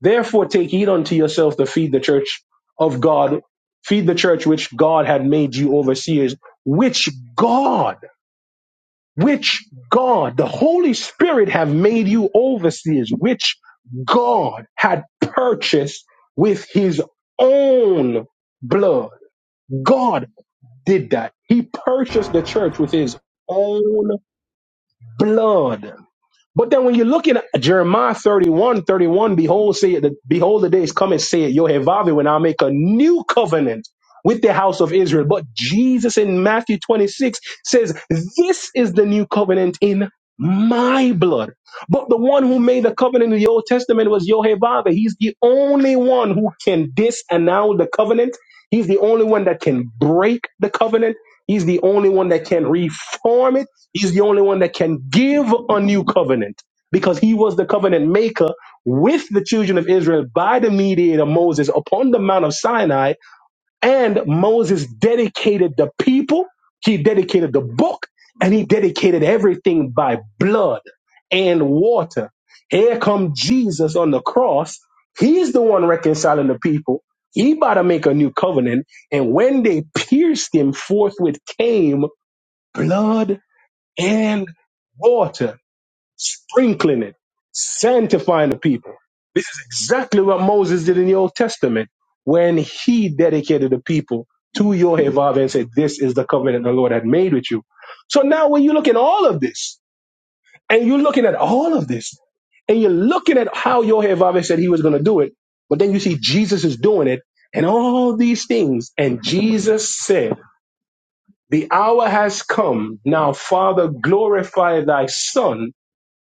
G: Therefore, take heed unto yourself to feed the church of God, feed the church which God had made you overseers, which God which God, the Holy Spirit, have made you overseers, which God had purchased with his own blood. God did that. He purchased the church with his own blood. But then when you look in Jeremiah 31, 31, behold, say it. behold the days come and say it, Yehovah, when I make a new covenant with the house of Israel. But Jesus in Matthew 26 says, This is the new covenant in my blood. But the one who made the covenant in the Old Testament was Yehovah. He's the only one who can disannul the covenant. He's the only one that can break the covenant. He's the only one that can reform it. He's the only one that can give a new covenant because he was the covenant maker with the children of Israel by the mediator Moses upon the Mount of Sinai. And Moses dedicated the people, he dedicated the book, and he dedicated everything by blood and water. Here come Jesus on the cross. He's the one reconciling the people. He about to make a new covenant. And when they pierced him, forthwith came blood and water, sprinkling it, sanctifying the people. This is exactly what Moses did in the Old Testament when he dedicated the people to Yehovah and said, This is the covenant the Lord had made with you. So now when you look at all of this, and you're looking at all of this, and you're looking at how Yehovah said he was going to do it, but then you see Jesus is doing it, and all these things, and Jesus said, the hour has come. Now, Father, glorify thy Son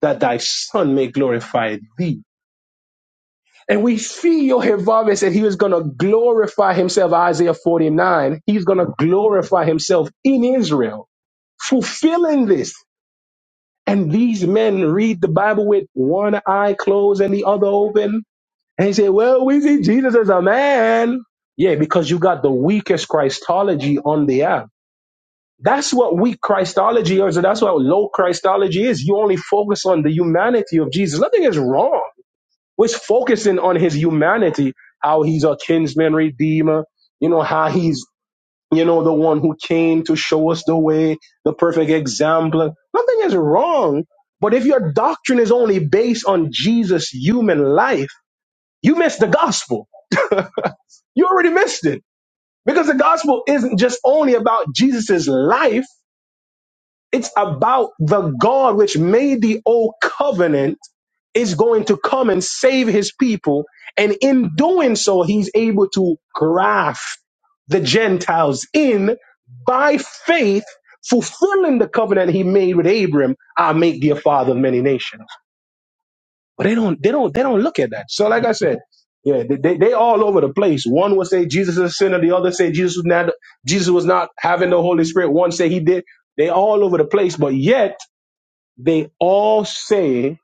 G: that thy son may glorify thee. And we see Yehovah said he was going to glorify himself, Isaiah 49. He's going to glorify himself in Israel, fulfilling this. And these men read the Bible with one eye closed and the other open. And they say, well, we see Jesus as a man. Yeah, because you got the weakest Christology on the app. That's what weak Christology is. That's what low Christology is. You only focus on the humanity of Jesus. Nothing is wrong which focusing on his humanity, how he's a kinsman redeemer, you know, how he's, you know, the one who came to show us the way, the perfect example. Nothing is wrong. But if your doctrine is only based on Jesus' human life, you miss the gospel. you already missed it because the gospel isn't just only about Jesus' life. It's about the God which made the old covenant is going to come and save his people. And in doing so, he's able to graft the Gentiles in by faith, fulfilling the covenant he made with Abram. I'll make thee a father of many nations. But they don't, they don't, they don't look at that. So, like I said, yeah, they, they, they all over the place. One will say Jesus is a sinner. The other say Jesus was not, Jesus was not having the Holy Spirit. One say he did. They all over the place. But yet they all say,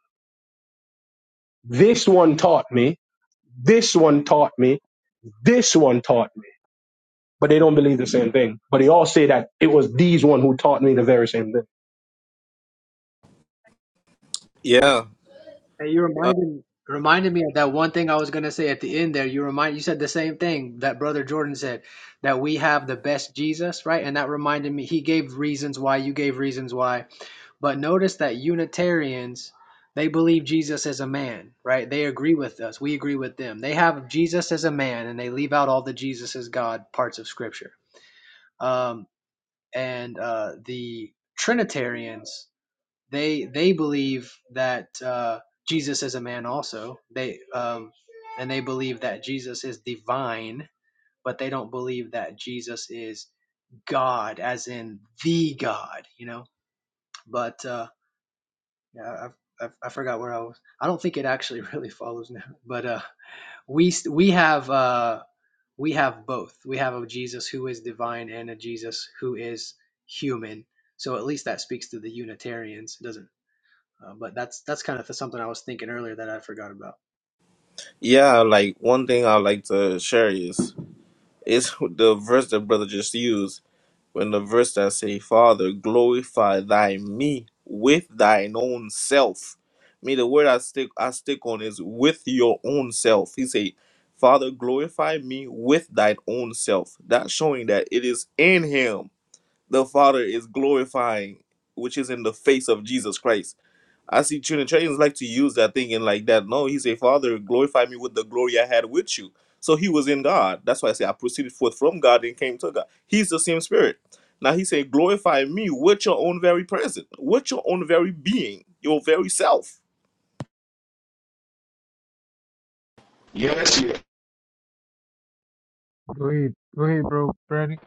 G: this one taught me, this one taught me, this one taught me. But they don't believe the same thing. But they all say that it was these one who taught me the very same thing.
E: Yeah.
I: Hey, you
E: Uh,
I: reminded reminded me of that one thing I was gonna say at the end there. You remind you said the same thing that Brother Jordan said that we have the best Jesus, right? And that reminded me. He gave reasons why. You gave reasons why. But notice that Unitarians, they believe Jesus as a man, right? They agree with us. We agree with them. They have Jesus as a man, and they leave out all the Jesus as God parts of Scripture. Um, and uh, the Trinitarians, they they believe that uh, Jesus is a man also. They um, and they believe that Jesus is divine, but they don't believe that Jesus is God, as in the God. You know, but uh, yeah, I, I, I forgot where I was. I don't think it actually really follows now. But uh, we we have uh, we have both. We have a Jesus who is divine and a Jesus who is human. So at least that speaks to the Unitarians. It doesn't. Uh, but that's that's kind of something I was thinking earlier that I forgot about.
E: yeah, like one thing I like to share is It's the verse that brother just used. When the verse that say, Father, glorify thy me with thine own self. Me, the word I stick I stick on is with your own self. He say, Father, glorify me with thine own self. That's showing that it is in him the Father is glorifying, which is in the face of Jesus Christ. I see Trinitarians like to use that thing and like that. No, he say, Father, glorify me with the glory I had with you. So he was in God. That's why I say I proceeded forth from God and came to God. He's the same spirit. Now he said, glorify me with your own very presence, with your own very being, your very self.
M: Yes, yeah.
B: Go ahead, go ahead, bro, Brady.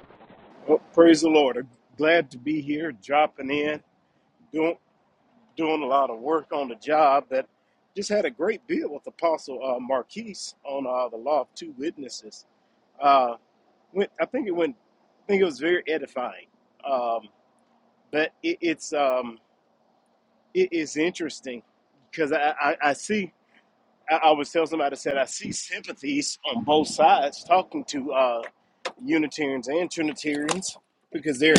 M: Well, praise the Lord. I'm glad to be here, dropping in, doing doing a lot of work on the job. That just had a great deal with Apostle uh, Marquise on uh, the Law of Two Witnesses. Uh, went, I think it went. I think it was very edifying. Um, but it, it's um, it is interesting because I, I, I see. I, I was telling somebody I said I see sympathies on both sides talking to. Uh, Unitarians and Trinitarians because they're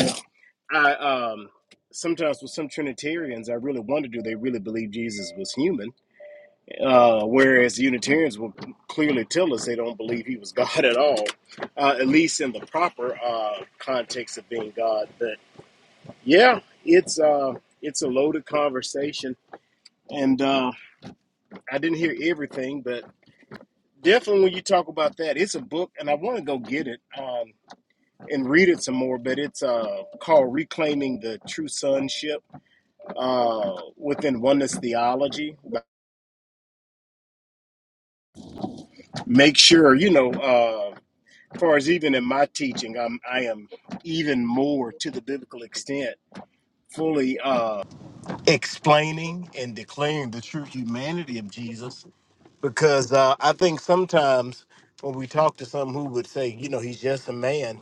M: I um sometimes with some Trinitarians I really wonder do they really believe Jesus was human? Uh, whereas Unitarians will clearly tell us they don't believe he was God at all, uh, at least in the proper uh, context of being God. But yeah, it's uh, it's a loaded conversation, and uh, I didn't hear everything, but definitely when you talk about that, it's a book, and I want to go get it. Um, and read it some more, but it's uh, called Reclaiming the True Sonship uh, within Oneness Theology. Make sure, you know, uh, as far as even in my teaching, I'm, I am even more to the biblical extent fully uh, explaining and declaring the true humanity of Jesus because uh, I think sometimes when we talk to some who would say, you know, he's just a man,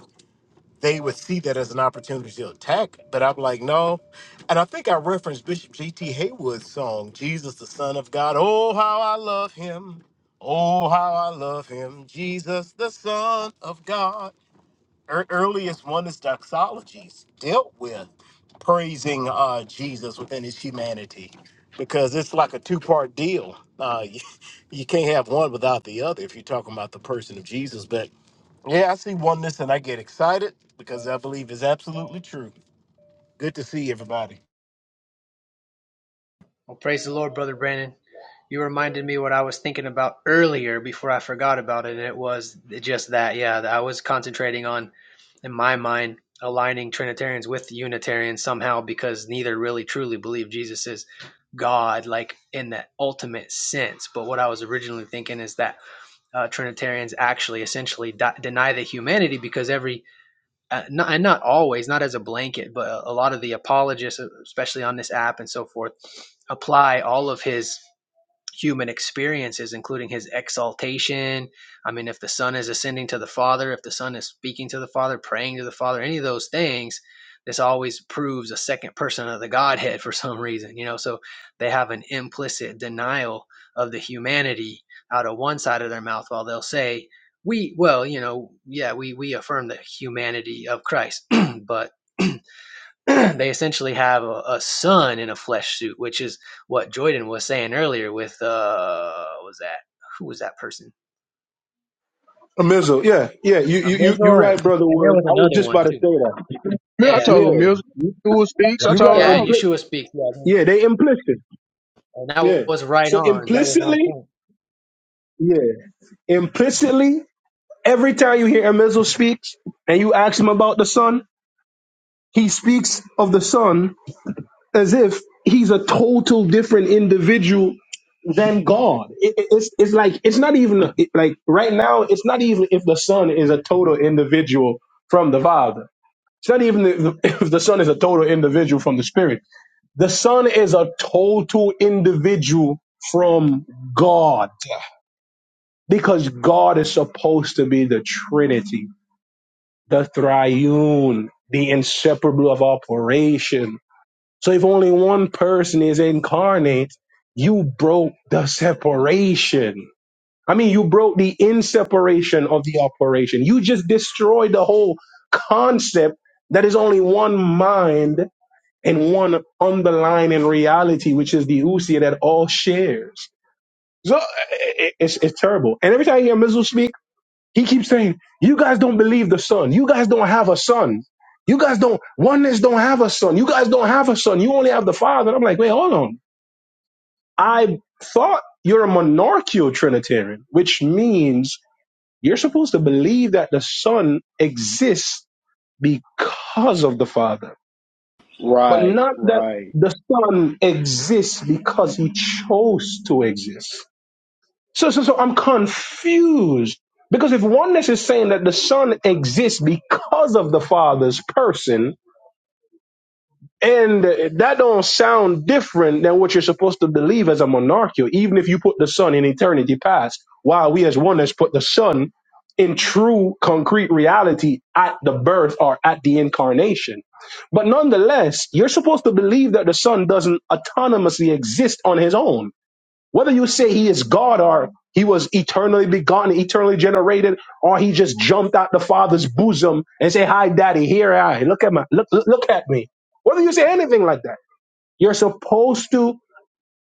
M: they would see that as an opportunity to attack. But I'm like, no. And I think I referenced Bishop G.T. Haywood's song, Jesus, the Son of God. Oh, how I love him. Oh, how I love him. Jesus, the Son of God. Ear earliest oneness doxologies dealt with praising uh, Jesus within his humanity because it's like a two part deal. Uh, you, you can't have one without the other if you're talking about the person of Jesus. But yeah, I see oneness and I get excited because I believe is absolutely true. Good to see everybody.
I: Well, praise the Lord, Brother Brandon. You reminded me what I was thinking about earlier before I forgot about it. And it was just that, yeah, that I was concentrating on, in my mind, aligning Trinitarians with Unitarians somehow because neither really truly believe Jesus is God, like in the ultimate sense. But what I was originally thinking is that uh, Trinitarians actually essentially di- deny the humanity because every uh, not, and not always, not as a blanket, but a, a lot of the apologists, especially on this app and so forth, apply all of his human experiences, including his exaltation. I mean, if the Son is ascending to the Father, if the Son is speaking to the Father, praying to the Father, any of those things, this always proves a second person of the Godhead for some reason, you know. So they have an implicit denial of the humanity out of one side of their mouth while they'll say, we well, you know, yeah, we we affirm the humanity of Christ, but they essentially have a, a son in a flesh suit, which is what Jordan was saying earlier with uh what was that who was that person?
G: Amizel, yeah, yeah, you
I: A
G: you you you're
I: Mizzle and,
G: right, brother.
I: and there
G: Word,
I: was
G: I was
I: another
G: just
I: one
G: about to say
I: too.
G: that.
K: Mil- I
I: Yeah.
K: told him,
G: Yeah,
K: Mills, who speaks. I
G: you got
K: told
G: to
K: is
I: Yeah, and
K: all.
G: implicit.
I: Yeshua speaks, yeah, thank
G: Yeah,
I: you.
G: they implicit.
I: And that
G: Yeah,
I: was right
G: so
I: on. That was on
G: implicitly,
I: point.
G: yeah, implicitly, every time you hear Amizel speaks and you ask him about the son, he speaks of the son as if he's a total different individual than God. It, it- it's it's like it's not even it- like right now. It's not even if the Son is a total individual from the Father. It's not even if if the Son is a total individual from the Spirit. The Son is a total individual from God because God is supposed to be the Trinity, the Triune, the inseparable of operation So if only one person is incarnate, you broke the separation. I mean, you broke the inseparation of the operation. You just destroyed the whole concept that is only one mind and one underlying reality, which is the usia that all shares. So i- i- it's, it's terrible. And every time I hear Mizzle speak, he keeps saying, You guys don't believe the son. You guys don't have a son. You guys don't, oneness don't have a son. You guys don't have a son. You only have the father. And I'm like, Wait, hold on. I thought you're a monarchical Trinitarian, which means you're supposed to believe that the son exists because of the father, but
M: Right.
G: not that the son exists because he chose to exist. So, so, so I'm confused because if oneness is saying that the Son exists because of the Father's person, and that don't sound different than what you're supposed to believe as a monarchical, even if you put the Son in eternity past, while we as oneness put the Son in true concrete reality at the birth or at the incarnation. But nonetheless, you're supposed to believe that the Son doesn't autonomously exist on his own whether you say he is God or he was eternally begotten, eternally generated, or he just jumped out the Father's bosom and say, "Hi, Daddy, here I am. look at my look look look at me." Whether you say anything like that, you're supposed to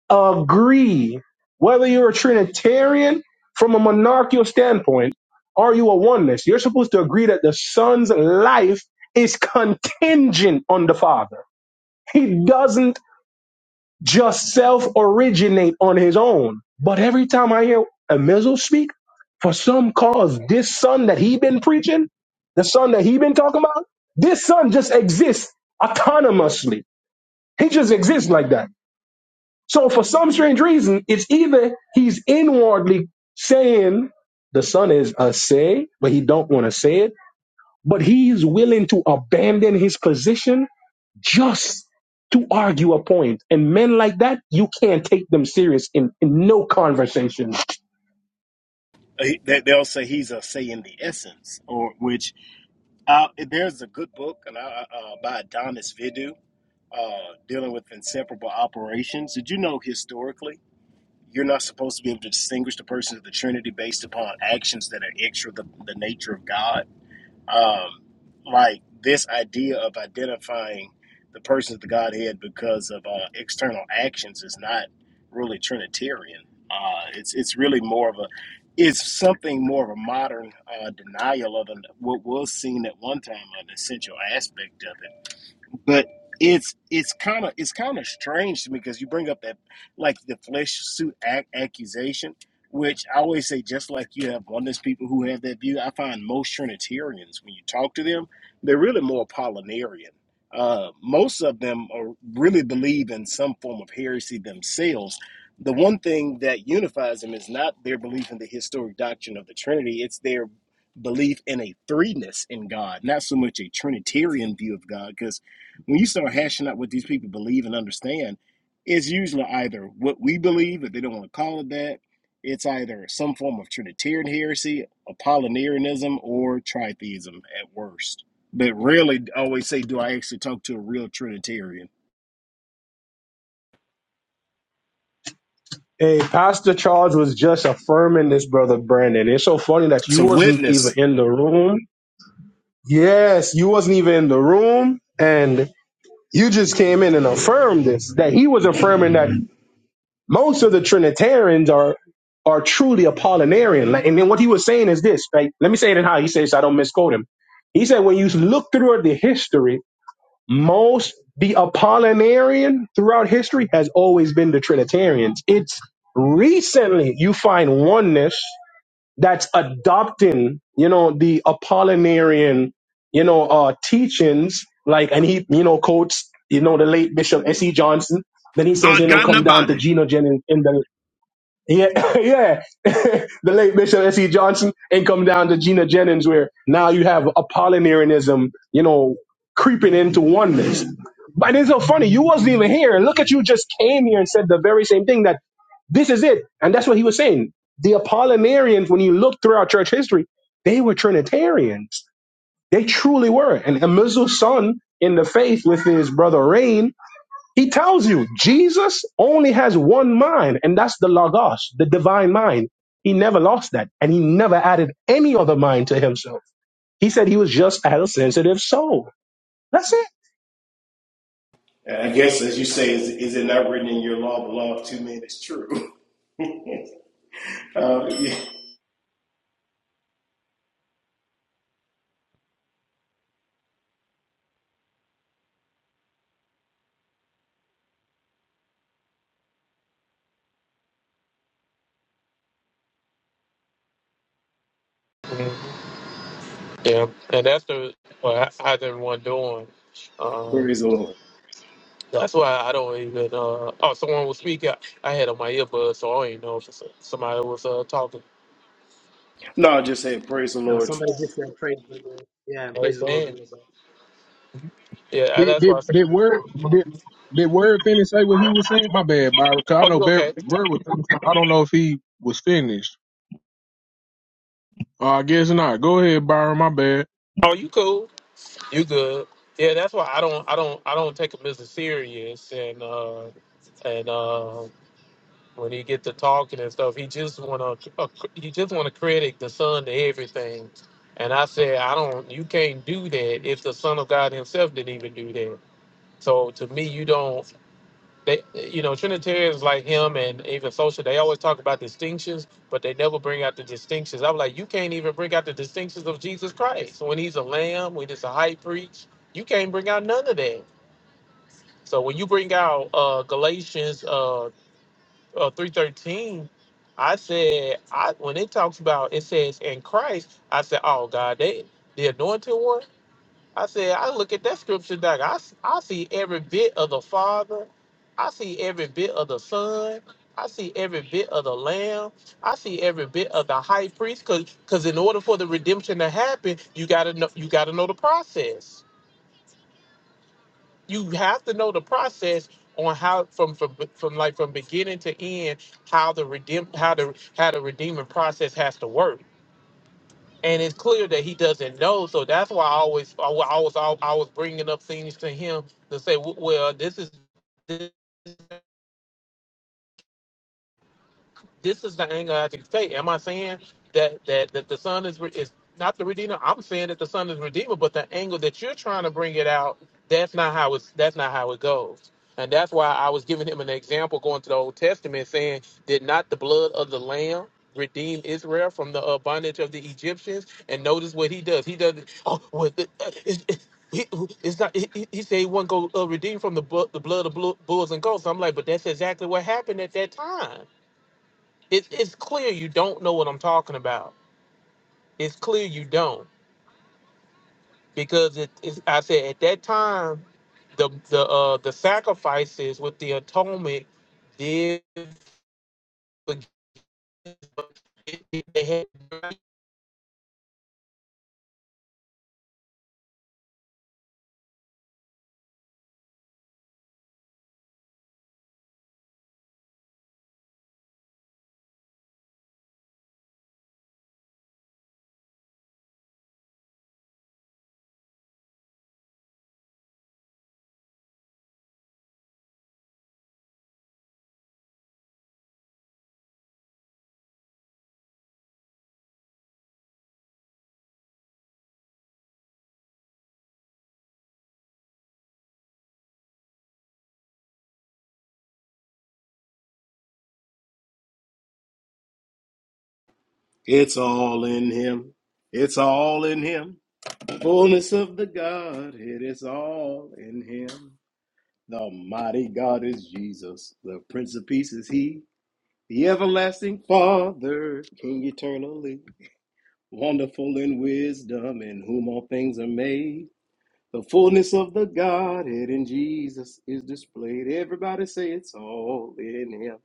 G: agree. Whether you're a Trinitarian from a monarchical standpoint, or you a oneness, you're supposed to agree that the Son's life is contingent on the Father. He doesn't just self originate on his own. But every time I hear a Mizzle speak, for some cause, this son that he been preaching, the son that he been talking about, this son just exists autonomously. He just exists like that. So for some strange reason, it's either he's inwardly saying the son is a say, but he don't want to say it, but he's willing to abandon his position just to argue a point. And men like that, you can't take them serious in, in no conversation.
M: They- they- They'll say he's a say in the essence, or which uh, there's a good book and I- uh, by Adonis Vidu uh, dealing with inseparable operations. Did you know historically you're not supposed to be able to distinguish the persons of the Trinity based upon actions that are extra the, the nature of God? Um, like this idea of identifying the persons of the Godhead because of uh, external actions is not really Trinitarian. Uh, it's it's really more of a it's something more of a modern uh, denial of an, what was seen at one time an essential aspect of it but it's it's kind of it's kind of strange to me because you bring up that like the flesh suit act accusation which i always say just like you have oneness people who have that view i find most trinitarians when you talk to them they're really more apollinarian uh, most of them are, really believe in some form of heresy themselves the one thing that unifies them is not their belief in the historic doctrine of the trinity it's their belief in a threeness in god not so much a trinitarian view of god because when you start hashing out what these people believe and understand, it's usually either what we believe, if they don't want to call it that, it's either some form of Trinitarian heresy, Apollinarianism, or tritheism at worst. But rarely always say, Do I actually talk to a real Trinitarian?
G: Hey, Pastor Charles was just affirming this, brother Brandon. It's so funny that you
M: So,
G: wasn't even
M: witness.
G: in the room. Yes, you wasn't even in the room, and you just came in and affirmed this. That he was affirming that most of the Trinitarians are are truly Apollinarian. Like, And then what he was saying is this. Right? Let me say it in how he says so I don't misquote him. He said when you look through the history most the Apollinarian throughout history has always been the Trinitarians. It's recently you find oneness that's adopting, you know, the Apollinarian, you know, uh teachings, like and he, you know, quotes, you know, the late Bishop S. E. Johnson. Then he says,
M: God
G: you know,
M: got in a
G: come down to
M: body.
G: Geno Jennings yeah, yeah. the late Bishop S.E. Johnson and come down to Gina Jennings, where now you have Apollinarianism, you know, creeping into oneness. But it's so funny. You wasn't even here. And look at you just came here and said the very same thing that this is it. And that's what he was saying. The Apollinarians, when you look throughout church history, they were Trinitarians. They truly were. And Amizu's son in the faith with his brother Rain he tells you Jesus only has one mind, and that's the Logos, the divine mind. He never lost that, and he never added any other mind to himself. He said he was just a sensitive soul. That's it.
M: I guess, as you say, is, is it not written in your law, the law of two men is true? uh, yeah.
N: Yeah, and that's the what I- how's everyone doing? Um,
M: Praise the Lord.
N: that's why I don't even. Uh, oh, someone was speaking. I had on my earbuds, so I didn't know if somebody was uh, talking.
M: No, I just say, Praise the
I: No,
M: Lord.
I: somebody just said praise the Lord. Yeah, and
N: Hey
I: praise the Lord.
N: man, yeah,
K: Did,
N: that's
K: did,
N: why I said,
K: did word did, did word finish say what he was saying? My bad, Byron. 'cause I
N: "Oh,
K: know
N: you
K: Bar-
N: okay?
K: word was. I don't know if he was finished. Uh, I guess not. Go ahead, Byron. My bad.
N: Oh, you cool? You good?" Yeah, that's why I don't, I don't, I don't take a business serious, and uh, and um when he get to talking and stuff, he just want to he just want to credit the Son to everything. And I said, I don't. You can't do that if the Son of God Himself didn't even do that. So to me, you don't. They, you know, Trinitarians like him and even social, they always talk about distinctions, but they never bring out the distinctions. I'm like, you can't even bring out the distinctions of Jesus Christ when He's a Lamb, when He's a High Priest. You can't bring out none of that. So when you bring out uh, Galatians uh, uh, 313 i said i when it talks about it says in christ i said oh god they the anointed one i said i look at that scripture doc i, s- I see every bit of the father i see every bit of the son i see every bit of the lamb i see every bit of the high priest because in order for the redemption to happen you gotta know you gotta know the process you have to know the process on how from from from like from beginning to end how the redeem how the how the redeeming process has to work. And it's clear that he doesn't know, so that's why I always I wa- I was I was bringing up things to him to say, w- well, this is this. This is the angle I have to take. Am I saying that that that the son is re- is not the redeemer? I'm saying that the son is redeemer, but the angle that you're trying to bring it out, that's not how it's that's not how it goes. And that's why I was giving him an example going to the Old Testament, saying, "Did not the blood of the lamb redeem Israel from the uh, bondage of the Egyptians?" And notice what he does. He does. Oh, well, the, uh, it's- it's- he, it's not. He, he he said he will not go uh, redeem from the bu- the blood of blu- bulls and goats. I'm like, but that's exactly what happened at that time. It, it's clear you don't know what I'm talking about. It's clear you don't because it is. I said at that time, the the uh, the sacrifices with the atonement did forgive- they had
M: It's all in him. It's all in him. Fullness of the Godhead. It's all in him. The mighty God is Jesus. The Prince of Peace is he. The everlasting Father, King eternally. Wonderful in wisdom, in whom all things are made. The fullness of the Godhead in Jesus is displayed. Everybody say it's all in him.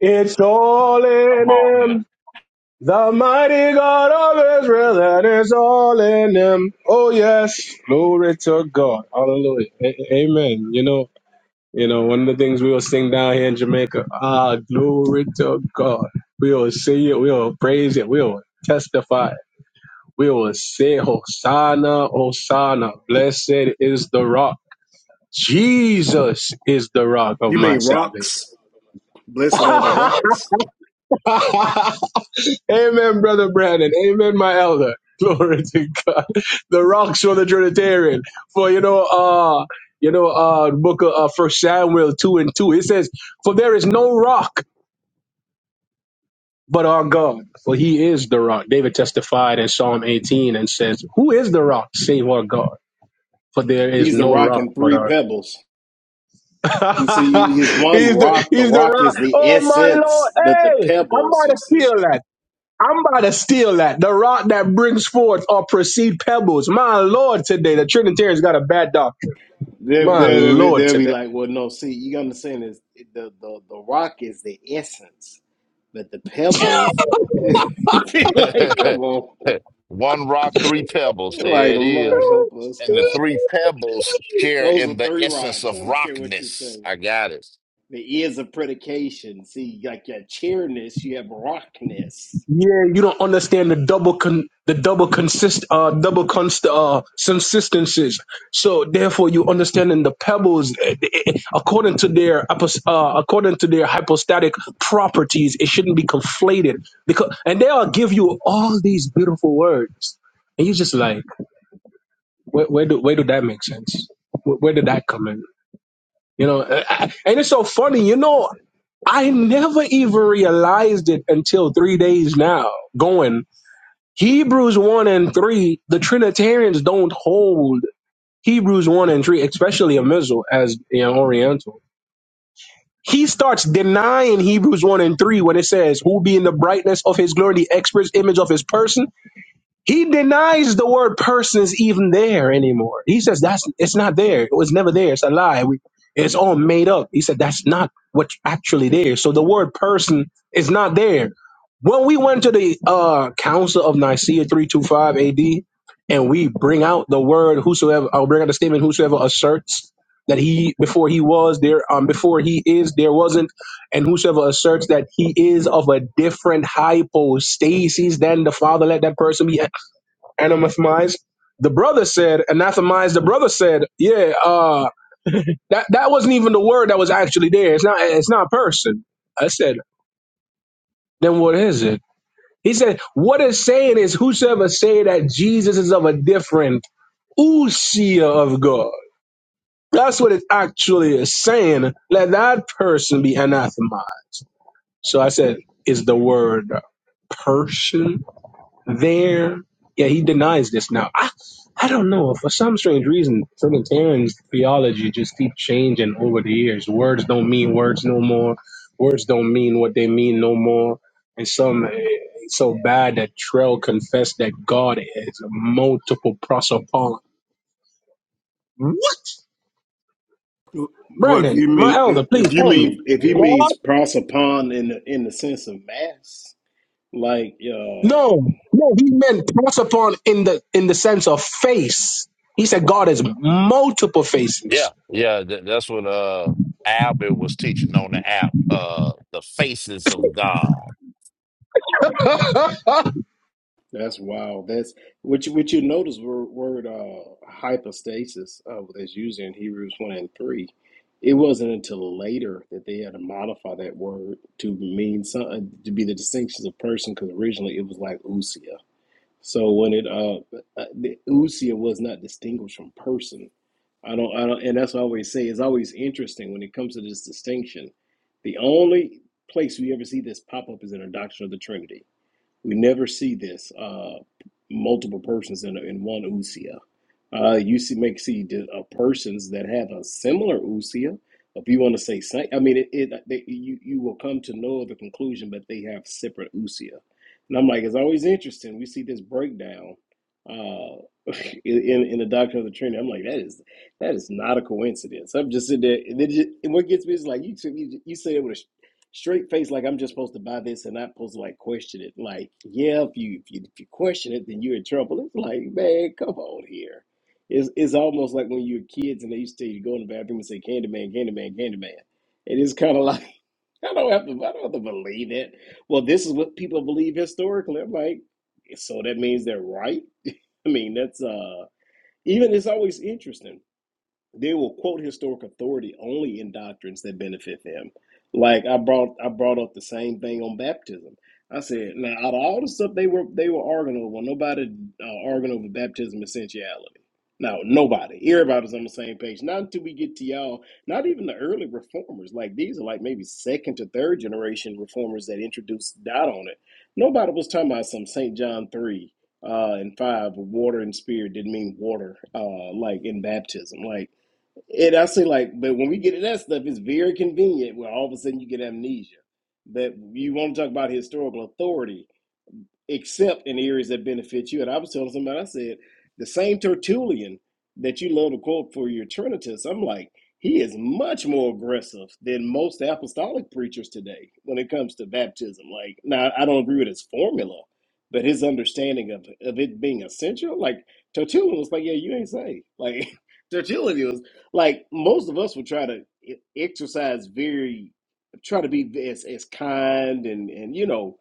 G: It's all in him, the mighty God of Israel, and it's all in him. Oh, yes. Glory to God. Hallelujah. A- a- amen. You know, You know, one of the things we will sing down here in Jamaica, ah, glory to God. We will sing it, we will praise it, we will testify. We will say, Hosanna, Hosanna, blessed is the rock. Jesus is the rock of
M: You
G: my
M: mean
G: salvation.
M: rocks? Blessed are the rocks.
G: Amen, Brother Brandon. Amen, my elder. Glory to God. The rocks for the Trinitarian. For, you know, uh, you know, uh, book of uh, First Samuel 2 and 2, it says, For there is no rock but our God, for he is the rock. David testified in Psalm 18 and says, Who is the rock save our God? For there is
M: He's the
G: no
M: rock
G: rock
M: and
G: but
M: three
G: our God.
M: pebbles. You see, he's one
G: he's the
M: rock. The
G: he's the
M: rock
G: rock.
M: is the
G: Oh my
M: essence,
G: Lord.
M: but the
G: Hey, I'm
M: pebbles,
G: about
M: you
G: to
M: see,
G: steal that. I'm about to steal that. The rock that brings forth or proceed pebbles. My Lord today. The Trinitarians got a bad doctrine.
M: they'll,
G: My
M: they'll, they'll, be,
G: Lord
M: they'll be
G: today.
M: like, well, no, see, you gotta understand is the, the, the rock is the essence, but the pebbles, be like, come on.
C: One rock, three pebbles. There
M: Like,
C: it
M: Lord
C: is.
M: help us,
C: And the
M: God.
C: three pebbles share
M: Those
C: in
M: are
C: the
M: three
C: essence
M: rocks. I
C: of
M: don't care what you
C: rockness.
M: say.
C: I got it.
M: The is a predication. See, like your chairness, you have rockness.
G: Yeah, you don't understand the double con the double consist uh double const uh subsistences. So therefore, you understanding the pebbles eh, eh, according to their hypos- uh according to their hypostatic properties. It shouldn't be conflated because and they'll give you all these beautiful words, and you just like where, where do where do that make sense? Where, where did that come in? You know, eh, eh, and it's so funny. You know, I never even realized it until three days now going. Hebrews 1 and 3, the Trinitarians don't hold Hebrews 1 and 3, especially a missile as an Oriental. He starts denying Hebrews 1 and 3 when it says, Who being the brightness of his glory, the express image of his person. He denies the word person is even there anymore. He says that's it's not there. It was never there. It's a lie. We, it's all made up. He said that's not what's actually there. So the word person is not there. When we went to the uh, Council of Nicaea 325 AD and we bring out the word whosoever, I'll bring out the statement whosoever asserts that he before he was there, um, before he is there wasn't, and whosoever asserts that he is of a different hypostasis than the Father, let that person be Anathemize. The brother said, "Anathemize." The brother said, yeah, uh, that that wasn't even the word that was actually there. It's not. It's not a person. I said, then what is it? He said, what it's saying is, whosoever say that Jesus is of a different usia of God. That's what it actually is saying. Let that person be anathemized. So I said, is the word person? there. Yeah, he denies this now. I, I don't know. For some strange reason, Trinitarians' theology just keep changing over the years. Words don't mean words no more. Words don't mean what they mean no more. And some eh, so bad that Trell confessed that God is multiple prosopon. What?
M: Well, if
G: Brandon,
M: you
G: my
M: mean
G: elder,
M: if
G: please
M: you
G: help
M: mean
G: me.
M: if he
G: God?
M: means pros upon in the in the sense of mass, like uh,
G: No, no, he meant prosopon in the in the sense of face. He said God is multiple faces.
C: Yeah, yeah. th- that's what uh Albert was teaching on the app. Uh, the faces of God.
M: that's wild. That's what you what you notice word, word uh, hypostasis uh, that's used in Hebrews one and three. It wasn't until later that they had to modify that word to mean something to be the distinctions of person because originally it was like usia. So when it uh, uh, the usia was not distinguished from person I don't, I don't, and that's what I always say. It's always interesting when it comes to this distinction. The only place we ever see this pop up is in a doctrine of the Trinity. We never see this uh, multiple persons in, in one usia. Uh, you see, make see the, uh, persons that have a similar usia. If you want to say same, I mean, it, it uh, they, you you will come to no other conclusion, but they have separate usia. And I'm like, it's always interesting. We see this breakdown uh, in in the doctrine of the Trinity. I'm like, that is that is not a coincidence. I'm just sitting there, and, it just, and what gets me is like, you took- you, you say it with a straight face like I'm just supposed to buy this and not supposed to like question it. Like, yeah, if you if you if you question it, then you're in trouble. It's like, man, come on here. It's it's almost like when you were kids and they used to tell you to go in the bathroom and say Candyman, Candyman, Candyman. It is kind of like I don't have to I don't have to believe it. Well, this is what people believe historically. I'm like, so that means they're right. I mean, that's uh even it's always interesting they will quote historic authority only in doctrines that benefit them. Like I brought I brought up the same thing on baptism. I said, now out of all the stuff they were they were arguing over, nobody uh, arguing over baptism essentiality. No, nobody. Everybody's on the same page. Not until we get to y'all. Not even the early reformers. Like these are like maybe second to third generation reformers that introduced doubt on it. Nobody was talking about some St. John three uh, and five, water and spirit didn't mean water, uh, like in baptism. Like and I say like, but when we get to that stuff, it's very convenient where all of a sudden you get amnesia. But you want to talk about historical authority except in areas that benefit you. And I was telling somebody, I said, the same Tertullian that you love to quote for your Trinitist, I'm like, he is much more aggressive than most apostolic preachers today when it comes to baptism. Like, now I don't agree with his formula, but his understanding of, of it being essential, like Tertullian was like, yeah, you ain't saved. Like, Tertullian was like, most of us would try to e- exercise very, try to be as, as kind and, and, you know,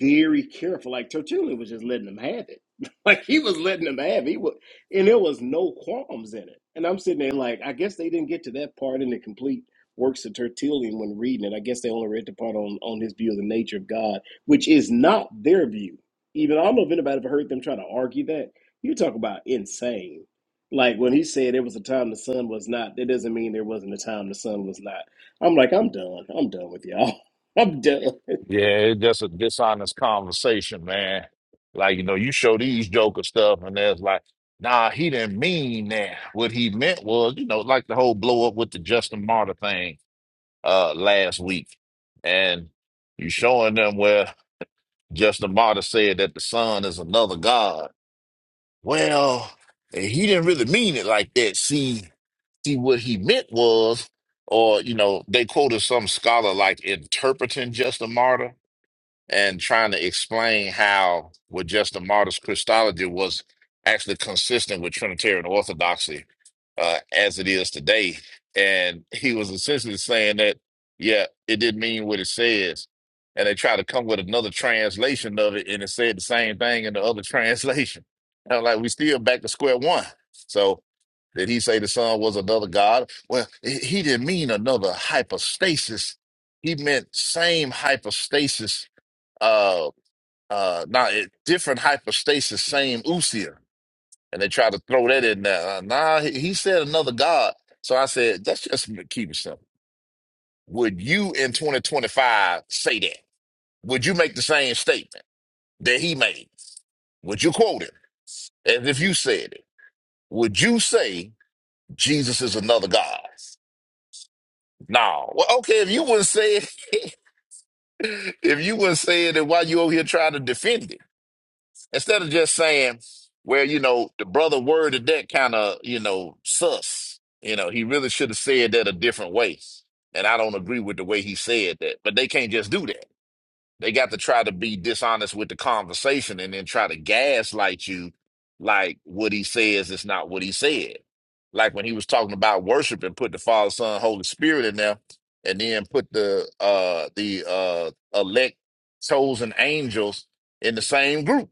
M: very careful. Like Tertullian was just letting them have it. Like he was letting them have it. He was, and there was no qualms in it. And I'm sitting there like, I guess they didn't get to that part in the complete works of Tertullian when reading it. I guess they only read the part on, on his view of the nature of God, which is not their view. Even I don't know if anybody ever heard them try to argue that. You talk about insane. Like when he said there was a time the sun was not, that doesn't mean there wasn't a time the sun was not. I'm like, I'm done. I'm done with y'all. I'm done.
C: And It just a this conversation, man. Like you know, you show these Joker stuff, and there's like, nah, he didn't mean that. What he meant was, you know, like the whole blow up with the Justin Martyr thing uh last week. You showing them where Justin Martyr said that the Son is another God. Well, and he didn't really mean it like that. See, see what he meant was, or you know, they quoted some scholar like interpreting Justin Martyr and trying to explain how what Justin Martyr's Christology was actually consistent with Trinitarian orthodoxy uh, as it is today. And he was essentially saying that, yeah, it didn't mean what it says. And they tried to come with another translation of it, and it said the same thing in the other translation. And I'm like, we still back to square one. So did he say the son was another god? Well, he he didn't mean another hypostasis. He meant same hypostasis, uh, uh, not eh, different hypostasis, same usia and they try to throw that in there. Uh, Nah, he, he said another God. So I said, that's just keep it simple. Would you in 2025 say that? Would you make the same statement that he made? Would you quote him as if you said it? Would you say Jesus is another God? No. Well, okay, if you wouldn't say it, if you wouldn't say it, then why you over here trying to defend it? Instead of just saying, well, you know, the brother worded that kind of, you know, sus. You know, he really should have said that a different way. And I don't agree with the way he said that. But they can't just do that. They got to try to be dishonest with the conversation and then try to gaslight you like what he says is not what he said. Like when he was talking about worship and put the Father, Son, Holy Spirit in there, and then put the uh the uh elect chosen angels in the same group.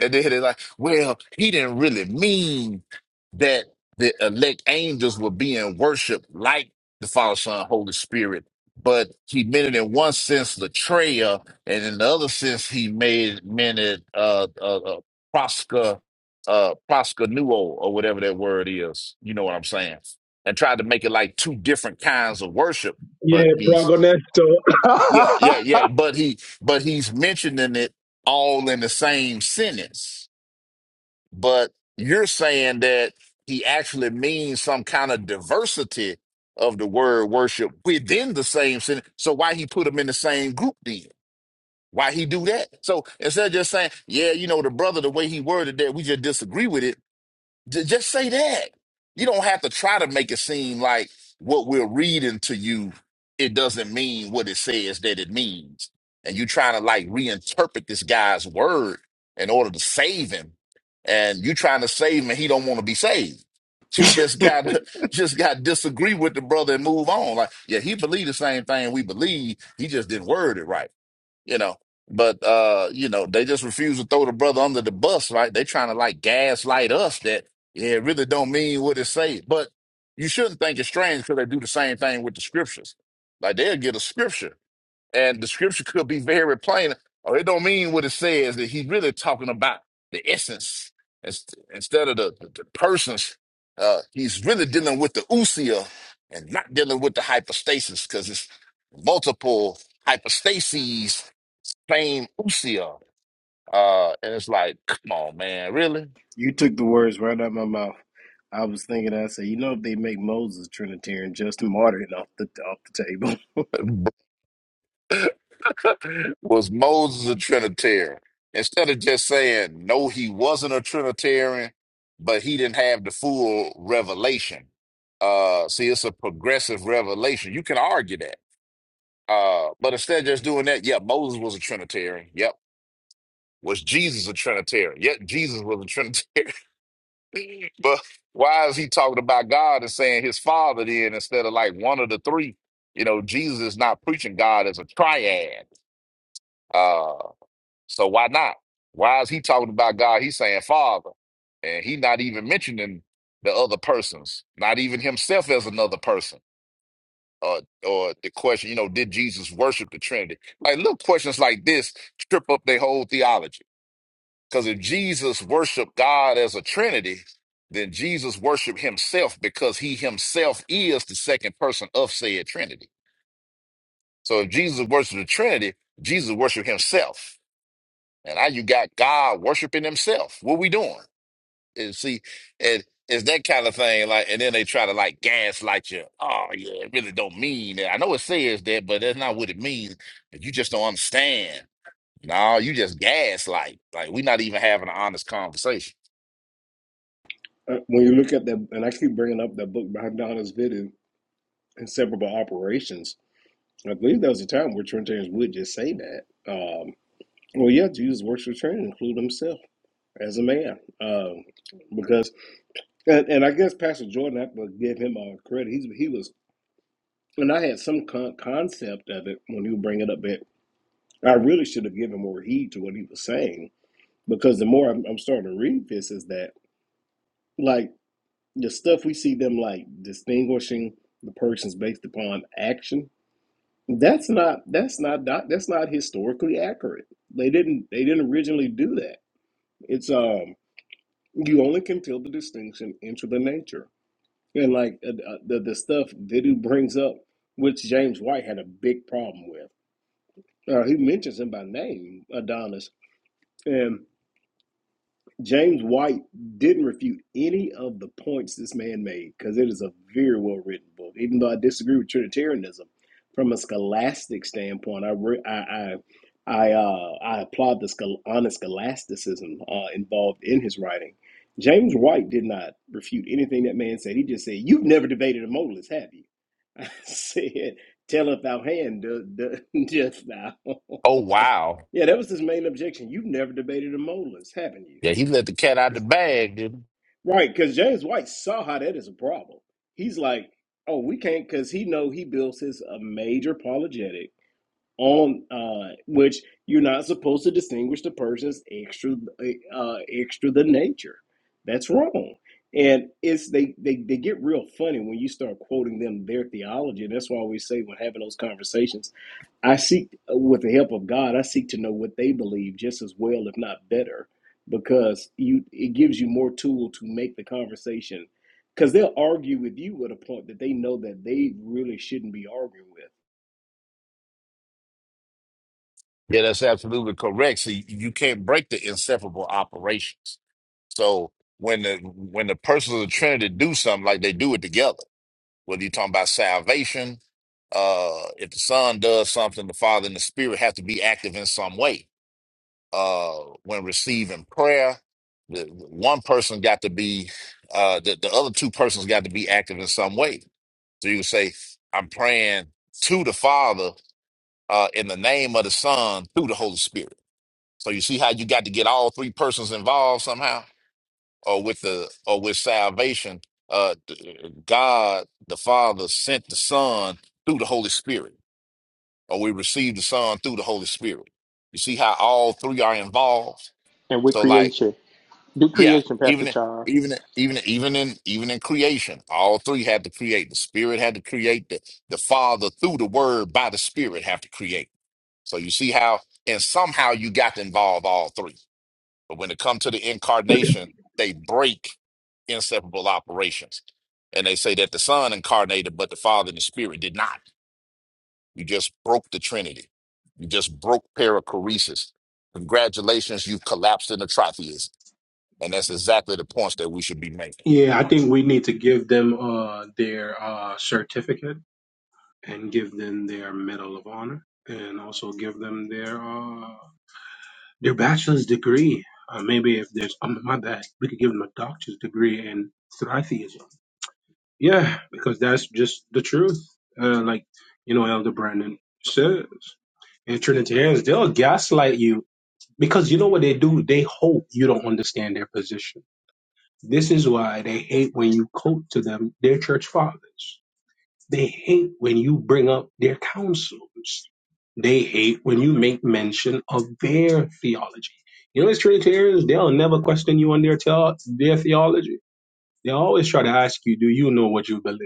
C: And then they're like, well, he didn't really mean that the elect angels were being worshiped like the Father, Son, Holy Spirit. But he meant it in one sense, Latreia, and in the other sense, he made meant it uh, uh, uh, prosca, uh, proscanuo, or whatever that word is. You know what I'm saying? And tried to make it like two different kinds of worship. But
G: Yeah,
C: he's,
G: Progonesto.
C: yeah, yeah, yeah. But he, but he's mentioning it all in the same sentence but you're saying that he actually means some kind of diversity of the word worship within the same sin. So why he put them in the same group then? Why he do that? So instead of just saying, yeah, you know, the brother, the way he worded that, we just disagree with it. ju- just say that. You don't have to try to make it seem like what we're reading to you, it doesn't mean what it says that it means. And you trying to like reinterpret this guy's word in order to save him and you trying to save him and he don't want to be saved. You just got to just got to disagree with the brother and move on. Like, yeah, he believed the same thing we believe. He just didn't word it right, you know. But uh, you know, they just refuse to throw the brother under the bus, right? They trying to like gaslight us that yeah, it really don't mean what it say. But you shouldn't think it's strange because they do the same thing with the scriptures. Like they'll get a scripture and the scripture could be very plain, or it don't mean what it says, that he's really talking about the essence Ins- instead of the, the, the persons. Uh, he's really dealing with the usia and not dealing with the hypostasis because it's multiple hypostases, same usia. Uh, and it's like, come on, man, really?
M: You took the words right out of my mouth. I was thinking, I said, you know, if they make Moses Trinitarian, Justin Martyr off the off the table.
C: was Moses a Trinitarian? Instead of just saying, no, he wasn't a Trinitarian, but he didn't have the full revelation. Uh, see, it's a progressive revelation. You can argue that. Uh, but instead of just doing that, yeah, Moses was a Trinitarian. Yep. Was Jesus a Trinitarian? Yep, Jesus was a Trinitarian. but why is he talking about God and saying his father then instead of like one of the three? You know, Jesus is not preaching God as a triad. uh, So why not? Why is he talking about God? He's saying Father, and he not even mentioning the other persons, not even himself as another person. Or, or the question, you know, did Jesus worship the Trinity? Like little questions like this trip up their whole theology. Because if Jesus worshiped God as a Trinity, then Jesus worshiped himself because he himself is the second person of said Trinity. So if Jesus worshiped the Trinity, Jesus worshiped himself. And now you got God worshiping himself. What we doing? And see, it, it's that kind of thing. Like, and then they try to like gaslight you. Oh yeah, it really don't mean that. I know it says that, but that's not what it means. But you just don't understand. No, you just gaslight. Like we're not even having an honest conversation.
M: Uh, when you look at that, and I keep bringing up that book by Donna's Vidin, Inseparable Operations. I believe there was a time where Trinitarians would just say that. Um, well, yeah, Jesus works for Trinity, include himself as a man. Um, because, and, and I guess Pastor Jordan, I have to give him uh, credit. He's, he was, and I had some con- concept of it when you bring it up. I really should have given more heed to what he was saying because the more I'm, I'm starting to read this, is that like the stuff we see them like distinguishing the persons based upon action. That's not that's not doc- that's not historically accurate. They didn't they didn't originally do that. It's um you only can feel the distinction into the nature and like uh, uh, the the stuff Vidu brings up, which James White had a big problem with. Uh, he mentions him by name, Adonis, and. James White didn't refute any of the points this man made because it is a very well written book. Even though I disagree with Trinitarianism, from a scholastic standpoint, I re- I I I, uh, I applaud the schol- honest scholasticism uh, involved in his writing. James White did not refute anything that man said. He just said, "You've never debated a modalist, have you?" I said, "Telleth thou hand, do- do- dost thou?"
C: Oh wow.
M: yeah, that was his main objection. You've never debated a modalist, haven't you?
C: Yeah, he let the cat out the bag, didn't
M: Right, because James White saw how that is a problem. He's like, oh, we can't, because he know he builds his a major apologetic on uh, which you're not supposed to distinguish the person's extra uh, extra the nature. That's wrong. And it's they, they they get real funny when you start quoting them their theology, and that's why we say when having those conversations, I seek uh, with the help of God, I seek to know what they believe just as well, if not better, because you it gives you more tool to make the conversation, because they'll argue with you at a point that they know that they really shouldn't be arguing with
C: he? Yeah, that's absolutely correct. See, you you can't break the inseparable operations. So when the when the persons of the Trinity do something, like they do it together. whether you're talking about salvation, uh, if the son does something, the father and the spirit have to be active in some way. Uh, when receiving prayer, the one person got to be, uh, the, the other two persons got to be active in some way. So you would say, I'm praying to the father, uh, in the name of the son through the Holy Spirit. So you see how you got to get all three persons involved somehow? or with the or with salvation uh d- god the father sent the son through the holy spirit or we received the son through the holy spirit you see how all three are involved
N: And with
C: so like
N: creation, do
C: yeah
N: creation, Pastor
C: even in-
N: Charles.
C: even in- even in- even in even in creation all three had to create the spirit had to create the the father through the word by the spirit have to create so you see how and somehow you got to involve all three but when it comes to the incarnation, they break inseparable operations. And they say that the Son incarnated, but the Father and the Spirit did not. You just broke the Trinity. You just broke perichoresis. Congratulations, you've collapsed into tritheism. And that's exactly the points that we should be making.
G: Yeah, I think we need to give them uh, their uh, certificate and give them their Medal of Honor and also give them their uh, their bachelor's degree. Uh, maybe if there's, um, my bad, we could give them a doctor's degree in Thritheism. Yeah, because that's just the truth. Uh, like, you know, Elder Brandon says. And Trinitarians, they'll gaslight you because you know what they do? They hope you don't understand their position This is why they hate when you quote to them their church fathers. They hate when you bring up their councils. They hate when you make mention of their theology. You know, as Trinitarians, they'll never question you on their, teo- their theology. They always try to ask you, do you know what you believe?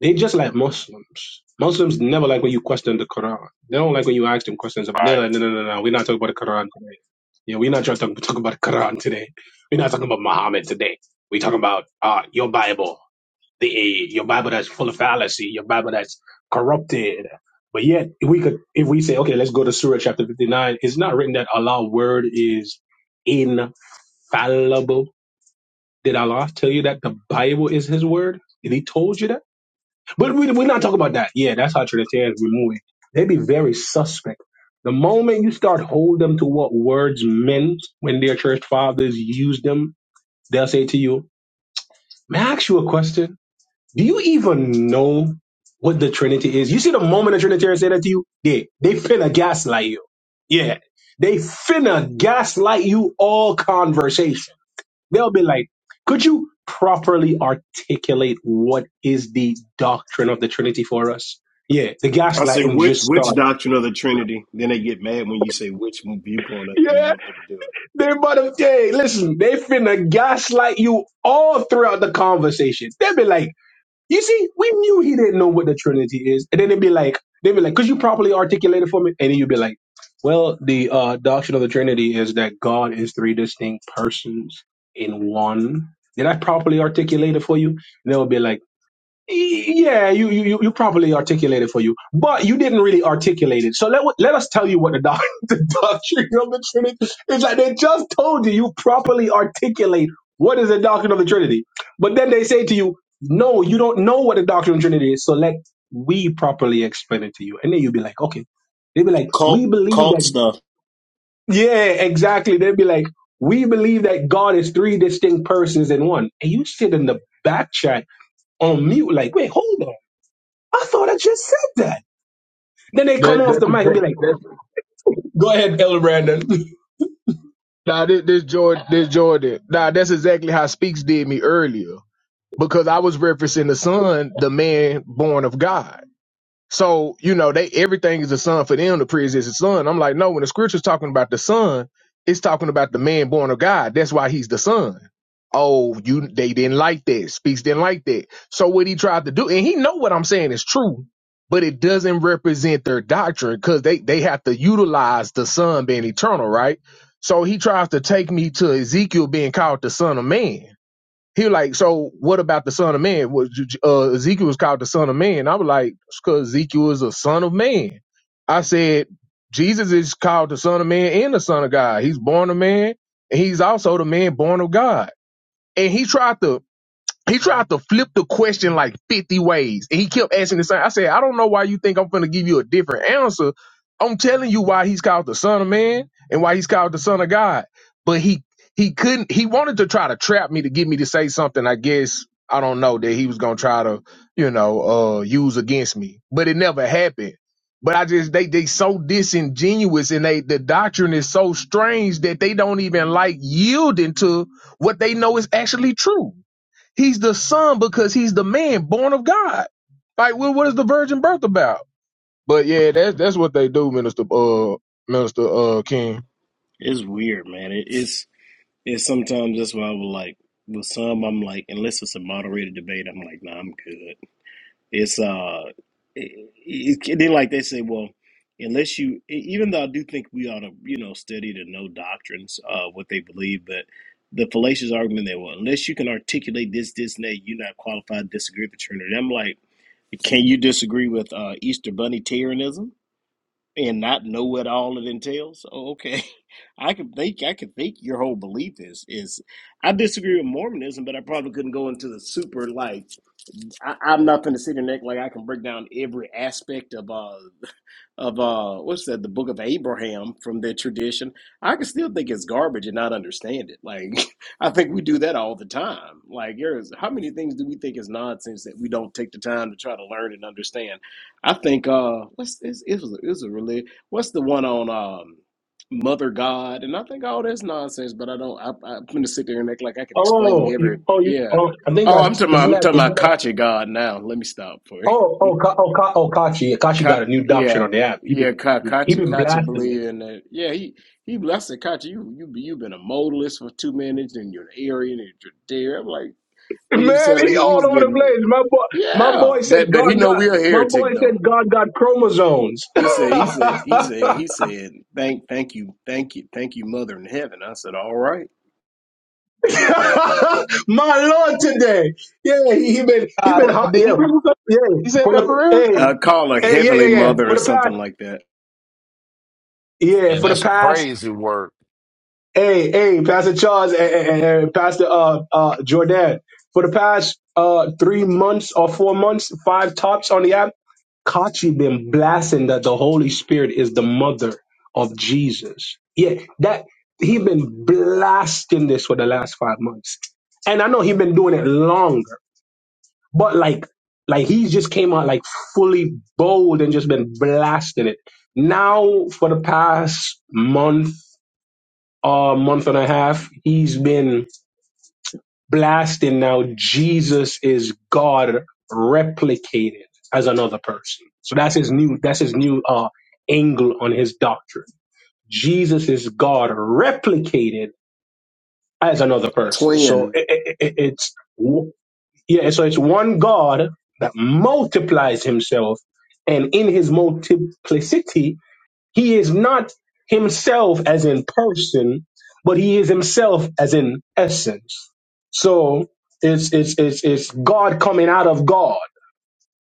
G: They just like Muslims. Muslims never like when you question the Quran. They don't like when you ask them questions about. They're like, no, no, no, no. We're not talking about the Quran today. Yeah, we're not trying to talk, talk about the Quran today. We're not talking about Muhammad today. We're talking about uh, your Bible, the your Bible that's full of fallacy, your Bible that's corrupted. But yet, if we could, if we say, okay, let's go to Surah chapter fifty-nine, it's not written that Allah's word is infallible. Did Allah tell you that the Bible is His word? Did He told you that? But we, we're not talking about that. Yeah, that's how Trinitarians be moving. They be very suspect. The moment you start hold them to what words meant when their church fathers used them, they'll say to you, may I ask you a question? Do you even know what the Trinity is? You see the moment a Trinitarian say that to you, they, they finna gaslight you. Yeah. They finna gaslight you all conversation They'll be like, could you properly articulate what is the doctrine of the Trinity for us? Yeah, the
M: I say
G: gaslighting
M: which
G: just
M: which
G: started.
M: doctrine of the Trinity? Then they get mad when you say which viewpoint of it you
G: Yeah,
M: want them to do it.
G: they about to, hey, listen, they finna gaslight you all throughout the conversation. They'll be like, you see, we knew he didn't know what the Trinity is. And then they'd be like, they'd be like, could you properly articulate it for me? And then you'd be like, well, the uh, doctrine of the Trinity is that God is three distinct persons in one. Did I properly articulate it for you? And They'll be like. Yeah, you, you you you properly articulated for you, but you didn't really articulate it. So let let us tell you what the, doc, the doctrine of the Trinity is like. They just told you you properly articulate what is the doctrine of the Trinity, but then they say to you, no, you don't know what the doctrine of the Trinity is. So let we properly explain it to you, and then you'll be like, okay. They'd be like, we
M: Cult
G: believe
M: cult
G: that.
M: stuff
G: Yeah, exactly. They'd be like, we believe that God is three distinct persons in one, and you sit in the back chat on mute, like, wait, hold on. I thought I just said that. Then they
K: That
G: come off the
K: that's
G: mic and be
K: that,
G: like,
K: that's
G: Go ahead, Elder Brandon.
K: nah, this, this Jordan this Jordan. Nah, that's exactly how Speaks did me earlier because I was referencing the son, the man born of God. So, you know, they everything is a son for them, the priest is existing son. I'm like, no, when the scripture's talking about the son, it's talking about the man born of God. That's why he's the son. Oh, you they didn't like that. Speaks didn't like that. So what he tried to do, and he know what I'm saying is true, but it doesn't represent their doctrine because they, they have to utilize the son being eternal, right? So he tries to take me to Ezekiel being called the son of man he was like, so what about the son of man? Was uh, Ezekiel was called the son of man? I was like, because Ezekiel is a son of man. I said, Jesus is called the son of man and the son of God. He's born of man, and he's also the man born of God. And he tried to he tried to flip the question like 50 ways and he kept asking the same. I said, I don't know why you think I'm going to give you a different answer. I'm telling you why he's called the son of man and why he's called the son of God. But he he couldn't he wanted to try to trap me to get me to say something, I guess, I don't know, that he was going to try to, you know, uh use against me. But it never happened. But I just they they so disingenuous and they the doctrine is so strange that they don't even like yielding to what they know is actually true. He's the son because he's the man born of God. Like, what, what is the virgin birth about? But yeah, that's that's what they do, Minister uh Minister uh King.
M: is weird, man. It is it's sometimes that's why I was like with some I'm like unless it's a moderated debate, I'm like, nah, I'm good. It's uh, it, it, they like they say, well, unless you, e- even though I do think we ought to, you know, study to know doctrines, uh, what they believe, but the fallacious argument that well, unless you can articulate this, this, and that, you're not qualified to disagree with the Trinity. I'm like, can you disagree with uh, Easter Bunny Terranism and not know what all it entails? Oh, okay, I could think I could think your whole belief is is I disagree with Mormonism, but I probably couldn't go into the super like. I, I'm not going to sit here and act like I can break down every aspect of uh of uh what's that the Book of Abraham from their tradition. I can still think it's garbage and not understand it. Like I think we do that all the time. Like there's how many things do we think is nonsense that we don't take the time to try to learn and understand. I think uh what's it's, it was a, it was a really what's the one on um Mother God and I think all that's nonsense. But I don't I, I'm going to sit there and act like I can explain
G: "Oh,
M: every
G: you, oh, you,
M: yeah.
G: oh, I think
M: Oh,
G: that
M: I'm talking about,
G: isn't
M: I'm
G: that
M: talking
G: isn't
M: about
G: that."
M: Kachi God now. Let me stop for
G: Oh,
M: you.
G: oh, Ka, oh, Ka, oh, Kachi, Kachi
M: Ka,
G: got a new doctrine
M: yeah,
G: on the app. He
M: yeah,
G: been,
M: Ka,
G: yeah, he
M: Kachi,
G: been
M: Kachi
G: blasting it.
M: believe in that. Yeah, he, he, I said, Kachi, you, you, you've been a modalist for two minutes and you're an Aryan and you're there. I'm like, then he was
G: Man,
M: telling,
G: he
M: he, he
G: all
M: was
G: over the
M: getting,
G: place. My boy, my
M: yeah,
G: boy said
M: but, but he
G: God
M: know
G: got,
M: we're a
G: my boy
M: heretic though.
G: said God got chromosomes.
M: He said, he said, he said, he said, thank, thank you, thank you, thank you, mother in heaven. I said, all right.
G: my Lord, today, yeah, he, he been, he
K: God,
G: been hot,
K: Did he
G: yeah,
K: really say
G: yeah.
K: he said
G: For
K: that
G: the,
K: for real?
G: hey,
M: I call her
G: Hey, yeah,
M: heavenly
G: yeah, yeah.
M: mother
G: For
M: or
G: the
M: something
G: past
M: like that.
G: Yeah, for the past, hey, hey, Pastor Charles and, and, and Pastor uh, uh, Jordan, for the past uh, three months or four months, five tops on the app, Kachi been blasting that the Holy Spirit is the mother of Jesus. Yeah, that he been blasting this for the last five months, and I know he been doing it longer, but like, like he just came out like fully bold and just been blasting it. Now for the past month uh, month and a half, he's been blasting now Jesus is God replicated as another person. So that's his new that's his new uh, angle on his doctrine. Jesus is God replicated as another person.
M: Twin.
G: So it, it, it, it's yeah, so it's one God that multiplies himself and in his multiplicity he is not himself as in person, but he is himself as in essence. So it's it's it's it's God coming out of God.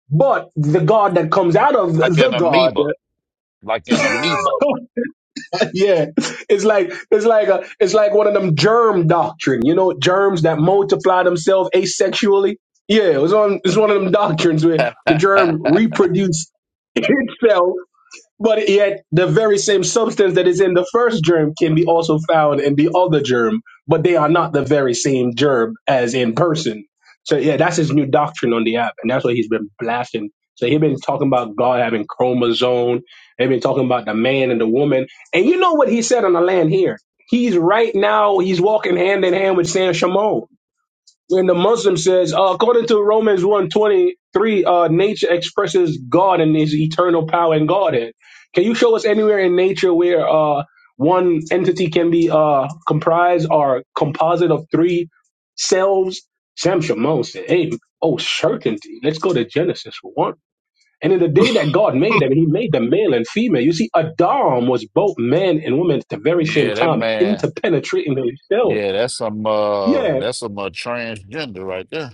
G: But the God that comes out of the God, yeah, it's like it's like a it's like one of them germ doctrine, you know, germs that multiply themselves asexually. Yeah, it was on it's one of them doctrines where the germ reproduced itself but yet, the very same substance that is in the first germ can be also found in the other germ, but they are not the very same germ as in person. So yeah, that's his new doctrine on the app, and that's what he's been blasting. So he's been talking about God having chromosome. They've been talking about the man and the woman, and you know what he said on the land here. He's right now. He's walking hand in hand with San Shimon when the Muslim says, uh, according to Romans 123, uh, nature expresses God and his eternal power and Godhead. Can you show us anywhere in nature where uh, one entity can be uh, comprised or composite of three selves? Sam Shimon said, hey, oh, certainty. Let's go to Genesis for one. And in the day that God made them, he made them male and female. You see, Adam was both man and woman at the very same
C: Yeah, that
G: time,
C: man.
G: interpenetrating themselves.
C: Yeah, that's some uh
G: Yeah.
C: that's some uh, transgender right there.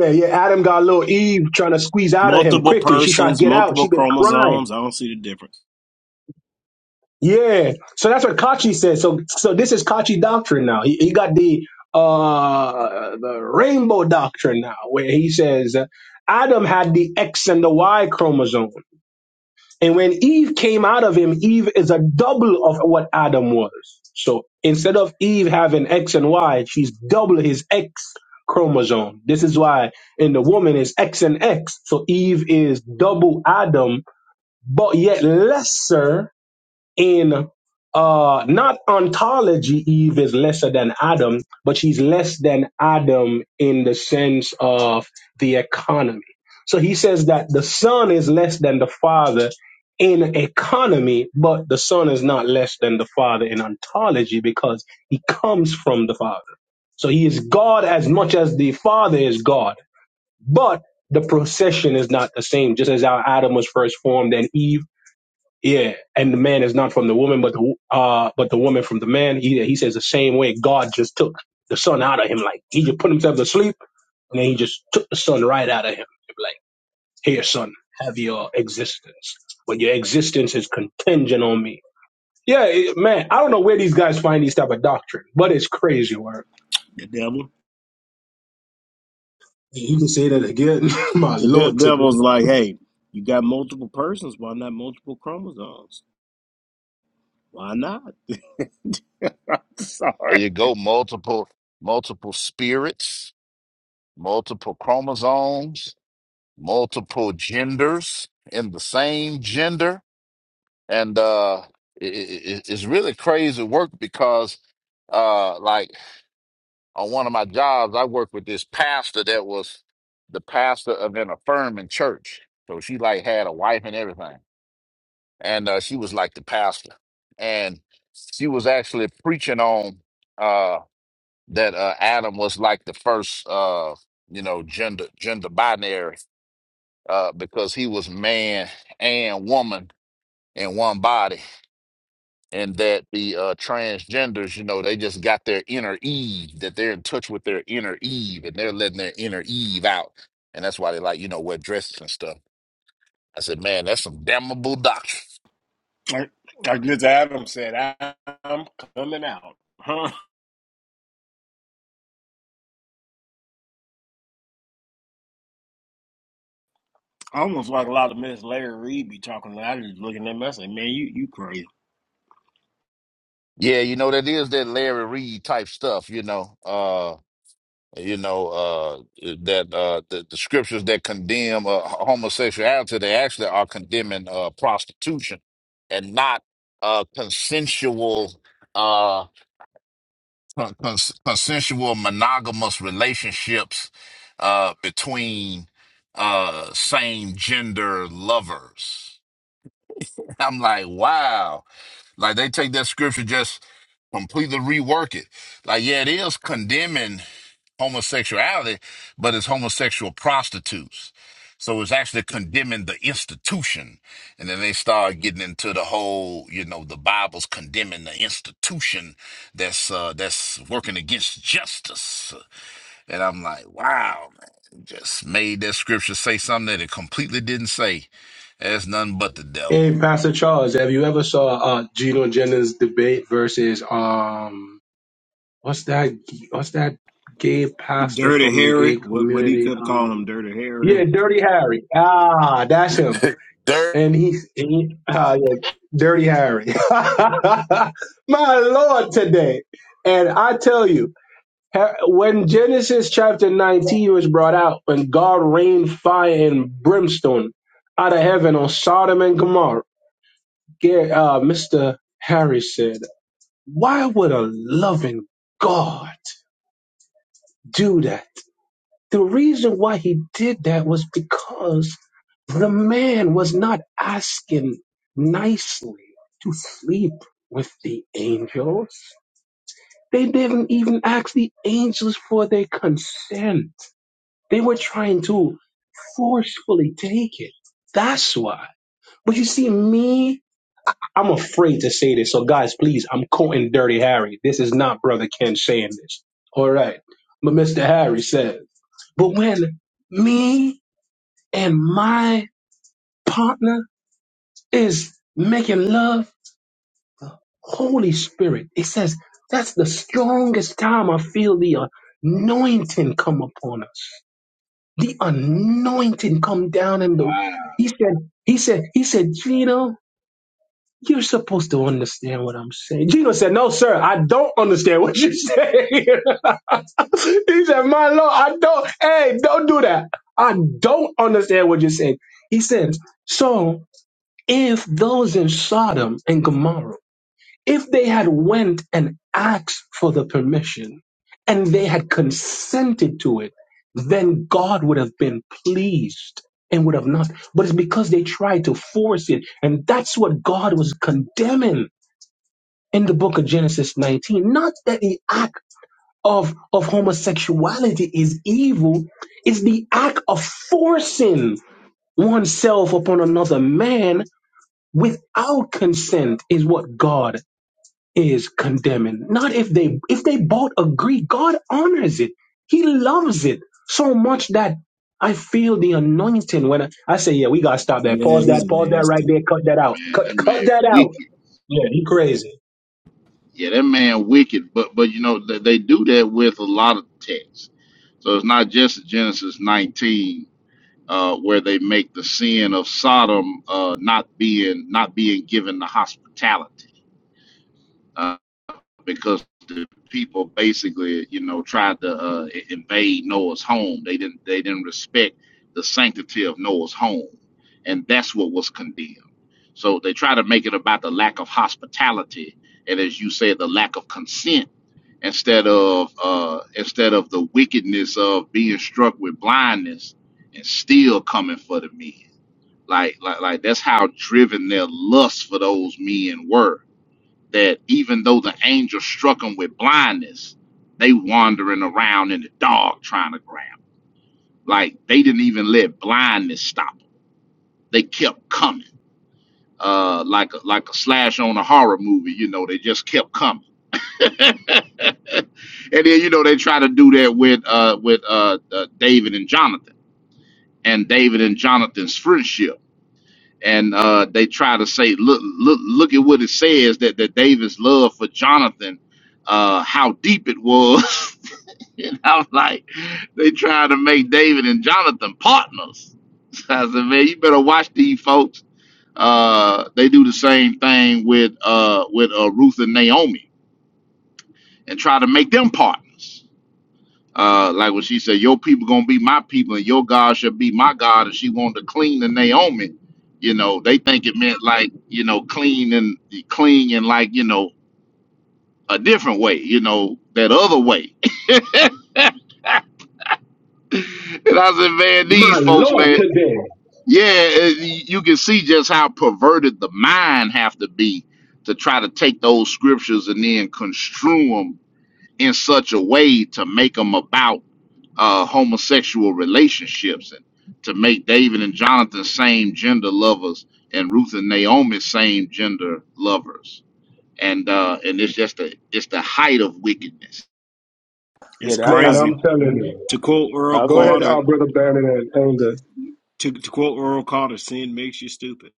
G: Yeah, yeah. Adam got little Eve trying to squeeze out of him
M: multiple
G: quickly. She's trying
M: persons,
G: to get out.
M: multiple
G: She's been crying.
M: chromosomes. I don't see the difference.
G: Yeah. So that's what Kachi said. So so this is Kachi doctrine now. He, he got the uh the rainbow doctrine now, where he says uh, Adam had the X and the Y chromosome. And when Eve came out of him, Eve is a double of what Adam was. So instead of Eve having X and Y, she's double his X chromosome. This is why in the woman is X and X. So Eve is double Adam, but yet lesser in uh not ontology eve is lesser than adam but she's less than adam in the sense of the economy so he says that the son is less than the father in economy but the son is not less than the father in ontology because he comes from the father so he is god as much as the father is god but the procession is not the same just as our adam was first formed and eve yeah, and the man is not from the woman, but the uh, but the woman from the man. He he says the same way God just took the son out of him, like he just put himself to sleep, and then he just took the son right out of him. Like, here, son, have your existence, but your existence is contingent on me. Yeah, it, man, I don't know where these guys find these type of doctrine, but it's crazy work.
M: The devil,
G: You can say that again, my
M: the de-
G: lord. Today,
M: devil's like, hey, you got multiple persons. Why not multiple chromosomes? Why not? I'm
C: There
M: sorry.
C: you go, multiple multiple spirits, multiple chromosomes multiple genders in the same gender and uh it, it, it's really crazy work because uh like on one of my jobs i worked with this pastor that was the pastor of an affirming church so she like had a wife and everything and uh she was like the pastor and she was actually preaching on uh that uh adam was like the first uh you know gender gender binary uh because he was man and woman in one body, and that the uh, transgenders, you know, they just got their inner Eve, that they're in touch with their inner Eve, and they're letting their inner Eve out, and that's why they like, you know, wear dresses and stuff. I said, man, that's some damnable doctrine.
M: Like, like Miss Adams said, I- I'm coming out. Huh? Almost like a lot of Miss Larry Reed be talking. I just looking at them. I say, man, you you crazy.
C: Yeah, you know, that is that Larry Reed type stuff, you know, uh, you know, uh, eh, that uh, the, the scriptures that condemn uh, homosexuality, they actually are condemning uh, prostitution and not uh, consensual. Uh, Uh, I'm out. Like scripture just complete it. Like, yeah, it is condemning homosexuality, but it's homosexual prostitutes. So it's actually condemning the institution. And then they start getting into the whole, you know, the Bible's condemning the institution that's uh that's working against justice. And I'm like, wow, man, just made that scripture say something that it completely didn't say. That's nothing but the devil.
G: hey, Pastor Charles, have you ever saw uh, Geno Jennings debate versus um? what's that what's that gay pastor
M: Dirty
G: from the
M: Harry.
G: gay
M: What what he
G: community
M: kept calling
G: um
M: him, Dirty Harry.
G: yeah dirty harry ah that's him
C: Dirt.
G: and he, and he ah, yeah, dirty harry my lord today and i tell you Ha- when genesis chapter 19 was brought out when god rained fire and brimstone out of heaven on sodom and gomorrah Gar- uh, mr harry said why would a loving god do that The reason why he did that was because the man was not asking nicely to sleep with the angels. They didn't even ask the angels for their consent. They were trying to forcefully take it. That's why. But you see, me, I'm afraid to say this. So, guys, please, I'm quoting Dirty Harry. This is not Brother Ken saying this. All right. But Mr. Harry says, but when me and my partner is making love, Holy Spirit. It says that's the strongest time I feel the anointing come upon us. The anointing come down in the. He said, he said, he said, Gino, you're supposed to understand what I'm saying. Gino said, no, sir, I don't understand what you're saying. he said, my Lord, I don't, hey, don't do that. I don't understand what you're saying. He said, so if those in Sodom and Gomorrah, if they had went and asked for the permission and they had consented to it, then God would have been pleased and would have not. But it's because they tried to force it. And that's what God was condemning in the book of Genesis 19. Not that the act of, of homosexuality is evil, it's the act of forcing oneself upon another man without consent is what God is condemning. Not if they if they both agree, God honors it. He loves it so much that I feel the anointing when I, I say, yeah, we gotta stop that.
M: Yeah,
G: Pause
M: he's
G: that, pause that right
M: nasty.
G: there, cut that out.
C: Man,
G: Cut
C: that
G: cut
C: man
G: that out.
C: wicked.
G: Yeah, you crazy.
C: Yeah, that man wicked, but but you know they, they do that with a lot of texts. So it's not just Genesis 19 uh, where they make the sin of Sodom uh, not being not being given the hospitality uh, because the people basically you know tried to uh, i- invade Noah's home. They didn't they didn't respect the sanctity of Noah's home, and that's what was condemned. So they try to make it about the lack of hospitality and as you said, the lack of consent instead of uh, instead of the wickedness of being struck with blindness and still coming for the men. Like like like that's how driven their lust for those men were. That even though the angel struck them with blindness, they wandering around in the dark trying to grab. 'em. Like they didn't even let blindness stop them. They kept coming. Uh, like a, like a slash on a horror movie, you know, they just kept coming and then you know they try to do that with uh with uh, uh David and Jonathan and David and Jonathan's friendship. And uh, they try to say, look, look, look at what it says that, that David's love for Jonathan, uh, how deep it was. and I was like, they trying to make David and Jonathan partners. So I said, man, you better watch these folks. Uh, they do the same thing with uh, with uh, Ruth and Naomi, and try to make them partners. Uh, like when she said, "Your people gonna be my people, and your God shall be my God," and she wanted to clean the Naomi. You know, they think it meant like you know, clean and clean and like you know, a different way. You know, that other way. and I said, man,
G: My
C: these folks,
G: Lord
C: man,
G: today.
C: yeah, it- you can see just how perverted the mind have to be to try to take those scriptures and then construe 'em in such a way to make them about uh, homosexual relationships and to make David and Jonathan same gender lovers and Ruth and Naomi same gender lovers. And uh, and it's just a it's the height of wickedness,
N: Yeah,
M: It's
N: that I. I,
M: crazy.
G: I'm telling
N: mhm.
G: you.
M: To quote Earl
N: I was going to.
M: Carter, To, to quote Earl Carter, sin makes you stupid.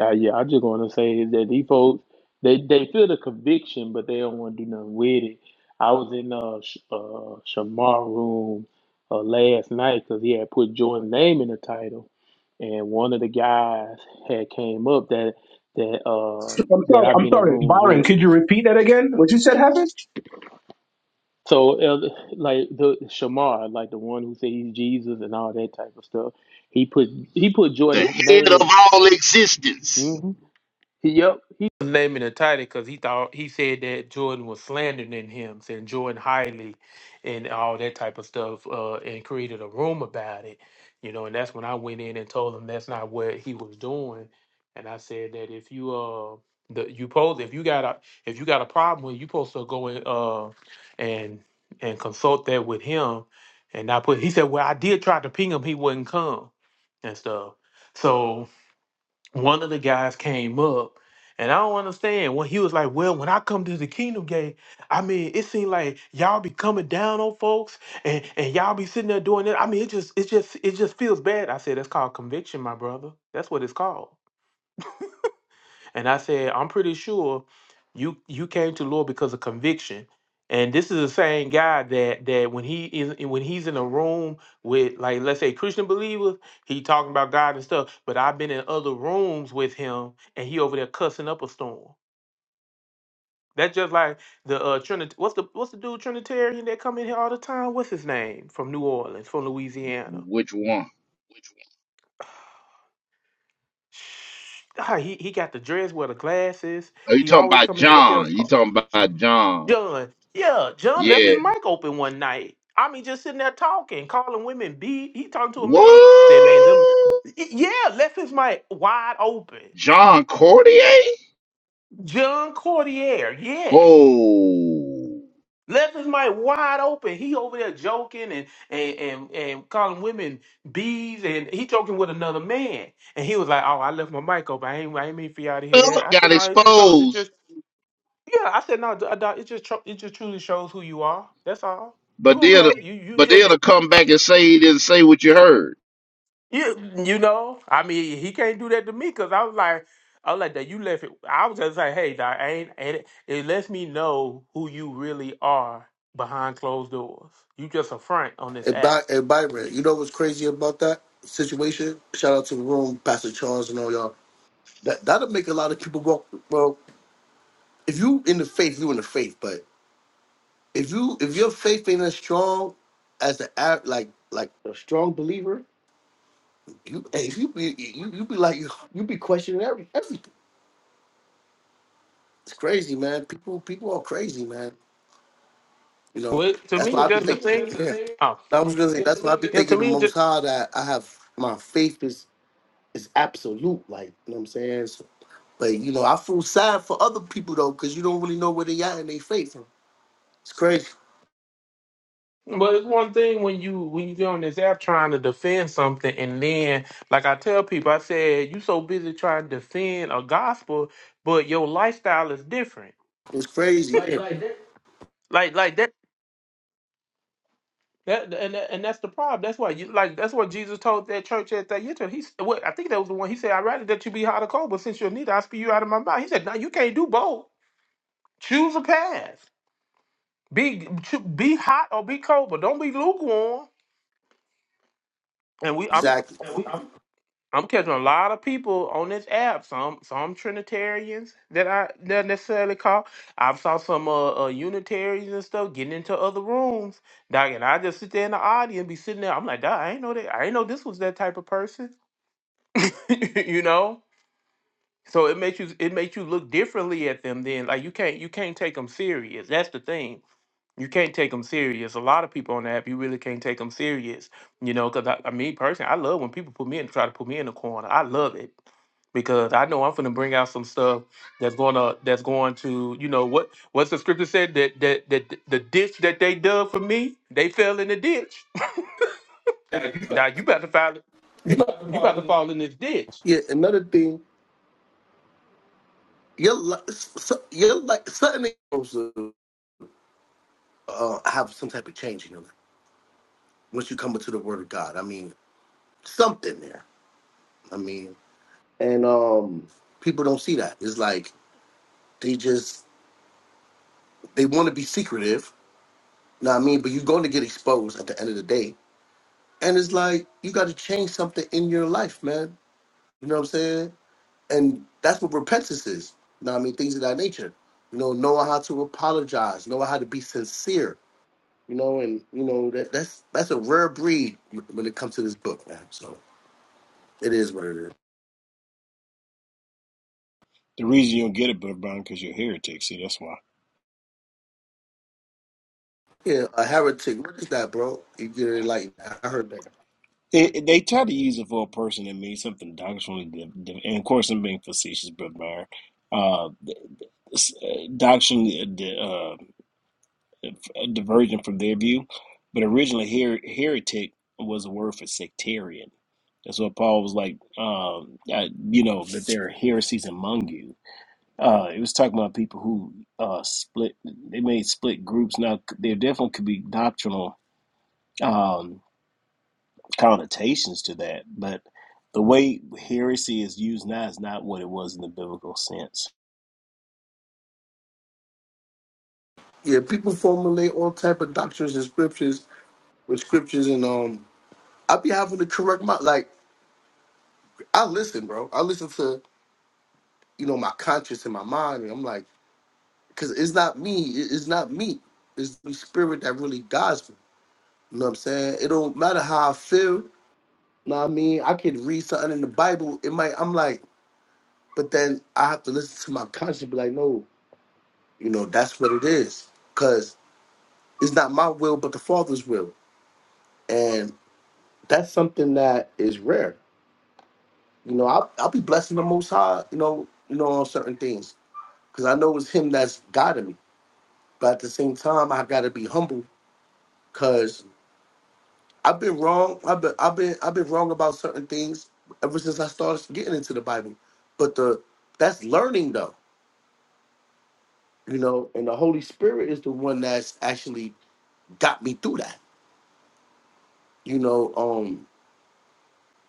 N: Uh, yeah, I just want to say is that these folks they they feel the conviction, but they don't want to do nothing with it. I was in uh, Sh- uh Shamar room uh, last night because he had put Jordan's name in the title, and one of the guys had came up that that uh
G: I'm
N: that
G: sorry,
N: I've
G: I'm
N: been in
G: sorry.
N: rooms
G: Byron,
N: with.
G: could you repeat that again? What you said happened?
N: So uh, like the Shamar, like the one who said he's Jesus and all that type of stuff, he put he put
C: the
N: Jordan's
C: head
N: name
C: of
N: in.
C: all existence.
N: mm-hmm, He, Yep, he was naming a title because he thought he said that Jordan was slandering him, saying Jordan highly, and all that type of stuff, uh, and created a room about it, you know. And that's when I went in and told him that's not what he was doing, and I said that if you uh the you pose if you got a if you got a problem with it, you supposed to go and uh and and consult that with him, and I put he said well I did try to ping him he wouldn't come and stuff. so one of the guys came up and I don't understand when he was like, Well, when I come to the kingdom gate, I mean, it seemed like y'all be coming down on folks and, and y'all be sitting there doing it. I mean, it just it just it just feels bad. I said, That's called conviction, my brother. That's what it's called. And I said, I'm pretty sure you you came to the Lord because of conviction. And this is the same guy that that when he is when he's in a room with like let's say Christian believers, he talking about God and stuff. But I've been in other rooms with him, and he over there cussing up a storm. That's just like the uh Trinity. What's the what's the dude Trinitarian that come in here all the time? What's his name from New Orleans, from Louisiana?
C: Which one?
N: Sh- Ah, he he got the dress, wear the glasses.
C: Are you
N: He
C: talking
N: always
C: about
N: come in and himself.
C: John? You talking about John?
N: John. Yeah, John left
C: Yeah.
N: his mic open one night. I mean, just sitting there talking, calling women B. He talking to a man, said, man, them
C: What?
N: yeah, left his mic wide open.
C: John Cordier?
N: John Cordier, yes.
C: Whoa.
N: Left his mic wide open. He over there joking and and and, and calling women bees and he joking with another man. And he was like, Oh, I left my mic open. I ain't I ain't mean for y'all to hear that. I said,
C: Got
N: No, it just shows it
C: exposed.
N: just Yeah, I said no. d- uh, Doc, it just tru- it just truly shows who you are. That's all.
C: But
N: You
C: then,
N: okay? You you
C: but
N: just
C: then to come back and say he didn't say what you heard.
N: you you know. I mean, he can't do that to me because I was like, I was like that. You left it. I was just like, hey, Doc, I ain't. ain't it, it lets me know who you really are behind closed doors. You just a front on this
O: And,
N: app.
O: By- and Byron, you know what's crazy about that situation? Shout out to the room, Pastor Charles, and all y'all. That that'll make a lot of people walk. Well, if you in the faith, you in the faith. But if you if your faith ain't as strong as the av- like like a strong believer, you hey, if you be you, you be like you, you be questioning every everything. It's crazy, man. People people are crazy, man. You know
N: Well, to
O: that's
N: me,
O: why I be
N: that's the
O: thinking.
N: thing. Oh,
O: Yeah. I was gonna
N: yeah.
O: say that's why I be thinking
N: To
O: the
N: me, ju-
O: Most High that I have my faith is it's absolute. Like, you know what I'm saying? So, but you know, I feel sad for other people though, because you don't really know where they at in their faith. It's crazy.
N: But it's one thing when you when you get on this app trying to defend something, and then like I tell people, I said you so busy trying to defend a gospel, but your lifestyle is different.
O: It's crazy. Like- like that.
N: Like like that. That, and that, and that's the problem. That's why you like. That's what Jesus told that church at that Thyatira. He He's what I think that was the one. He said, "I'd rather that you be hot or cold, but since you're neither, I spew you out of my mouth." He said, "No, you can't do both. Choose a path. Be cho- be hot or be cold, but don't be lukewarm." And we, I'm
O: Exactly. Yeah, we- I'm-
N: I'm catching a lot of people on this app. Some some Trinitarians that I not necessarily call. I've saw some uh, uh Unitarians and stuff getting into other rooms. Dog and I just sit there in the audience, be sitting there. I'm like, dog, I ain't know that. I ain't know this was that type of person. you know. So it makes you it makes you look differently at them. Then like you can't you can't take them serious. That's the thing. You can't take them serious. A lot of people on the app, you really can't take them serious. You know, because I, I mean, personally, I love when people put me in try to put me in a corner. I love it because I know I'm going to bring out some stuff that's going to that's going to you know what what's the scripture said that that that the ditch that they dug for me they fell in the ditch.
O: yeah, you
N: Now
O: got-
N: you about to fall
O: you got to
N: you about
O: follow-
N: to
O: this.
N: fall in this ditch.
O: Yeah, another thing, you're like, you're like, suddenly supposed to uh, have some type of change in your life once you come into the Word of God. I mean, something there. I mean, and um, people don't see that. It's like they just they want to be secretive. You know what I mean? But you're going to get exposed at the end of the day And it's like you got to change something in your life, man. You know what I'm saying? And that's what repentance is. You know what I mean? Things of that nature. You know, knowing how to apologize, knowing how to be sincere. You know, and you know that that's that's a rare breed when it comes to this book, man. So it is what it is.
M: The reason you don't get it, Brother Brown, because you're a heretic. See, that's why.
O: Yeah, a heretic. What is that, bro? You get it? Like I heard that.
M: It, it- they try to use it for a person that means something doctrinally, div- div- and of course, I'm being facetious, Brother Brown, uh, s- uh, doctrinally uh, di- uh, divergent from their view. But originally, her- heretic was a word for sectarian. That's what Paul was like, um, uh, you know, that there are heresies among you Uh, it was talking about people who uh, split. They made split groups. Now there definitely could be doctrinal um, connotations to that, but the way heresy is used now is not what it was in the biblical sense.
O: Yeah, people formulate all type of doctrines and scriptures with scriptures, and um, I be having to correct my like. I listen, bro. I listen to. you know, my conscience and my mind. And I'm like, because it's not me. it- It's not me. It's the spirit that really guides me. You know what I'm saying? It don't matter how I feel. You know what I mean? I could read something in the Bible. It might, I'm like, but then I have to listen to my conscience and be like, no, you know, that's what it is. Because it's not my will, but the Father's will. And that's something that is rare. You know, I'll, I'll be blessing the Most High, you know, you know, on certain things. Because I know it's Him that's guiding me. But at the same time, I got to be humble Cause I've been wrong. I've been I've been I've been wrong about certain things ever since I started getting into the Bible. But the that's learning though, you know, and the Holy Spirit is the one that's actually got me through that. You know, um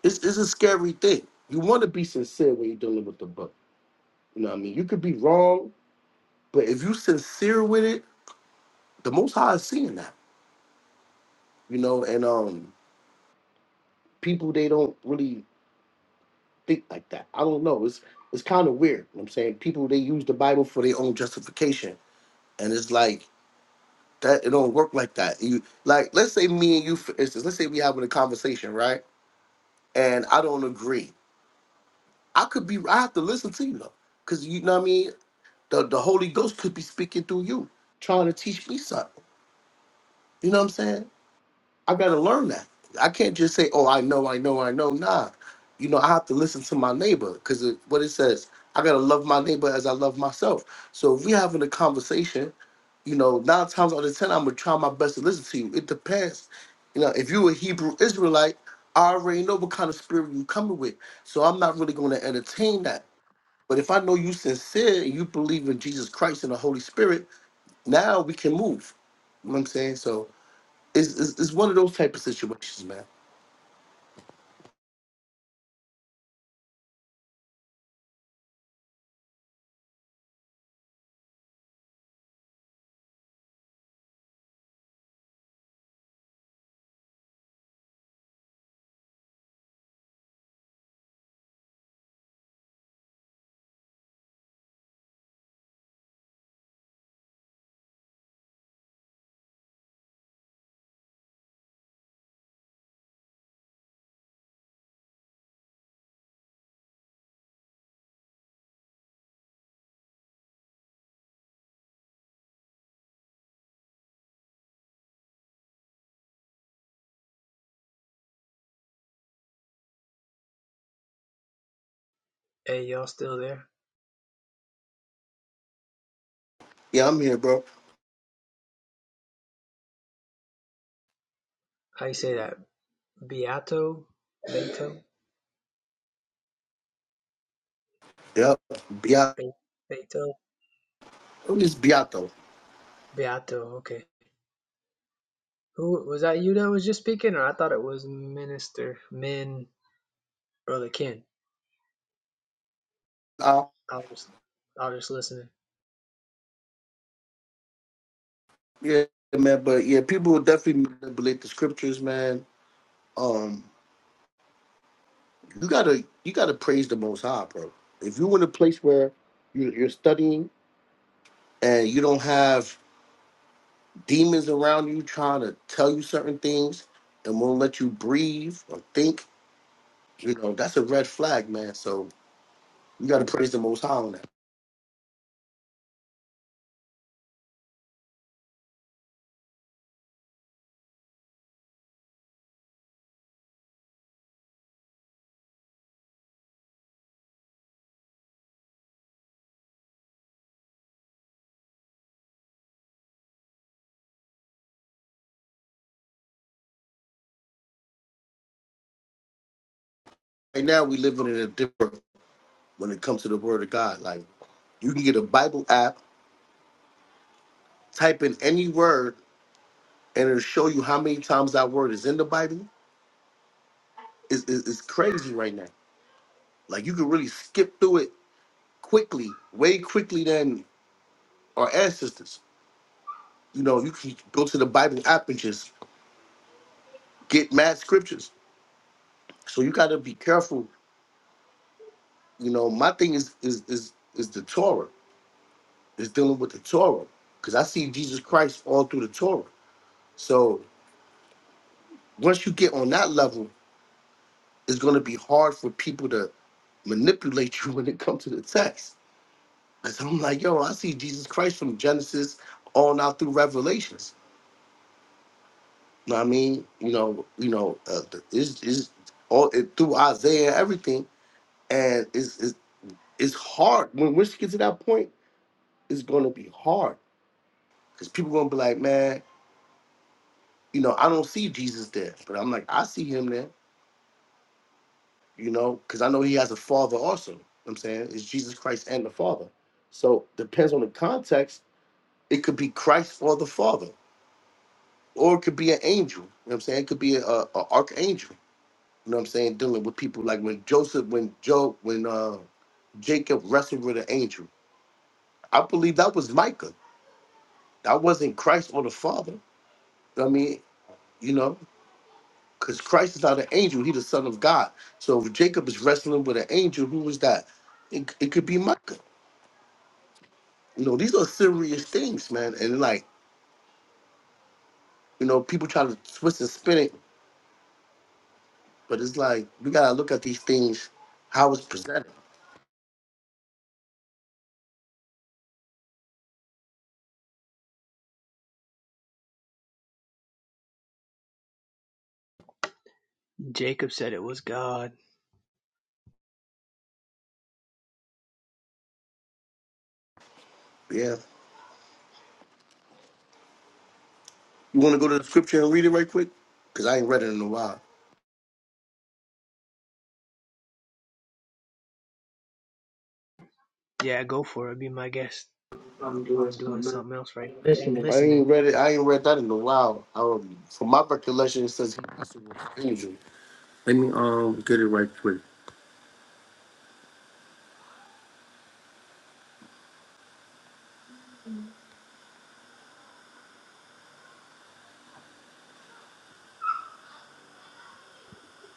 O: it's it's a scary thing. You want to be sincere when you're dealing with the book. You know what I mean? You could be wrong, but if you sincere with it, the most high is seeing that. You know, and um people they don't really think like that. I don't know. It's it's kind of weird. You know what I'm saying people they use the Bible for their own justification, and it's like that. It don't work like that. You like let's say me and you for instance. Let's say we having a conversation, right? And I don't agree. I could be. I have to listen to you though, because you know what I mean. The the Holy Ghost could be speaking through you, trying to teach me something. You know what I'm saying? I gotta learn that. I can't just say, "Oh, I know, I know, I know." Nah, you know, I have to listen to my neighbor because what it says, I gotta love my neighbor as I love myself. So if we having a conversation, you know, nine times out of ten, I'm gonna try my best to listen to you. It depends, you know, if you a Hebrew Israelite, I already know what kind of spirit you coming with, so I'm not really gonna entertain that. But if I know you sincere and you believe in Jesus Christ and the Holy Spirit, now we can move. You know what I'm saying? So it's, it's, it's one of those type of situations, man.
I: Hey, y'all still there?
O: Yeah, I'm here, bro.
I: How you say that? Beato? Beato?
O: Yep. Beato.
I: Be- Beato?
O: It's Beato.
I: Beato, okay. Who was that you that was just speaking or I thought it was minister. Min Brother Ken,
O: Uh,
I: I was I was just listening.
O: yeah, man. But yeah, people will definitely manipulate the scriptures, man. Um, you gotta you gotta praise the Most High, bro. If you're in a place where you, you're studying and you don't have demons around you trying to tell you certain things and won't let you breathe or think, you know, that's a red flag, man. So you gotta praise the Most High on that. Right now, we living in a different when it comes to the word of God. Like you can get a Bible app, type in any word, and it'll show you how many times that word is in the Bible. It's, it's, it's crazy right now. Like you can really skip through it quickly, way quickly than our ancestors. You know, you can go to the Bible app and just get mad scriptures. So you gotta be careful. You know, my thing is is is is the Torah. Is dealing with the Torah. Because I see Jesus Christ all through the Torah. So once you get on that level, it's gonna be hard for people to manipulate you when it comes to the text. Cause I'm like, yo, I see Jesus Christ from Genesis on out through Revelations. You know what I mean? You know, you know, uh, the- it's, it's all it, through Isaiah and everything, and it's, it's it's hard when once you get to that point, it's gonna be hard because people gonna be like, man, you know, I don't see Jesus there, but I'm like, I see him there, you know, because I know he has a father also. You know what I'm saying it's Jesus Christ and the Father. So depends on the context It could be Christ or the Father, or it could be an angel. You know what I'm saying? It could be a, a, a archangel. You know what I'm saying? Dealing with people like when Joseph, when Job, when uh, Jacob wrestled with an angel. I believe that was Micah. That wasn't Christ or the Father. I mean, you know, because Christ is not an angel; he's the Son of God. So if Jacob is wrestling with an angel, who was that? It, it could be Micah. You know, these are serious things, man. And like, you know, people try to twist and spin it But it's like we gotta look at these things how it's presented.
I: Jacob said it was God.
O: Yeah. You wanna go to the scripture and read it right quick? Cause I ain't read it in a while.
I: Yeah, go for it. Be my guest. I'm I'm doing something else right now, but I'm
O: I ain't
I: listening.
O: read it. I ain't read that in a while. Um, from my recollection, it says angel. Let me um get it right quick.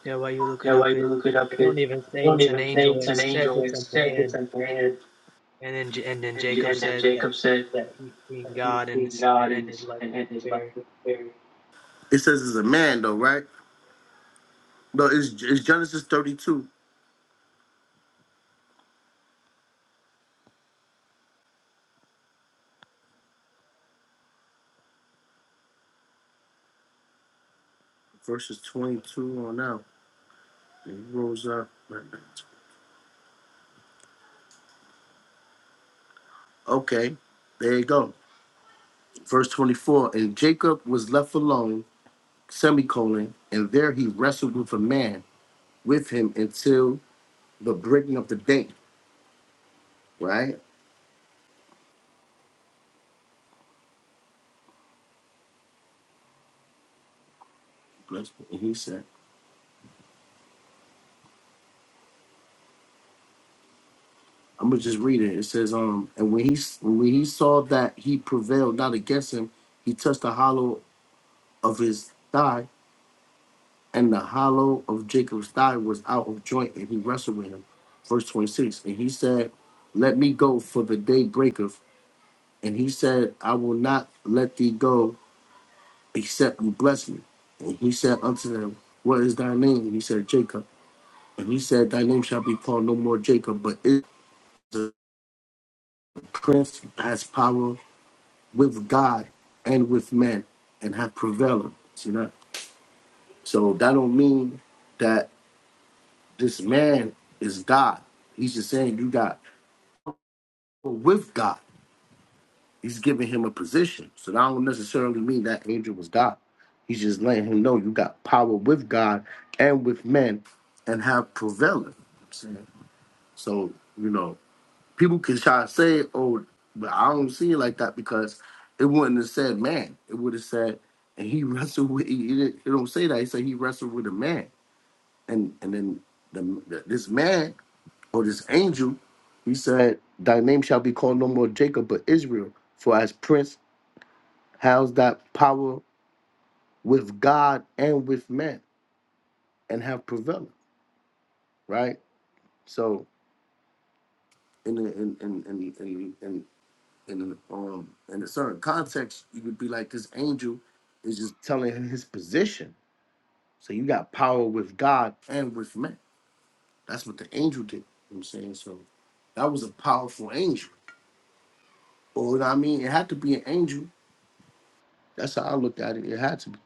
I: Yeah, while you look it
O: That way
I: up,
O: we
I: it,
O: look it up
I: it
O: here.
I: don't even
O: It
I: say
O: don't
I: it's an
O: even say
I: angel.
O: it's
I: It
O: an
I: says
O: angel.
I: it's
O: It
I: a
O: says it's
I: man.
O: a man.
I: And then J- and then
O: And, J-
I: Jacob
O: and then
I: says that,
O: Jacob said that
I: that he's seen
O: he's
I: God and
O: between
I: his-
O: God
I: and
O: and,
I: his life
O: and,
I: was
O: and his love.
I: spared.
O: It says it's a man though, right? No, it's, it's Genesis thirty-two. verses 22 on out. And he rose up. Okay, there you go. Verse 24 And Jacob was left alone, semicolon, and there he wrestled with a man with him until the breaking of the day, right? That's what he said. I'm gonna just read it. It says, um, and when he when he saw that he prevailed not against him, he touched the hollow of his thigh and the hollow of Jacob's thigh was out of joint, and he wrestled with him. Verse 26. And he said, Let me go, for the day breaketh. And he said, I will not let thee go, except you bless me. And he said unto them, What is thy name? And he said, Jacob. And he said, Thy name shall be called no more Jacob, but it prince has power with God and with men, and hath prevailed. See that? So that don't mean that this man is God. He's just saying you got with God. He's giving him a position. So that don't necessarily mean that angel was God. He's just letting him know you got power with God and with men and have prevailing. So, you know, people can try to say, oh, but I don't see it like that because it wouldn't have said man. It would have said, and he wrestled with, he, he didn't- it don't say that. He said he wrestled with a man. And and then the, the, this man or this angel, he said, thy name shall be called no more Jacob, but Israel. For as prince has that power with God and with men and have prevailed, right? So in a, in in in in in in, um, in a certain context, you could be like this angel is just telling him his position. So you got power with God and with men. That's what the angel did. You know what I'm saying so that was a powerful angel. Or what I mean, it had to be an angel. That's how I looked at it. It had to be.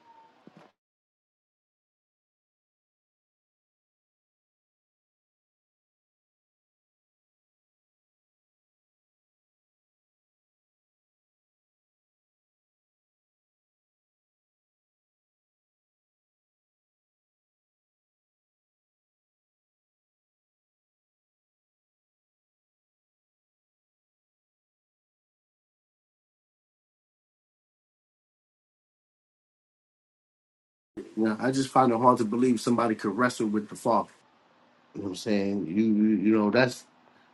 O: You know, I just find it hard to believe somebody could wrestle with the Father. You know what I'm saying? You you, you know that's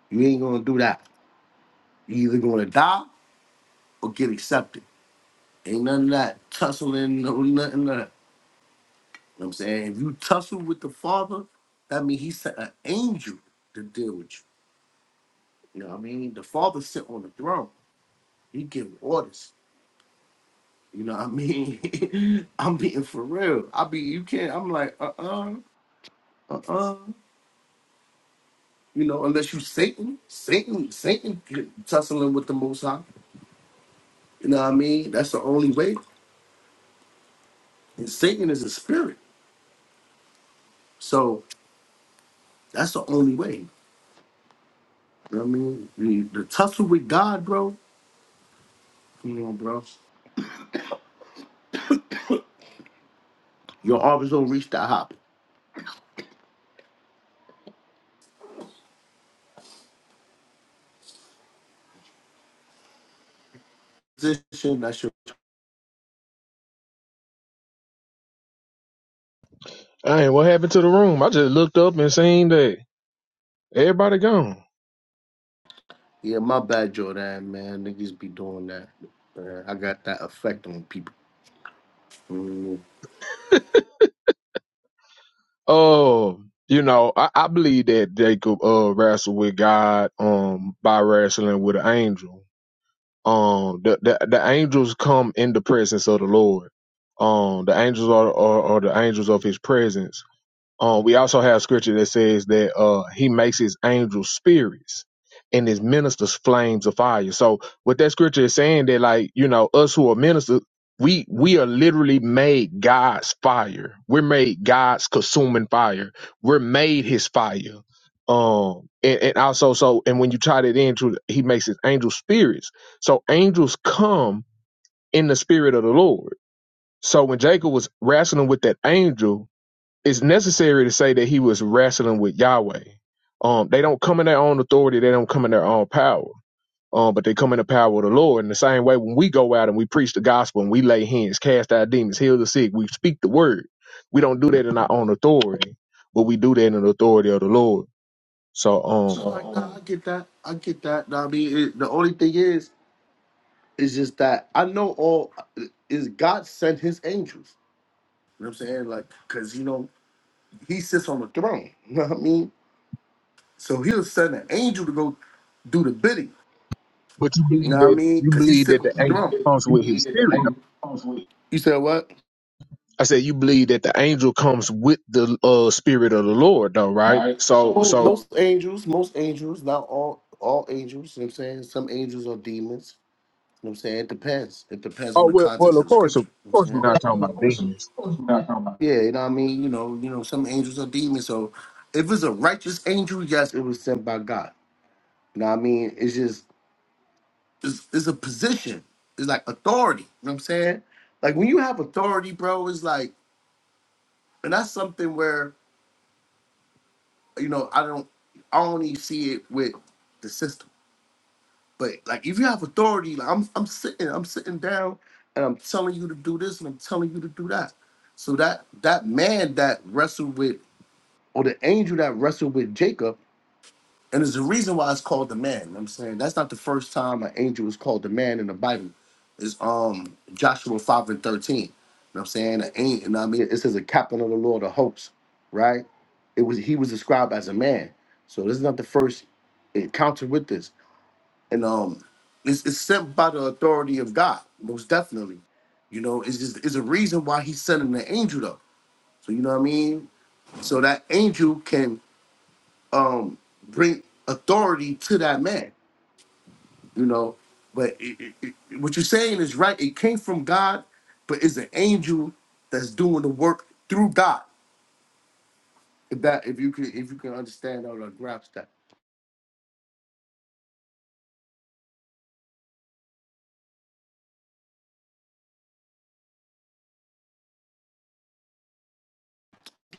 O: You ain't gonna do that. You either gonna die or get accepted. Ain't none of that tussling, no nothing of that. You know what I'm saying? If you tussle with the father, that means he sent an angel to deal with you. You know what I mean? The father sit on the throne. He giving orders. You know what I mean? I'm being for real. I be you can't I'm like, uh-uh, uh-uh. You know, unless you Satan, Satan, Satan tussling with the most high. You know what I mean? That's the only way. And Satan is a spirit. So That's the only way. You know what I mean? The, the tussle with God, bro. Come on, bro. Your arms don't reach that hop. Position, that's your.
K: Hey, what happened to the room? I just looked up and seen that everybody gone.
O: Yeah, my bad, Jordan, man. Niggas be doing that. Man, I got that effect on people.
K: Oh, you know, I, I believe that Jacob uh wrestled with God um by wrestling with an angel. Um, the the, the angels come in the presence of the Lord. Um, the angels are, are are the angels of His presence Uh, we also have scripture that says that uh, he makes his angels spirits and his ministers flames of fire. So what that scripture is saying that like, you know, us who are ministers, we we are literally made God's fire. We're made God's consuming fire. We're made his fire. Um and, and also so and when you tie that into he makes his angel spirits. So angels come in the spirit of the Lord. So when Jacob was wrestling with that angel, it's necessary to say that he was wrestling with Yahweh. Um, they don't come in their own authority, they don't come in their own power. Um, but they come in the power of the Lord. In the same way, when we go out and we preach the gospel and we lay hands, cast out demons, heal the sick, we speak the word. We don't do that in our own authority, but we do that in the authority of the Lord. So,
O: So
K: um,
O: like, nah, I get that. I get that. Nah, I mean, it, the only thing is, is just that I know all is God sent His angels. You know what I'm saying? Like, cause you know He sits on the throne. You know what I mean? So He'll send an angel to go do the bidding.
K: but you
O: You know
K: believe
O: what I
K: that
O: mean?
K: you
O: Because he's
K: believe
O: sitting
K: that the
O: with
K: angel
O: Jerome.
K: comes
O: You
K: with his
O: believe that the
K: spirit.
O: angel comes with. You said what?
K: I said you believe that the angel comes with the uh, spirit of the Lord, though, right?
O: Right. So,
K: So,
O: Well, so-
K: so
O: most angels, most angels, not all all angels, you know what I'm saying? Some angels are demons. You know what I'm saying? It depends. It depends on
K: Oh
O: the
K: well, well
O: context
K: of
O: of the
K: course, of
O: scripture. You know what I'm
K: course, we're
O: saying?
K: not
O: Well,
K: talking
O: of
K: about
O: course, of
K: demons.
O: course we're not talking about- Yeah, you know what I mean? You know, you know, some angels are demons. So if it's a righteous angel, yes, it was sent by God. You know what I mean? It's just it's, it's a position. It's like authority. You know what I'm saying? Like when you have authority, bro, it's like and that's something where you know I don't I only see it with the system, but like if you have authority, like I'm I'm sitting I'm sitting down and I'm telling you to do this and I'm telling you to do that. So that that man that wrestled with or the angel that wrestled with Jacob And there's a reason why it's called the man. you know what I'm saying that's not the first time an angel is called the man in the Bible. It's um Joshua 5 and 13. You know what I'm saying? An angel, you know what I mean? It says a captain of the Lord of hosts, right? It was he was described as a man. So this is not the first encounter with this. And um it's, it's sent by the authority of God, most definitely. You know, it's just it's a reason why he's sending an angel though. So you know what I mean? So that angel can um bring authority to that man you know. But it, it, it, what you're saying is right. It came from God, but it's an angel that's doing the work through God. If that, if you can, if you can understand or like, grasp that,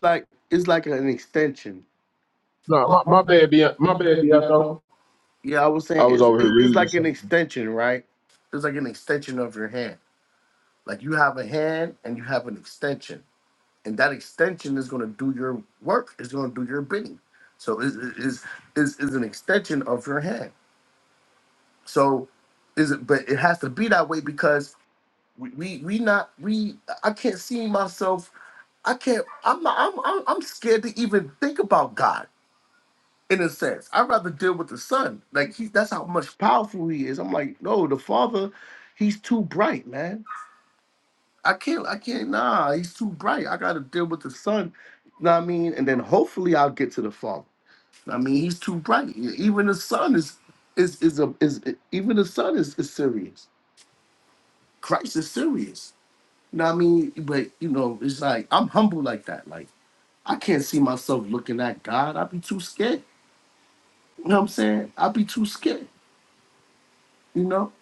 O: like it's like an extension.
K: No,
O: My,
K: my, my
O: my bad,
K: bad, be
O: yeah,
K: my
O: my
K: bad,
O: bad,
K: be out
O: yeah.
K: though.
O: though. Yeah, I was
K: I
O: saying
K: was
O: it's
K: over here
O: it- it's
K: reading.
O: like an
K: something.
O: extension, right? It's like an extension of your hand. Like you have a hand and you have an extension, and that extension is going to do your work. It's going to do your bidding. So it is is is an extension of your hand. So is it? But it has to be that way because we we, we not we. I can't see myself. I can't. I'm not. I'm, I'm I'm scared to even think about God in a sense. I'd rather deal with the Son. Like he, that's how much powerful he is. I'm like, no, the Father, he's too bright, man. I can't. I can't. Nah, he's too bright. I gotta deal with the Son. You know what I mean? And then hopefully I'll get to the Father. I mean, he's too bright. Even the Son is is is a is even the Son is is serious. Christ is serious. You know what I mean? But you know, it's like I'm humble like that. Like I can't see myself looking at God. I'd be too scared. You know what I'm saying? I'd be too scared, you know?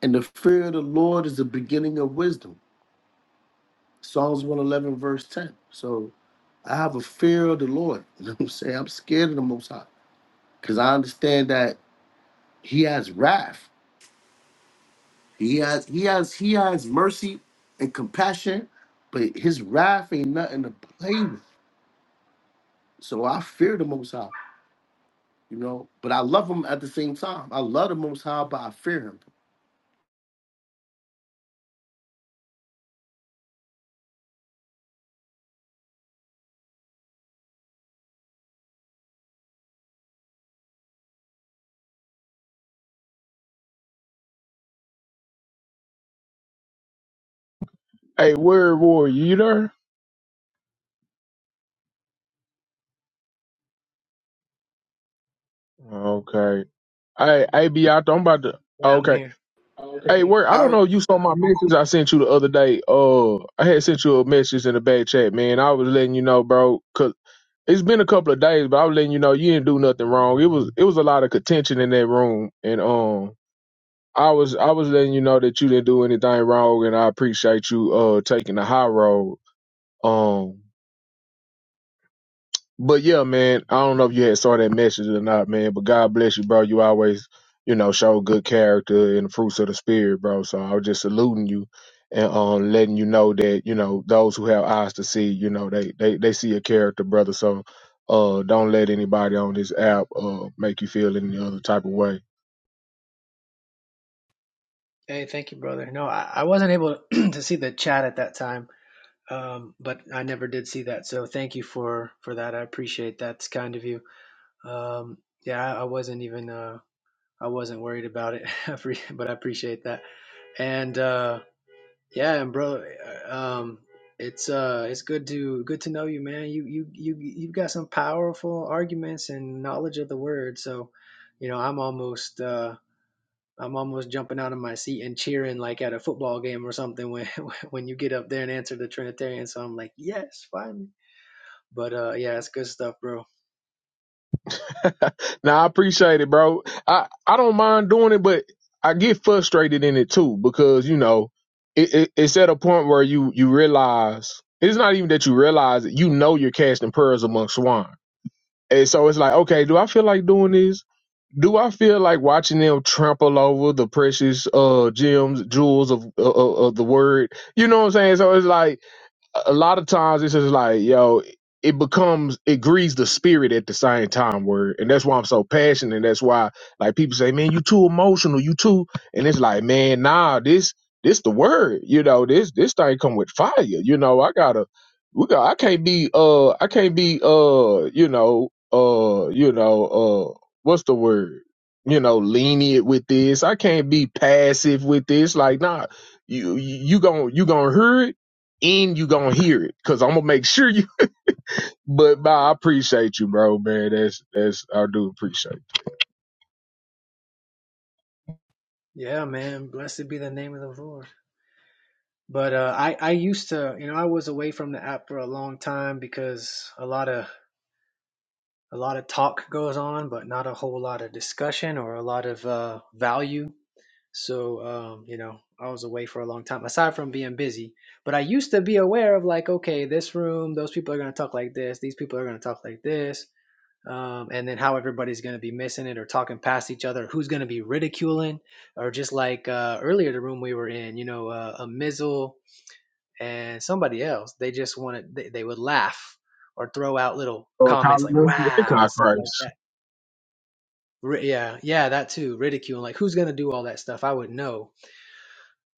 O: And the fear of the Lord is the beginning of wisdom. Psalms 111, verse 10. So I have a fear of the Lord. You know what I'm saying? I'm scared of the most high. Cause I understand that he has wrath. He has he has he has mercy and compassion, but his wrath ain't nothing to play with. So I fear the most high. you know. But I love him at the same time. I love the Most High, but I fear him.
K: Hey, where were you there? Okay. Hey, hey, be out though. I'm about to.
I: Yeah, I'm
K: Okay.
I: here.
K: Hey,
O: Okay.
K: where? I don't
O: I
K: know. if You saw my message I sent you the other day. Uh, I had sent you a message in the back chat, man. I was letting you know, bro, cause it's been a couple of days, but I was letting you know you didn't do nothing wrong. It was it was a lot of contention in that room, and um. I was I was letting you know that you didn't do anything wrong, and I appreciate you uh taking the high road. Um, but yeah, man, I don't know if you had saw that message or not, man. But God bless you, bro. You always, you know, show good character and the fruits of the spirit, bro. So I was just saluting you and um letting you know that you know those who have eyes to see, you know, they they they see a character, brother. So uh, don't let anybody on this app uh make you feel any other type of way
I: Hey, thank you, brother. No, I, I wasn't able to see the chat at that time, um, but I never did see that. So thank you for for that. I appreciate that. It's kind of you. Um, yeah, I wasn't even uh, I wasn't worried about it, I appre- but I appreciate that. And uh, yeah, and bro, uh, um, it's uh, it's good to good to know you, man. You you you you've got some powerful arguments and knowledge of the word. So, you know, I'm almost uh, I'm almost jumping out of my seat and cheering like at a football game or something when when you get up there and answer the Trinitarian. So I'm like, yes, finally. But uh, yeah, it's good stuff, bro.
K: Now I appreciate it, bro. I I don't mind doing it, but I get frustrated in it too because you know it, it it's at a point where you you realize it's not even that you realize it. You know you're casting pearls among swine, and so it's like, okay, do I feel like doing this? Do I feel like watching them trample over the precious uh gems, jewels of of, of the word? You know what I'm saying? So it's like a lot of times it's just like yo it becomes it grieves the spirit at the same time word and that's why i'm so passionate and that's why like people say man you too emotional you too and it's like man nah this this the word you know this this thing come with fire you know i gotta we got i can't be uh i can't be uh you know uh you know uh what's the word you know lenient with this i can't be passive with this like nah you you gonna you gonna hear it end, you gonna hear it because I'm gonna make sure you. But nah, I appreciate you, bro, man. That's that's I do appreciate. It.
I: Yeah, man. Blessed be the name of the Lord. But uh, I I used to you know I was away from the app for a long time because a lot of a lot of talk goes on, but not a whole lot of discussion or a lot of uh, value. So um, you know I was away for a long time aside from being busy. But I used to be aware of like okay this room those people are gonna talk like this these people are gonna talk like this. Um, and then how everybody's going to be missing it or talking past each other, who's going to be ridiculing, or just like uh, earlier the room we were in, you know, uh, a Mizzle and somebody else they just wanted they, they would laugh or throw out little
K: Oh,
I: comments
K: Colin
I: like
K: Murphy,
I: wow
K: Hitchcock
I: and stuff like
K: race.
I: that Ri yeah yeah that too ridicule like who's gonna do all that stuff i would know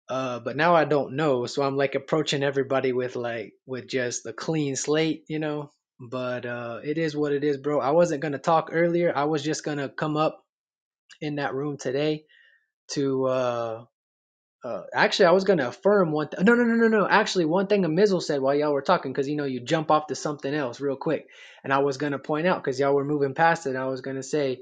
I: uh but now i don't know so i'm like approaching everybody with like with just a clean slate you know but uh it is what it is bro i wasn't gonna talk earlier i was just gonna come up in that room today to uh Uh, actually, I was gonna affirm one. Th- no, no, no, no, no. Actually, one thing a Mizzle said while y'all were talking, because you know you jump off to something else real quick, and I was gonna point out because y'all were moving past it. I was gonna say,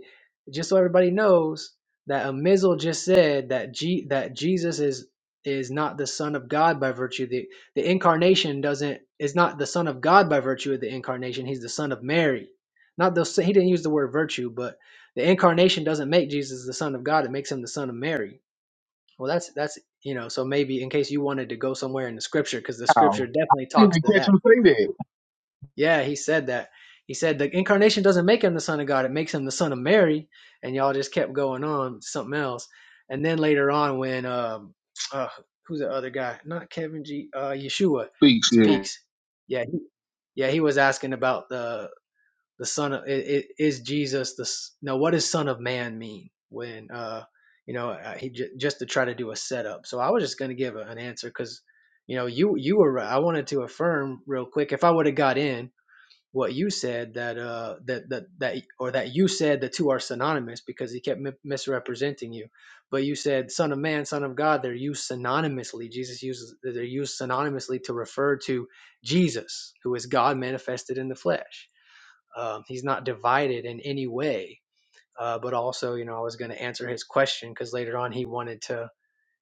I: just so everybody knows that a Mizzle just said that G- that Jesus is is not the Son of God by virtue of the the incarnation doesn't is not the Son of God by virtue of the incarnation. He's the Son of Mary. Not the he didn't use the word virtue, but the incarnation doesn't make Jesus the Son of God. It makes him the Son of Mary. Well, that's that's you know, so maybe in case you wanted to go somewhere in the scripture, because the scripture
K: Wow,
I: definitely
K: didn't
I: talks
K: even
I: to
K: catch
I: that.
K: him say that.
I: Yeah, he said that. He said the incarnation doesn't make him the son of God; it makes him the son of Mary. And y'all just kept going on something else. And then later on, when um, uh, who's the other guy? Not Kevin G. Uh, Yeshua
K: Speak shit.
I: speaks. Yeah, he, yeah, he was asking about the the son of it, it is Jesus the no what does son of man mean when uh you know I- he j- just to try to do a setup so I was just gonna give a, an answer because you know you you were right. I wanted to affirm real quick if I would have got in what you said that uh that that that or that you said the two are synonymous because he kept mi- misrepresenting you but you said son of man son of God they're used synonymously Jesus uses they're used synonymously to refer to Jesus who is God manifested in the flesh um, he's not divided in any way. Uh, but also, you know, I was going to answer his question because later on he wanted to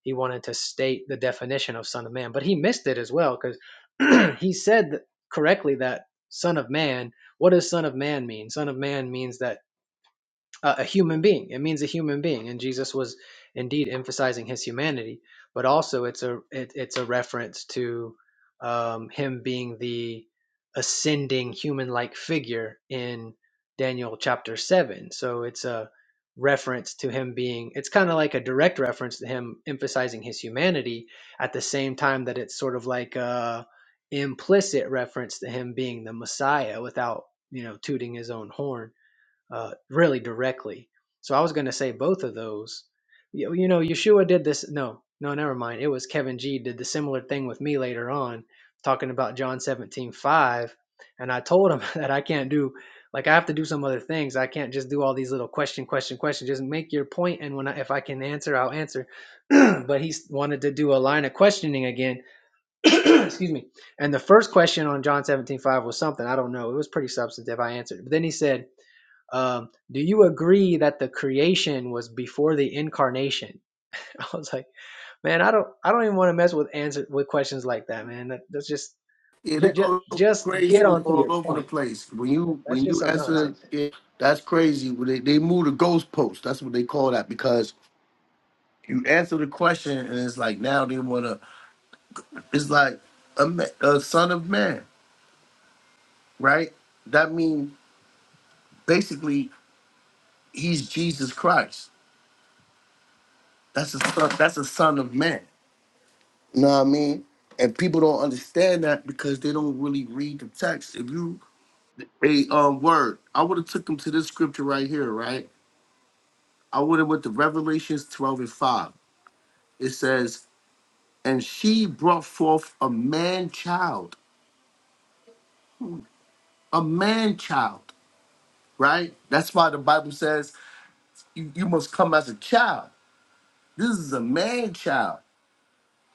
I: he wanted to state the definition of son of man, but he missed it as well because he said correctly that son of man. What does son of man mean? Son of man means that uh, a human being. It means a human being, and Jesus was indeed emphasizing his humanity, but also it's a it, it's a reference to um, him being the ascending human-like figure in Daniel chapter seven. So it's a reference to him being it's kind of like a direct reference to him emphasizing his humanity at the same time that it's sort of like a implicit reference to him being the messiah without you know tooting his own horn uh, really directly. So I was going to say both of those. You, you know, Yeshua did this. No, no, never mind. It was Kevin G did the similar thing with me later on, talking about John seventeen five, And I told him that I can't do, like, I have to do some other things. I can't just do all these little question, question, question. Just make your point, And when I, if I can answer, I'll answer. but he wanted to do a line of questioning again. Excuse me. And the first question on John seventeen five was something. I don't know. It was pretty substantive. I answered. But then he said, um, do you agree that the creation was before the incarnation? I was like, man, I don't, I don't even want to mess with answer with questions like that, man. That, that's just,
O: it it
I: just,
O: goes
I: just
O: crazy
I: get on to
O: all
I: your
O: over the
I: point.
O: place. When you
I: That's
O: when
I: just
O: you
I: some
O: answer,
I: nonsense.
O: it. that's crazy. When they they move the goalpost, that's what they call that because you answer the question and it's like now they wanna. It's like a, ma- a son of man, right? That means basically he's Jesus Christ. That's a son. That's a son of man. You know what I mean? And people don't understand that because they don't really read the text. If you a um word, I would have took them to this scripture right here, right? I would have went to Revelations 12 and 5. It says, and she brought forth a man child, a man child, right? That's why the Bible says you, you must come as a child. This is a man child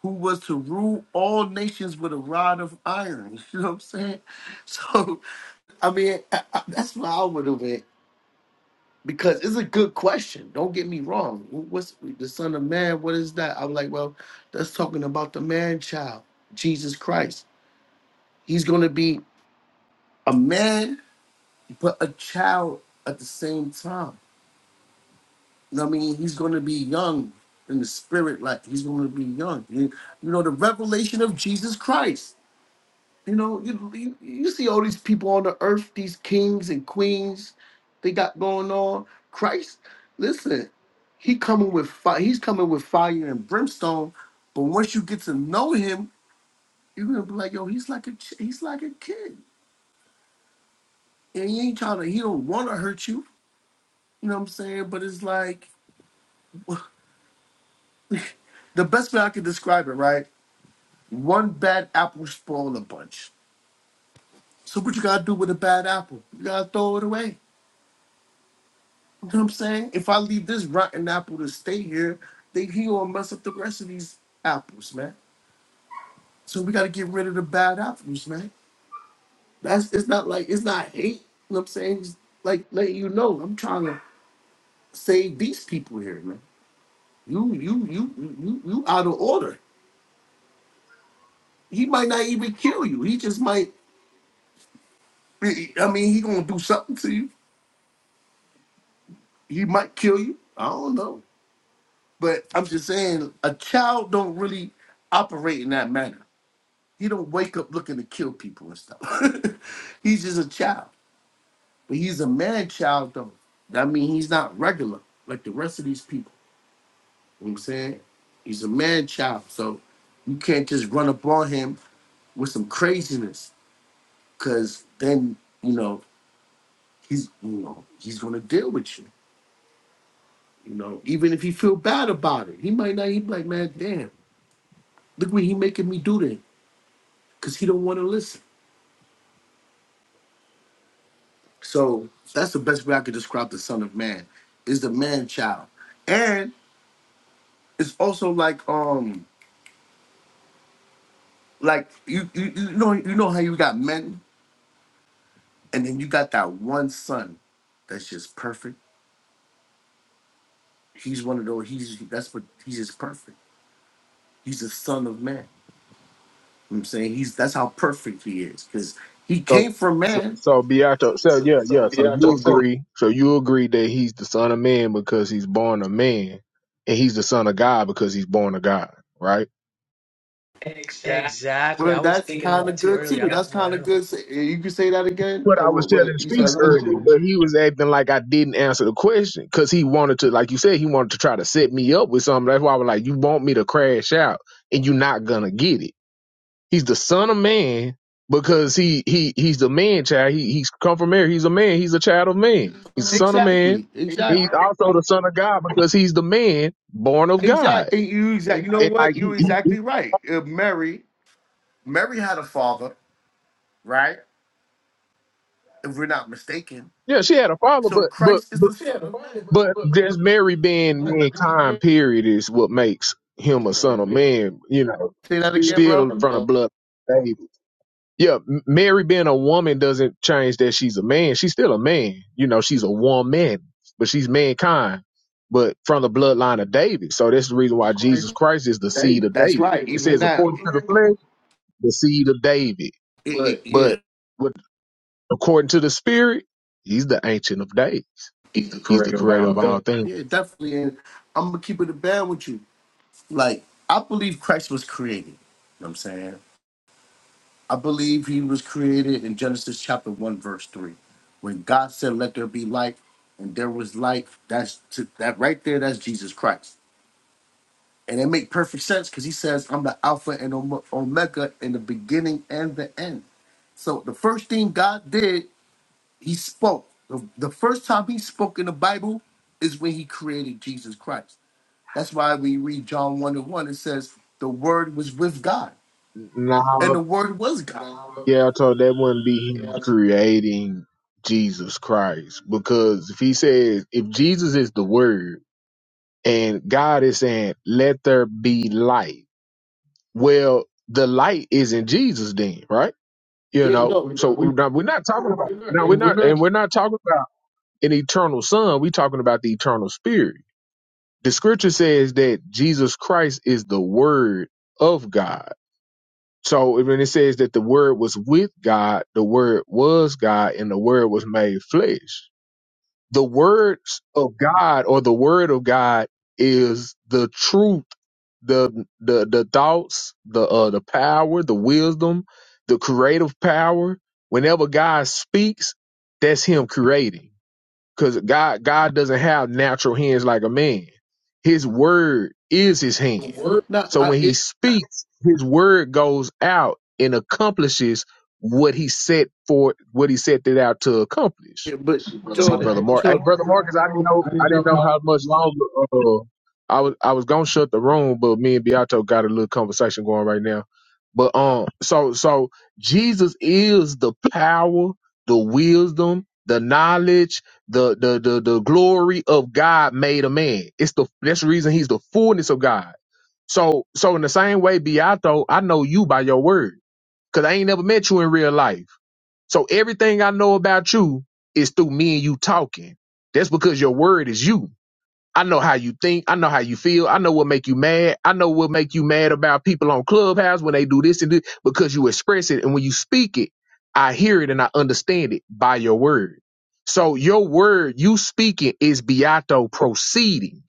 O: who was to rule all nations with a rod of iron. You know what I'm saying? So I mean, I, I, that's why I would have been because it's a good question. Don't get me wrong. Wh- What's the Son of Man? What is that? I'm like, well, that's talking about the man child, Jesus Christ. He's going to be a man, but a child at the same time. You know what I mean? He's going to be young in the spirit, like he's going to be young. You, you know, the revelation of Jesus Christ. You know, you, you you see all these people on the earth, these kings and queens, they got going on. Christ, listen, he coming with fire. He's coming with fire and brimstone. But once you get to know him, you're gonna be like, yo, he's like a ch- he's like a kid, and he ain't trying to. He don't want to hurt you. You know what I'm saying? But it's like the best way I can describe it, right? One bad apple spoil a bunch. So what you gotta do with a bad apple? You gotta throw it away. You know what I'm saying? If I leave this rotten apple to stay here, they he gonna mess up the rest of these apples, man. So we gotta get rid of the bad apples, man. That's it's not like it's not hate. You know what I'm saying? It's like letting you know, I'm trying to save these people here, man. You you you you you you out of order. He might not even kill you. He just might. I mean, he gonna do something to you. He might kill you. I don't know. But I'm just saying, a child don't really operate in that manner. He don't wake up looking to kill people and stuff. he's just a child, but he's a man child though. That means he's not regular like the rest of these people. You know what I'm saying he's a man child, so you can't just run up on him with some craziness, cause then you know he's you know he's gonna deal with you. You know, even if he feel bad about it, he might not. He be like, man, damn, look what he making me do then, cause he don't want to listen. So that's the best way I could describe the Son of Man is the man child, and it's also like um like you you, you know you know how you got men and then you got that one son that's just perfect. He's one of those. He's that's what he's just perfect. He's the Son of Man. You know what I'm saying he's that's how perfect he is because he
K: So,
O: came from
K: so,
O: man.
K: so Beato, so
O: So,
K: yeah,
O: so
K: yeah. So
O: be out
K: you
O: of service.
K: agree? So you agree that he's the son of man because he's born a man, and he's the son of God because he's born of God, right?
O: Exactly.
I: Exactly.
O: Well,
I: I was
O: that's
I: thinking
O: kind
I: that
O: of
I: too
O: good
I: early. I,
O: too. That's
I: yeah,
O: kind
I: I
O: of
I: know.
O: good. Say- You can say that again.
K: what
O: Or
K: I was
O: what,
K: telling
O: what you said?
K: Speaks earlier,
O: What?
K: but he was acting like I didn't answer the question because he wanted to, like you said, he wanted to try to set me up with something. That's why I was like, you want me to crash out and you're not gonna get it. He's the son of man because he he he's the man child. He he's come from Mary. He's a man. He's a child of man. He's the son of man.
O: Exactly. Exactly.
K: He's also the son of God because he's the man born of God.
O: Exactly. You exactly. You know
K: And
O: what?
K: like he,
O: You're
K: he, he-
O: exactly right. Uh, Mary. Mary had a father, right? If we're not mistaken.
K: yeah, she had a father,
O: So
K: but but
O: Christ
K: but
O: is the son. Yeah, but, wait, but,
K: But
O: but, but,
K: just Mary being
O: but there's Mary,
K: mankind, period, is what makes him a
O: son of
K: son of
O: man.
K: man. You know,
O: Say that again, bro.
K: still
O: The
K: from the
O: blood
K: blood of David. Yeah, M- Mary being a woman doesn't change that she's a man. She's still a man. You know, she's a woman, but she's mankind, but from the bloodline of David. So that's the reason why
O: of
K: Jesus
O: Christ
K: Christ is the seed
O: today.
K: of
O: That's
K: David.
O: right.
K: It
O: Even
K: says,
O: that.
K: according to the flesh, the seed of David.
O: Yeah. yeah.
K: But with, according to the spirit, he's the ancient of days.
O: He's the
K: He's the
O: creator of
K: creator
O: our
K: of all
O: bed.
K: things.
O: Yeah, definitely. And I'm gonna keep it a band with you. Like I believe Christ was created. You know what I'm saying? I believe he was created in Genesis chapter 1, verse 3. When God said, Let there be light, and there was light, that's to, that right there, that's Jesus Christ. And it make perfect sense because he says, I'm the Alpha and Ome- Omega in the beginning and the end. So the first thing God did, he spoke. The, the first time he spoke in the Bible is when he created Jesus Christ. That's why we read John 1 and 1, it says, The Word was with God,
K: Nah,
O: and the Word was God.
K: Yeah, I told that wouldn't be him creating Jesus Christ. Because if he says, if Jesus is the word and God is saying, let there be light, well, the light is in Jesus then, right? You
O: Yeah,
K: know,
O: no, we're
K: so
O: not, we-
K: now we're not talking about,
O: we're not,
K: now we're
O: and we're
K: not, and
O: not
K: we're not talking about an eternal son. We're talking about the eternal spirit. The scripture says that Jesus Christ is the word of God. So when it says that the word was with God, the word was God, and the word was made flesh. The words of God or the word of God is the truth, the the the thoughts, the uh the power, the wisdom, the creative power. Whenever God speaks, that's him creating. Cause God, God doesn't have natural hands like a man. His word is his
O: the
K: hand.
O: word. No, So
K: So
O: I,
K: when
O: like,
K: he
O: get it,
K: speaks, his word goes out and accomplishes what he set for, what he set it out to accomplish.
O: yeah, but bro,
K: See,
O: Jordan,
K: brother
O: I, bro,
K: Mark. Hey,
O: Jordan,
K: brother
O: Mark, 'cause I
K: Marcus,
O: didn't
K: I didn't
O: know,
K: know
O: I
K: I
O: didn't know
K: didn't know
O: how.
K: how much longer. Uh, I was I was gonna shut the room, but me and Beato got a little conversation going right now. But um, so so Jesus is the power, the wisdom, the knowledge, the the the the glory of God made a man. It's the that's the reason he's the fullness of God. So so in the same way, Beato, I know you by your word, cause I ain't never met you in real life. So everything I know about you is through me and you talking. That's because your word is you. I know how you think. I know how you feel. I know what make you mad. I know what make you mad about people on Clubhouse when they do this and this because you express it. And when you speak it, I hear it and I understand it by your word. So your word, you speaking is Beato proceeding.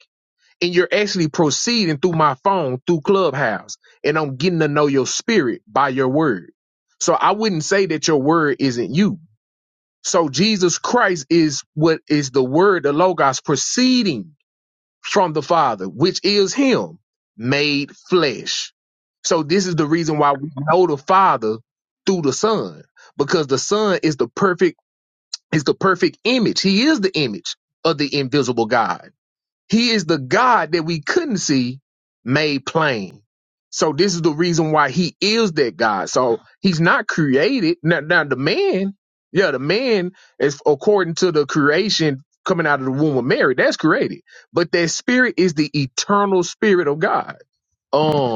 K: And you're actually proceeding through my phone, through Clubhouse. And I'm getting to know your spirit by your word. So I wouldn't say that your word isn't you so Jesus Christ is what is the word, the logos proceeding from the Father, which is him made flesh. So this is the reason why we know the Father through the Son, because the Son is the perfect, is the perfect image. He is the image of the invisible God. He is the God that we couldn't see made plain. So this is the reason why he is that God. So he's not created. Now, now the man, yeah, the man is according to the creation coming out of the womb of Mary. That's created. But that spirit is the eternal spirit of God.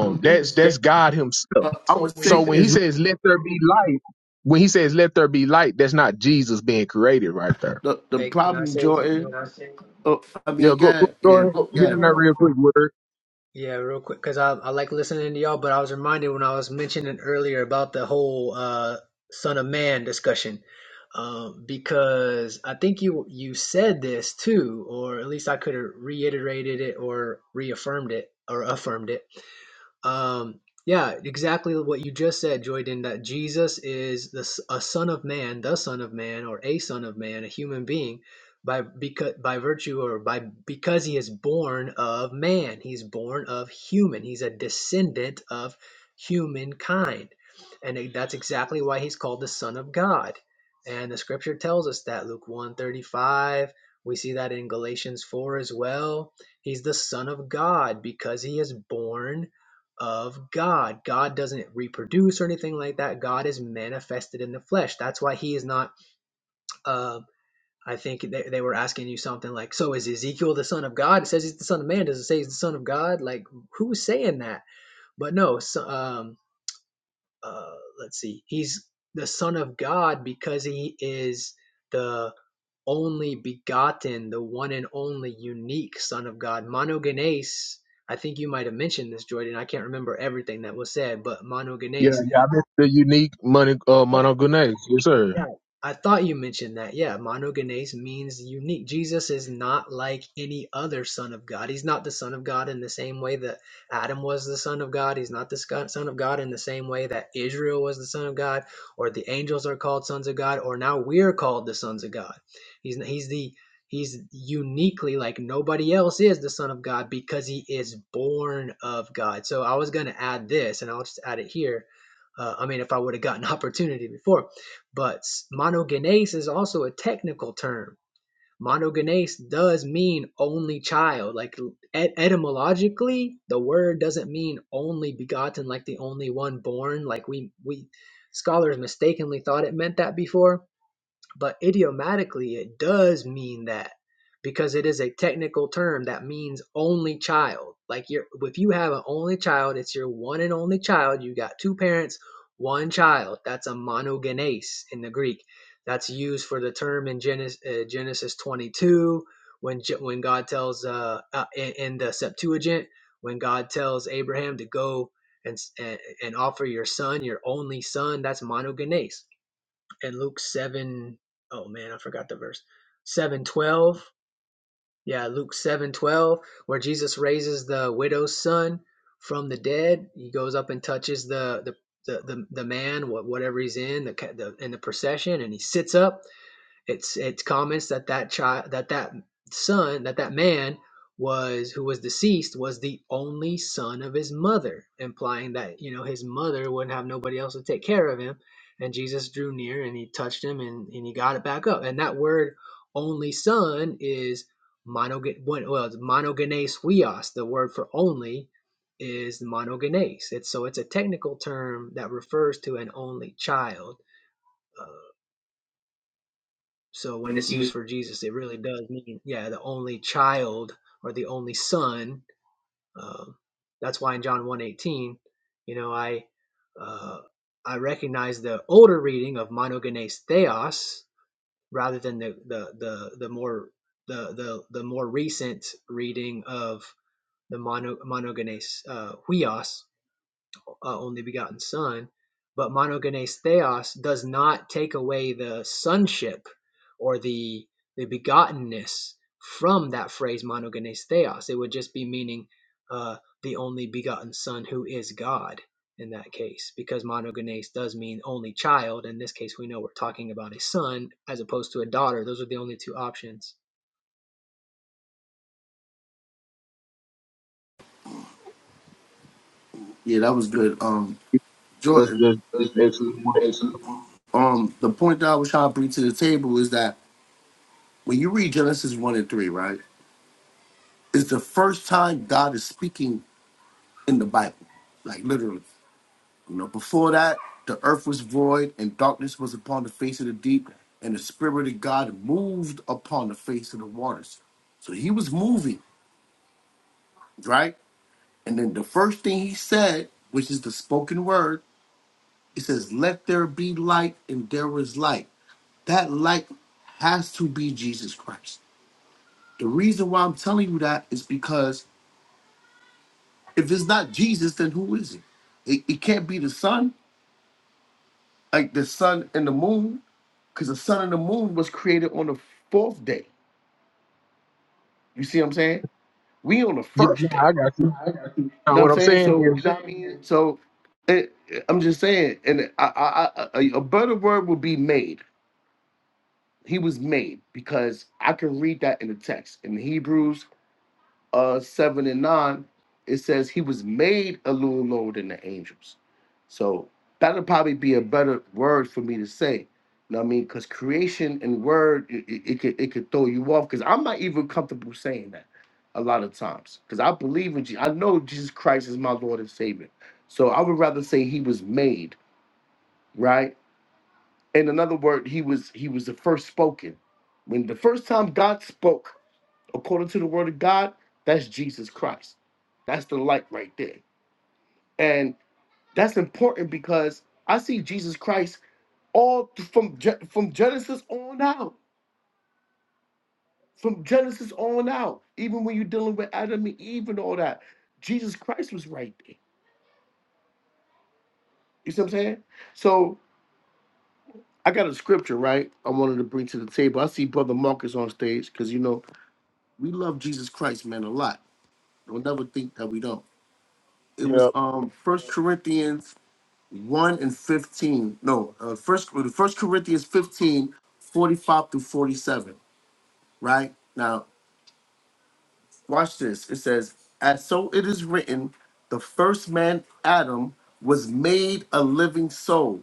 O: So
K: that's
O: this
K: that's
O: is.
K: God Himself.
O: I I was would
K: So
O: say
K: when he
O: says,
K: says let there be light, when he says let there be light, that's not Jesus being created right there.
O: the the
I: Hey, can I
O: problem,
I: say something?
O: Jordan.
I: real quick?
O: I Oh, I
K: Yeah,
O: mean,
K: go go,
O: yeah,
K: go
O: yeah,
K: ahead.
O: "Look, what's
K: Get
O: yeah,
K: in there real quick, word.
I: Yeah, real quick, because I, I like listening to y'all, but I was reminded when I was mentioning earlier about the whole uh, Son of Man discussion, um, because I think you you said this too, or at least I could have reiterated it or reaffirmed it or affirmed it um, yeah, exactly what you just said, Joyden, that Jesus is the, s- a son of man, the son of man, or a son of man, a human being, by because by virtue or by because he is born of man, he's born of human, he's a descendant of humankind, and it- that's exactly why he's called the son of God. And the scripture tells us that Luke 135, we see that in Galatians 4 as well. He's the son of God because he is born of God. God doesn't reproduce or anything like that. God is manifested in the flesh. That's why he is not. Uh, I think they, they were asking you something like, "So is Ezekiel the son of God?" It says he's the son of man. Does it say he's the son of God? Like, who's saying that? But no, so, um, uh, let's see, he's the Son of God because he is the only begotten, the one and only unique Son of God. Monogenes, I think you might have mentioned this, Jordan. I can't remember everything that was said, but monogenes
K: Yeah. the unique money uh
I: Yeah.
K: Monogonese. Yes, sir.
I: Yeah, I thought you mentioned that. Yeah, monogenes means unique. Jesus is not like any other son of God. He's not the son of God in the same way that Adam was the son of God. He's not the sco- son of God in the same way that Israel was the son of God, or the angels are called sons of God, or now we're called the sons of God. He's he's the he's uniquely like nobody else is the son of God because he is born of God. So I was going to add this, and I'll just add it here. Uh, I mean, if I would have gotten opportunity before but monogenes is also a technical term. Monogenes does mean only child. Like et- etymologically, the word doesn't mean only begotten, like the only one born. Like we we scholars mistakenly thought it meant that before but idiomatically it does mean that because it is a technical term that means only child like you're if you have an only child it's your one and only child you got two parents one child that's a monogenes in the greek that's used for the term in genesis, uh, genesis 22 when when god tells uh, uh in, in the septuagint when god tells abraham to go and, and and offer your son your only son that's monogenes and Luke 7, oh man, I forgot the verse. 7:12. Yeah, Luke 7:12 where Jesus raises the widow's son from the dead. He goes up and touches the the the, the, the man whatever he's in the, the in the procession and he sits up it's it's comments that that child that that son that that man was who was deceased was the only son of his mother, implying that you know his mother wouldn't have nobody else to take care of him. And Jesus drew near and he touched him and, and he got it back up. And that word only son is monogen well it's monogenes huios. The word for only is monogenes. It's so it's a technical term that refers to an only child so
O: When
I: when it's
O: this
I: used
O: was.
I: for Jesus, it really does mean, yeah, the only child or the only son. Um, that's why in John one eighteen, you know, I uh, I recognize the older reading of monogenes theos rather than the the the, the more the, the the more recent reading of the mono, monogenes uh, huios uh, only begotten Son, but monogenes theos does not take away the sonship or the the begottenness from that phrase monogenes theos. It would just be meaning uh, the only begotten Son who is God in that case, because monogenes does mean only child. In this case, we know we're talking about a son as opposed to a daughter. Those are the only two options.
O: yeah. That was good. Um,
K: That's
O: Jordan.
K: that's, that's excellent.
O: Um, the point that I was trying to bring to the table is that when you read Genesis one and three, right, it's the first time God is speaking in the Bible, like literally. You know, before that, the earth was void and darkness was upon the face of the deep, and the Spirit of God moved upon the face of the waters. So he was moving, right? And then the first thing he said, which is the spoken word, it says, Let there be light, and there was light. That light has to be Jesus Christ. The reason why I'm telling you that is because if it's not Jesus, then who is it? It, it can't be the sun, like the sun and the moon Because the sun and the moon was created on the fourth day. You see what I'm saying? We on the
K: Yeah,
O: first
K: no,
O: day.
K: I got
O: You
K: you.
O: know
K: Now,
O: what I'm
K: what I'm
O: saying?
K: saying
O: So,
K: is,
O: you know what I mean? So, it, I'm just saying, and I, I, I, a a better word would be made. He was made because I can read that in the text in Hebrews uh, 7 and 9, it says he was made a little lower than the angels. So that'll probably be a better word for me to say. You know what I mean? Because creation and word, it, it, it could it could throw you off. Because I'm not even comfortable saying that a lot of times. Because I believe in Jesus. I know Jesus Christ is my Lord and Savior. So I would rather say he was made, right? In another word, he was he was the first spoken. When the first time God spoke according to the word of God, that's Jesus Christ. That's the light right there. And that's important because I see Jesus Christ all th- from Ge- from Genesis on out. From Genesis on out. Even when you're dealing with Adam and Eve and all that, Jesus Christ was right there. You see what I'm saying? So I got a scripture, right? I wanted to bring to the table. I see Brother Marcus on stage because you know we love Jesus Christ, man, a lot. Don't never think that we don't. It was
K: yeah.
O: um First Corinthians 1 and 15. No, uh, first, first Corinthians 15, 45 through 47, right? Now, watch this. It says, As so it is written, the first man, Adam, was made a living soul.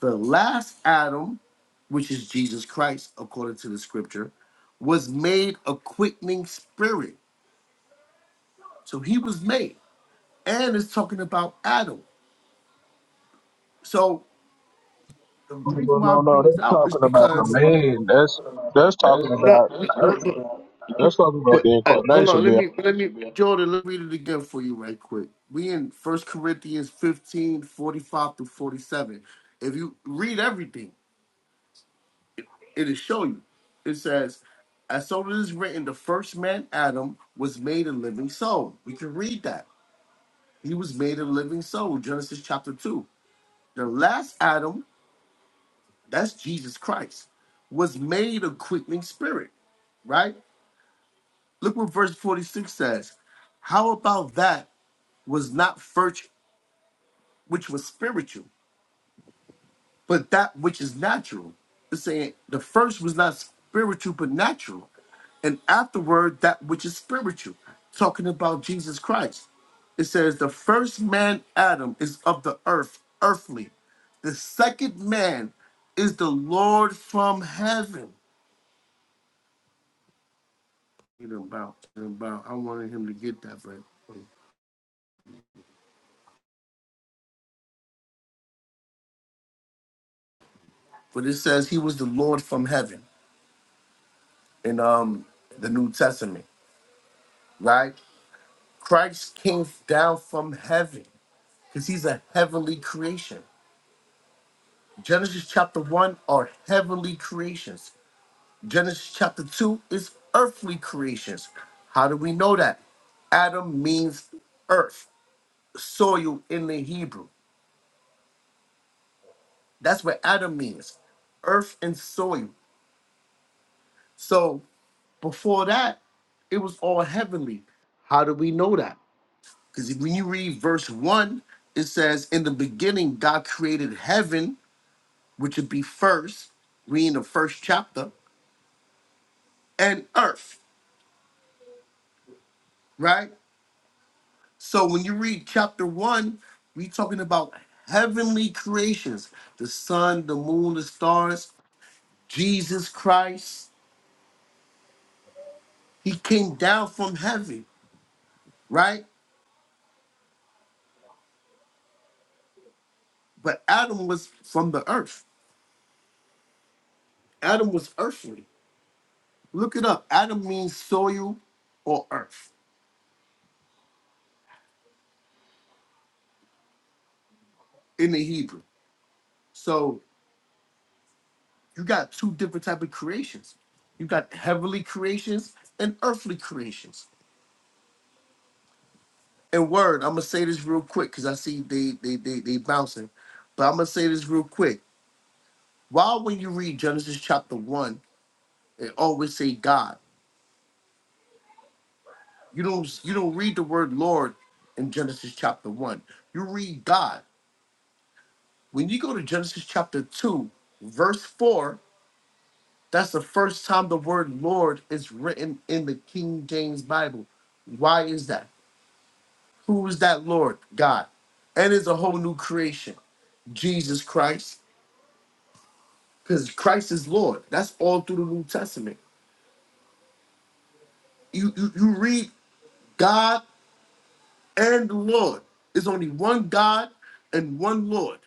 O: The last Adam, which is Jesus Christ, according to the scripture, was made a quickening spirit. So he was made. And it's talking about Adam. So the reason why I bring this out is because no, but, but uh, hold on. Let me let me Jordan. Let me read it again for you, right quick. We in First Corinthians 15 45 through forty seven. If you read everything, it'll show you. It says, "As so it is written, the first man Adam was made a living soul." We can read that. He was made a living soul. Genesis chapter two. The last Adam, that's Jesus Christ, was made a quickening spirit. right? Look what verse 46 says. How about that was not first which was spiritual, but that which is natural? It's saying the first was not spiritual but natural, and afterward that which is spiritual, talking about Jesus Christ. It says the first man Adam is of the earth, earthly. The second man is the Lord from heaven. Get him about, get him about. I wanted him to get that, right? but it says he was the Lord from heaven in um the New Testament, right? Christ came down from heaven because he's a heavenly creation. Genesis chapter one are heavenly creations. Genesis chapter two is earthly creations. How do we know that? Adam means earth, soil in the Hebrew. That's what Adam means, earth and soil. So before that, it was all heavenly. How do we know that? Because when you read verse one, it says, In the beginning, God created heaven, which would be first, reading the first chapter, and earth, right? So when you read chapter one, we talking about heavenly creations the sun, the moon, the stars, Jesus Christ. He came down from heaven, right? But Adam was from the earth. Adam was earthly. Look it up. Adam means soil or earth in the Hebrew. So You got two different type of creations. You got heavenly creations and earthly creations. And word, I'm gonna say this real quick because I see they they they they bouncing, but I'm gonna say this real quick. Why when you read Genesis chapter one, it always say God. You don't you don't read the word Lord in Genesis chapter one. You read God. When you go to Genesis chapter two, verse four, that's the first time the word Lord is written in the King James Bible. Why is that? Who is that Lord? God. And is a whole new creation, Jesus Christ, because Christ is Lord. That's all through the New Testament. You, you you read God and Lord. There's only one God and one Lord.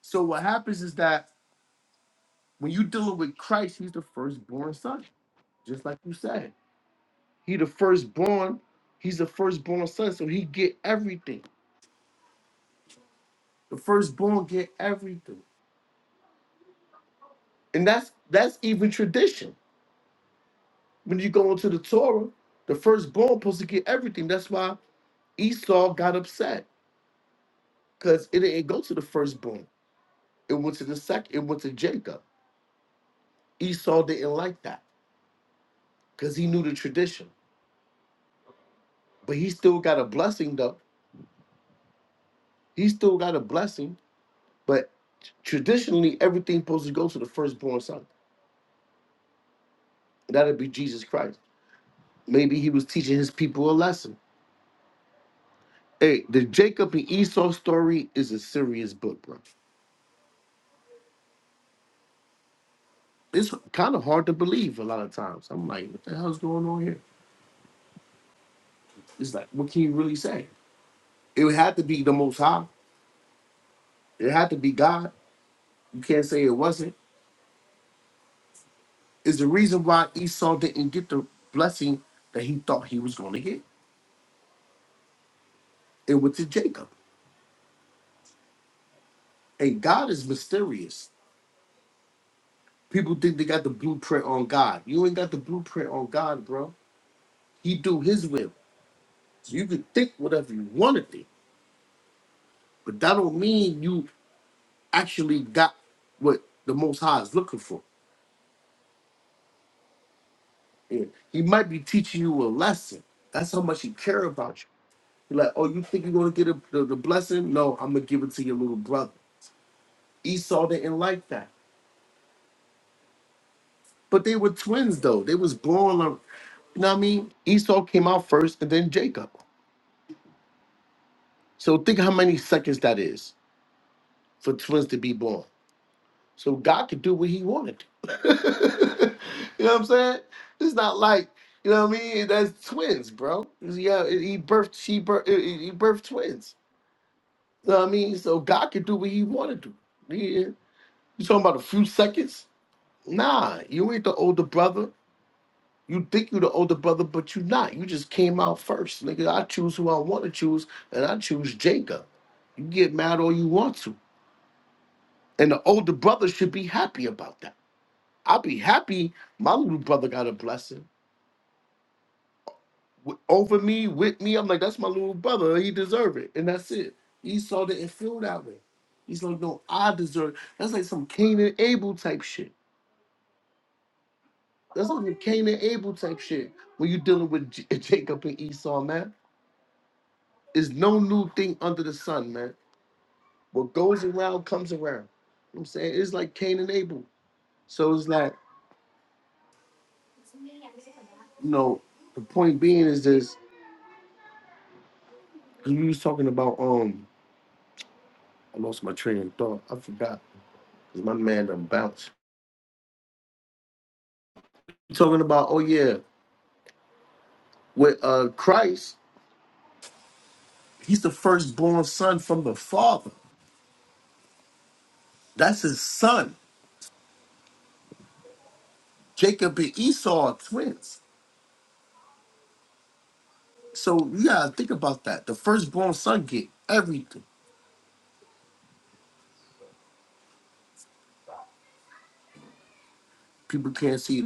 O: So what happens is that when you're dealing with Christ, He's the firstborn son, just like you said. He the firstborn. He's the firstborn son, so he get everything. The firstborn get everything, and that's that's even tradition. When you go into the Torah, the firstborn supposed to get everything. That's why Esau got upset because it didn't go to the firstborn. It went to the second. It went to Jacob. Esau didn't like that because he knew the tradition. But he still got a blessing though. He still got a blessing. But traditionally, everything supposed to go to the firstborn son. That'd be Jesus Christ. Maybe he was teaching his people a lesson. Hey, the Jacob and Esau story is a serious book, bro. it's kind of hard to believe a lot of times. I'm like, what the hell's going on here? It's like, what can you really say? It had to be the Most High. It had to be God. You can't say it wasn't. It's the reason why Esau didn't get the blessing that he thought he was going to get. It went to Jacob. And God is mysterious. People think they got the blueprint on God. You ain't got the blueprint on God, bro. He do His will. So you can think whatever you want to think, but that don't mean you actually got what the Most High is looking for. Yeah. He might be teaching you a lesson. That's how much he care about you. He like, oh, you think you're gonna get a, the, the blessing? No, I'm gonna give it to your little brother. Esau didn't like that, but they were twins though. They was born, like- you know what I mean? Esau came out first, and then Jacob. So think how many seconds that is for twins to be born. So God could do what He wanted. you know what I'm saying? It's not like you know what I mean. That's twins, bro. Yeah, he birthed. She birthed. He birthed twins. You know what I mean? So God can do what he wanted to. Yeah. You talking about a few seconds? Nah, you ain't the older brother. You think you the older brother, but you not. You just came out first. Nigga, I choose who I want to choose, and I choose Jacob. You get mad all you want to. And the older brother should be happy about that. I'll be happy my little brother got a blessing. w- over me, with me. I'm like, that's my little brother. He deserve it, and that's it. Esau didn't feel that way. He's like, no, I deserve. That's like some Cain and Abel type shit. That's like some Cain and Abel type shit. When you dealing with J- Jacob and Esau, man, there's no new thing under the sun, man. What goes around comes around. You know what I'm saying it's like Cain and Abel. So it's like, you know, the point being is this. Cause we was talking about um, I lost my train of thought. I forgot. 'Cause my man done bounced. talking about, oh yeah, with uh Christ, he's the firstborn son from the father. That's his son. Jacob and Esau are twins. So you gotta think about that. The firstborn son get everything. People can't see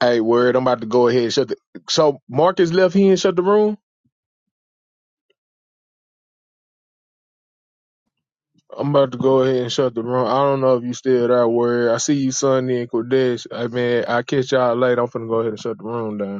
K: hey, word, I'm about to go ahead and shut the. So Marcus left here and shut the room. I'm about to go ahead and shut the room. I don't know if you still there, word. I see you, Sonny and Cordesh. Hey, man, I catch y'all later. I'm finna go ahead and shut the room down.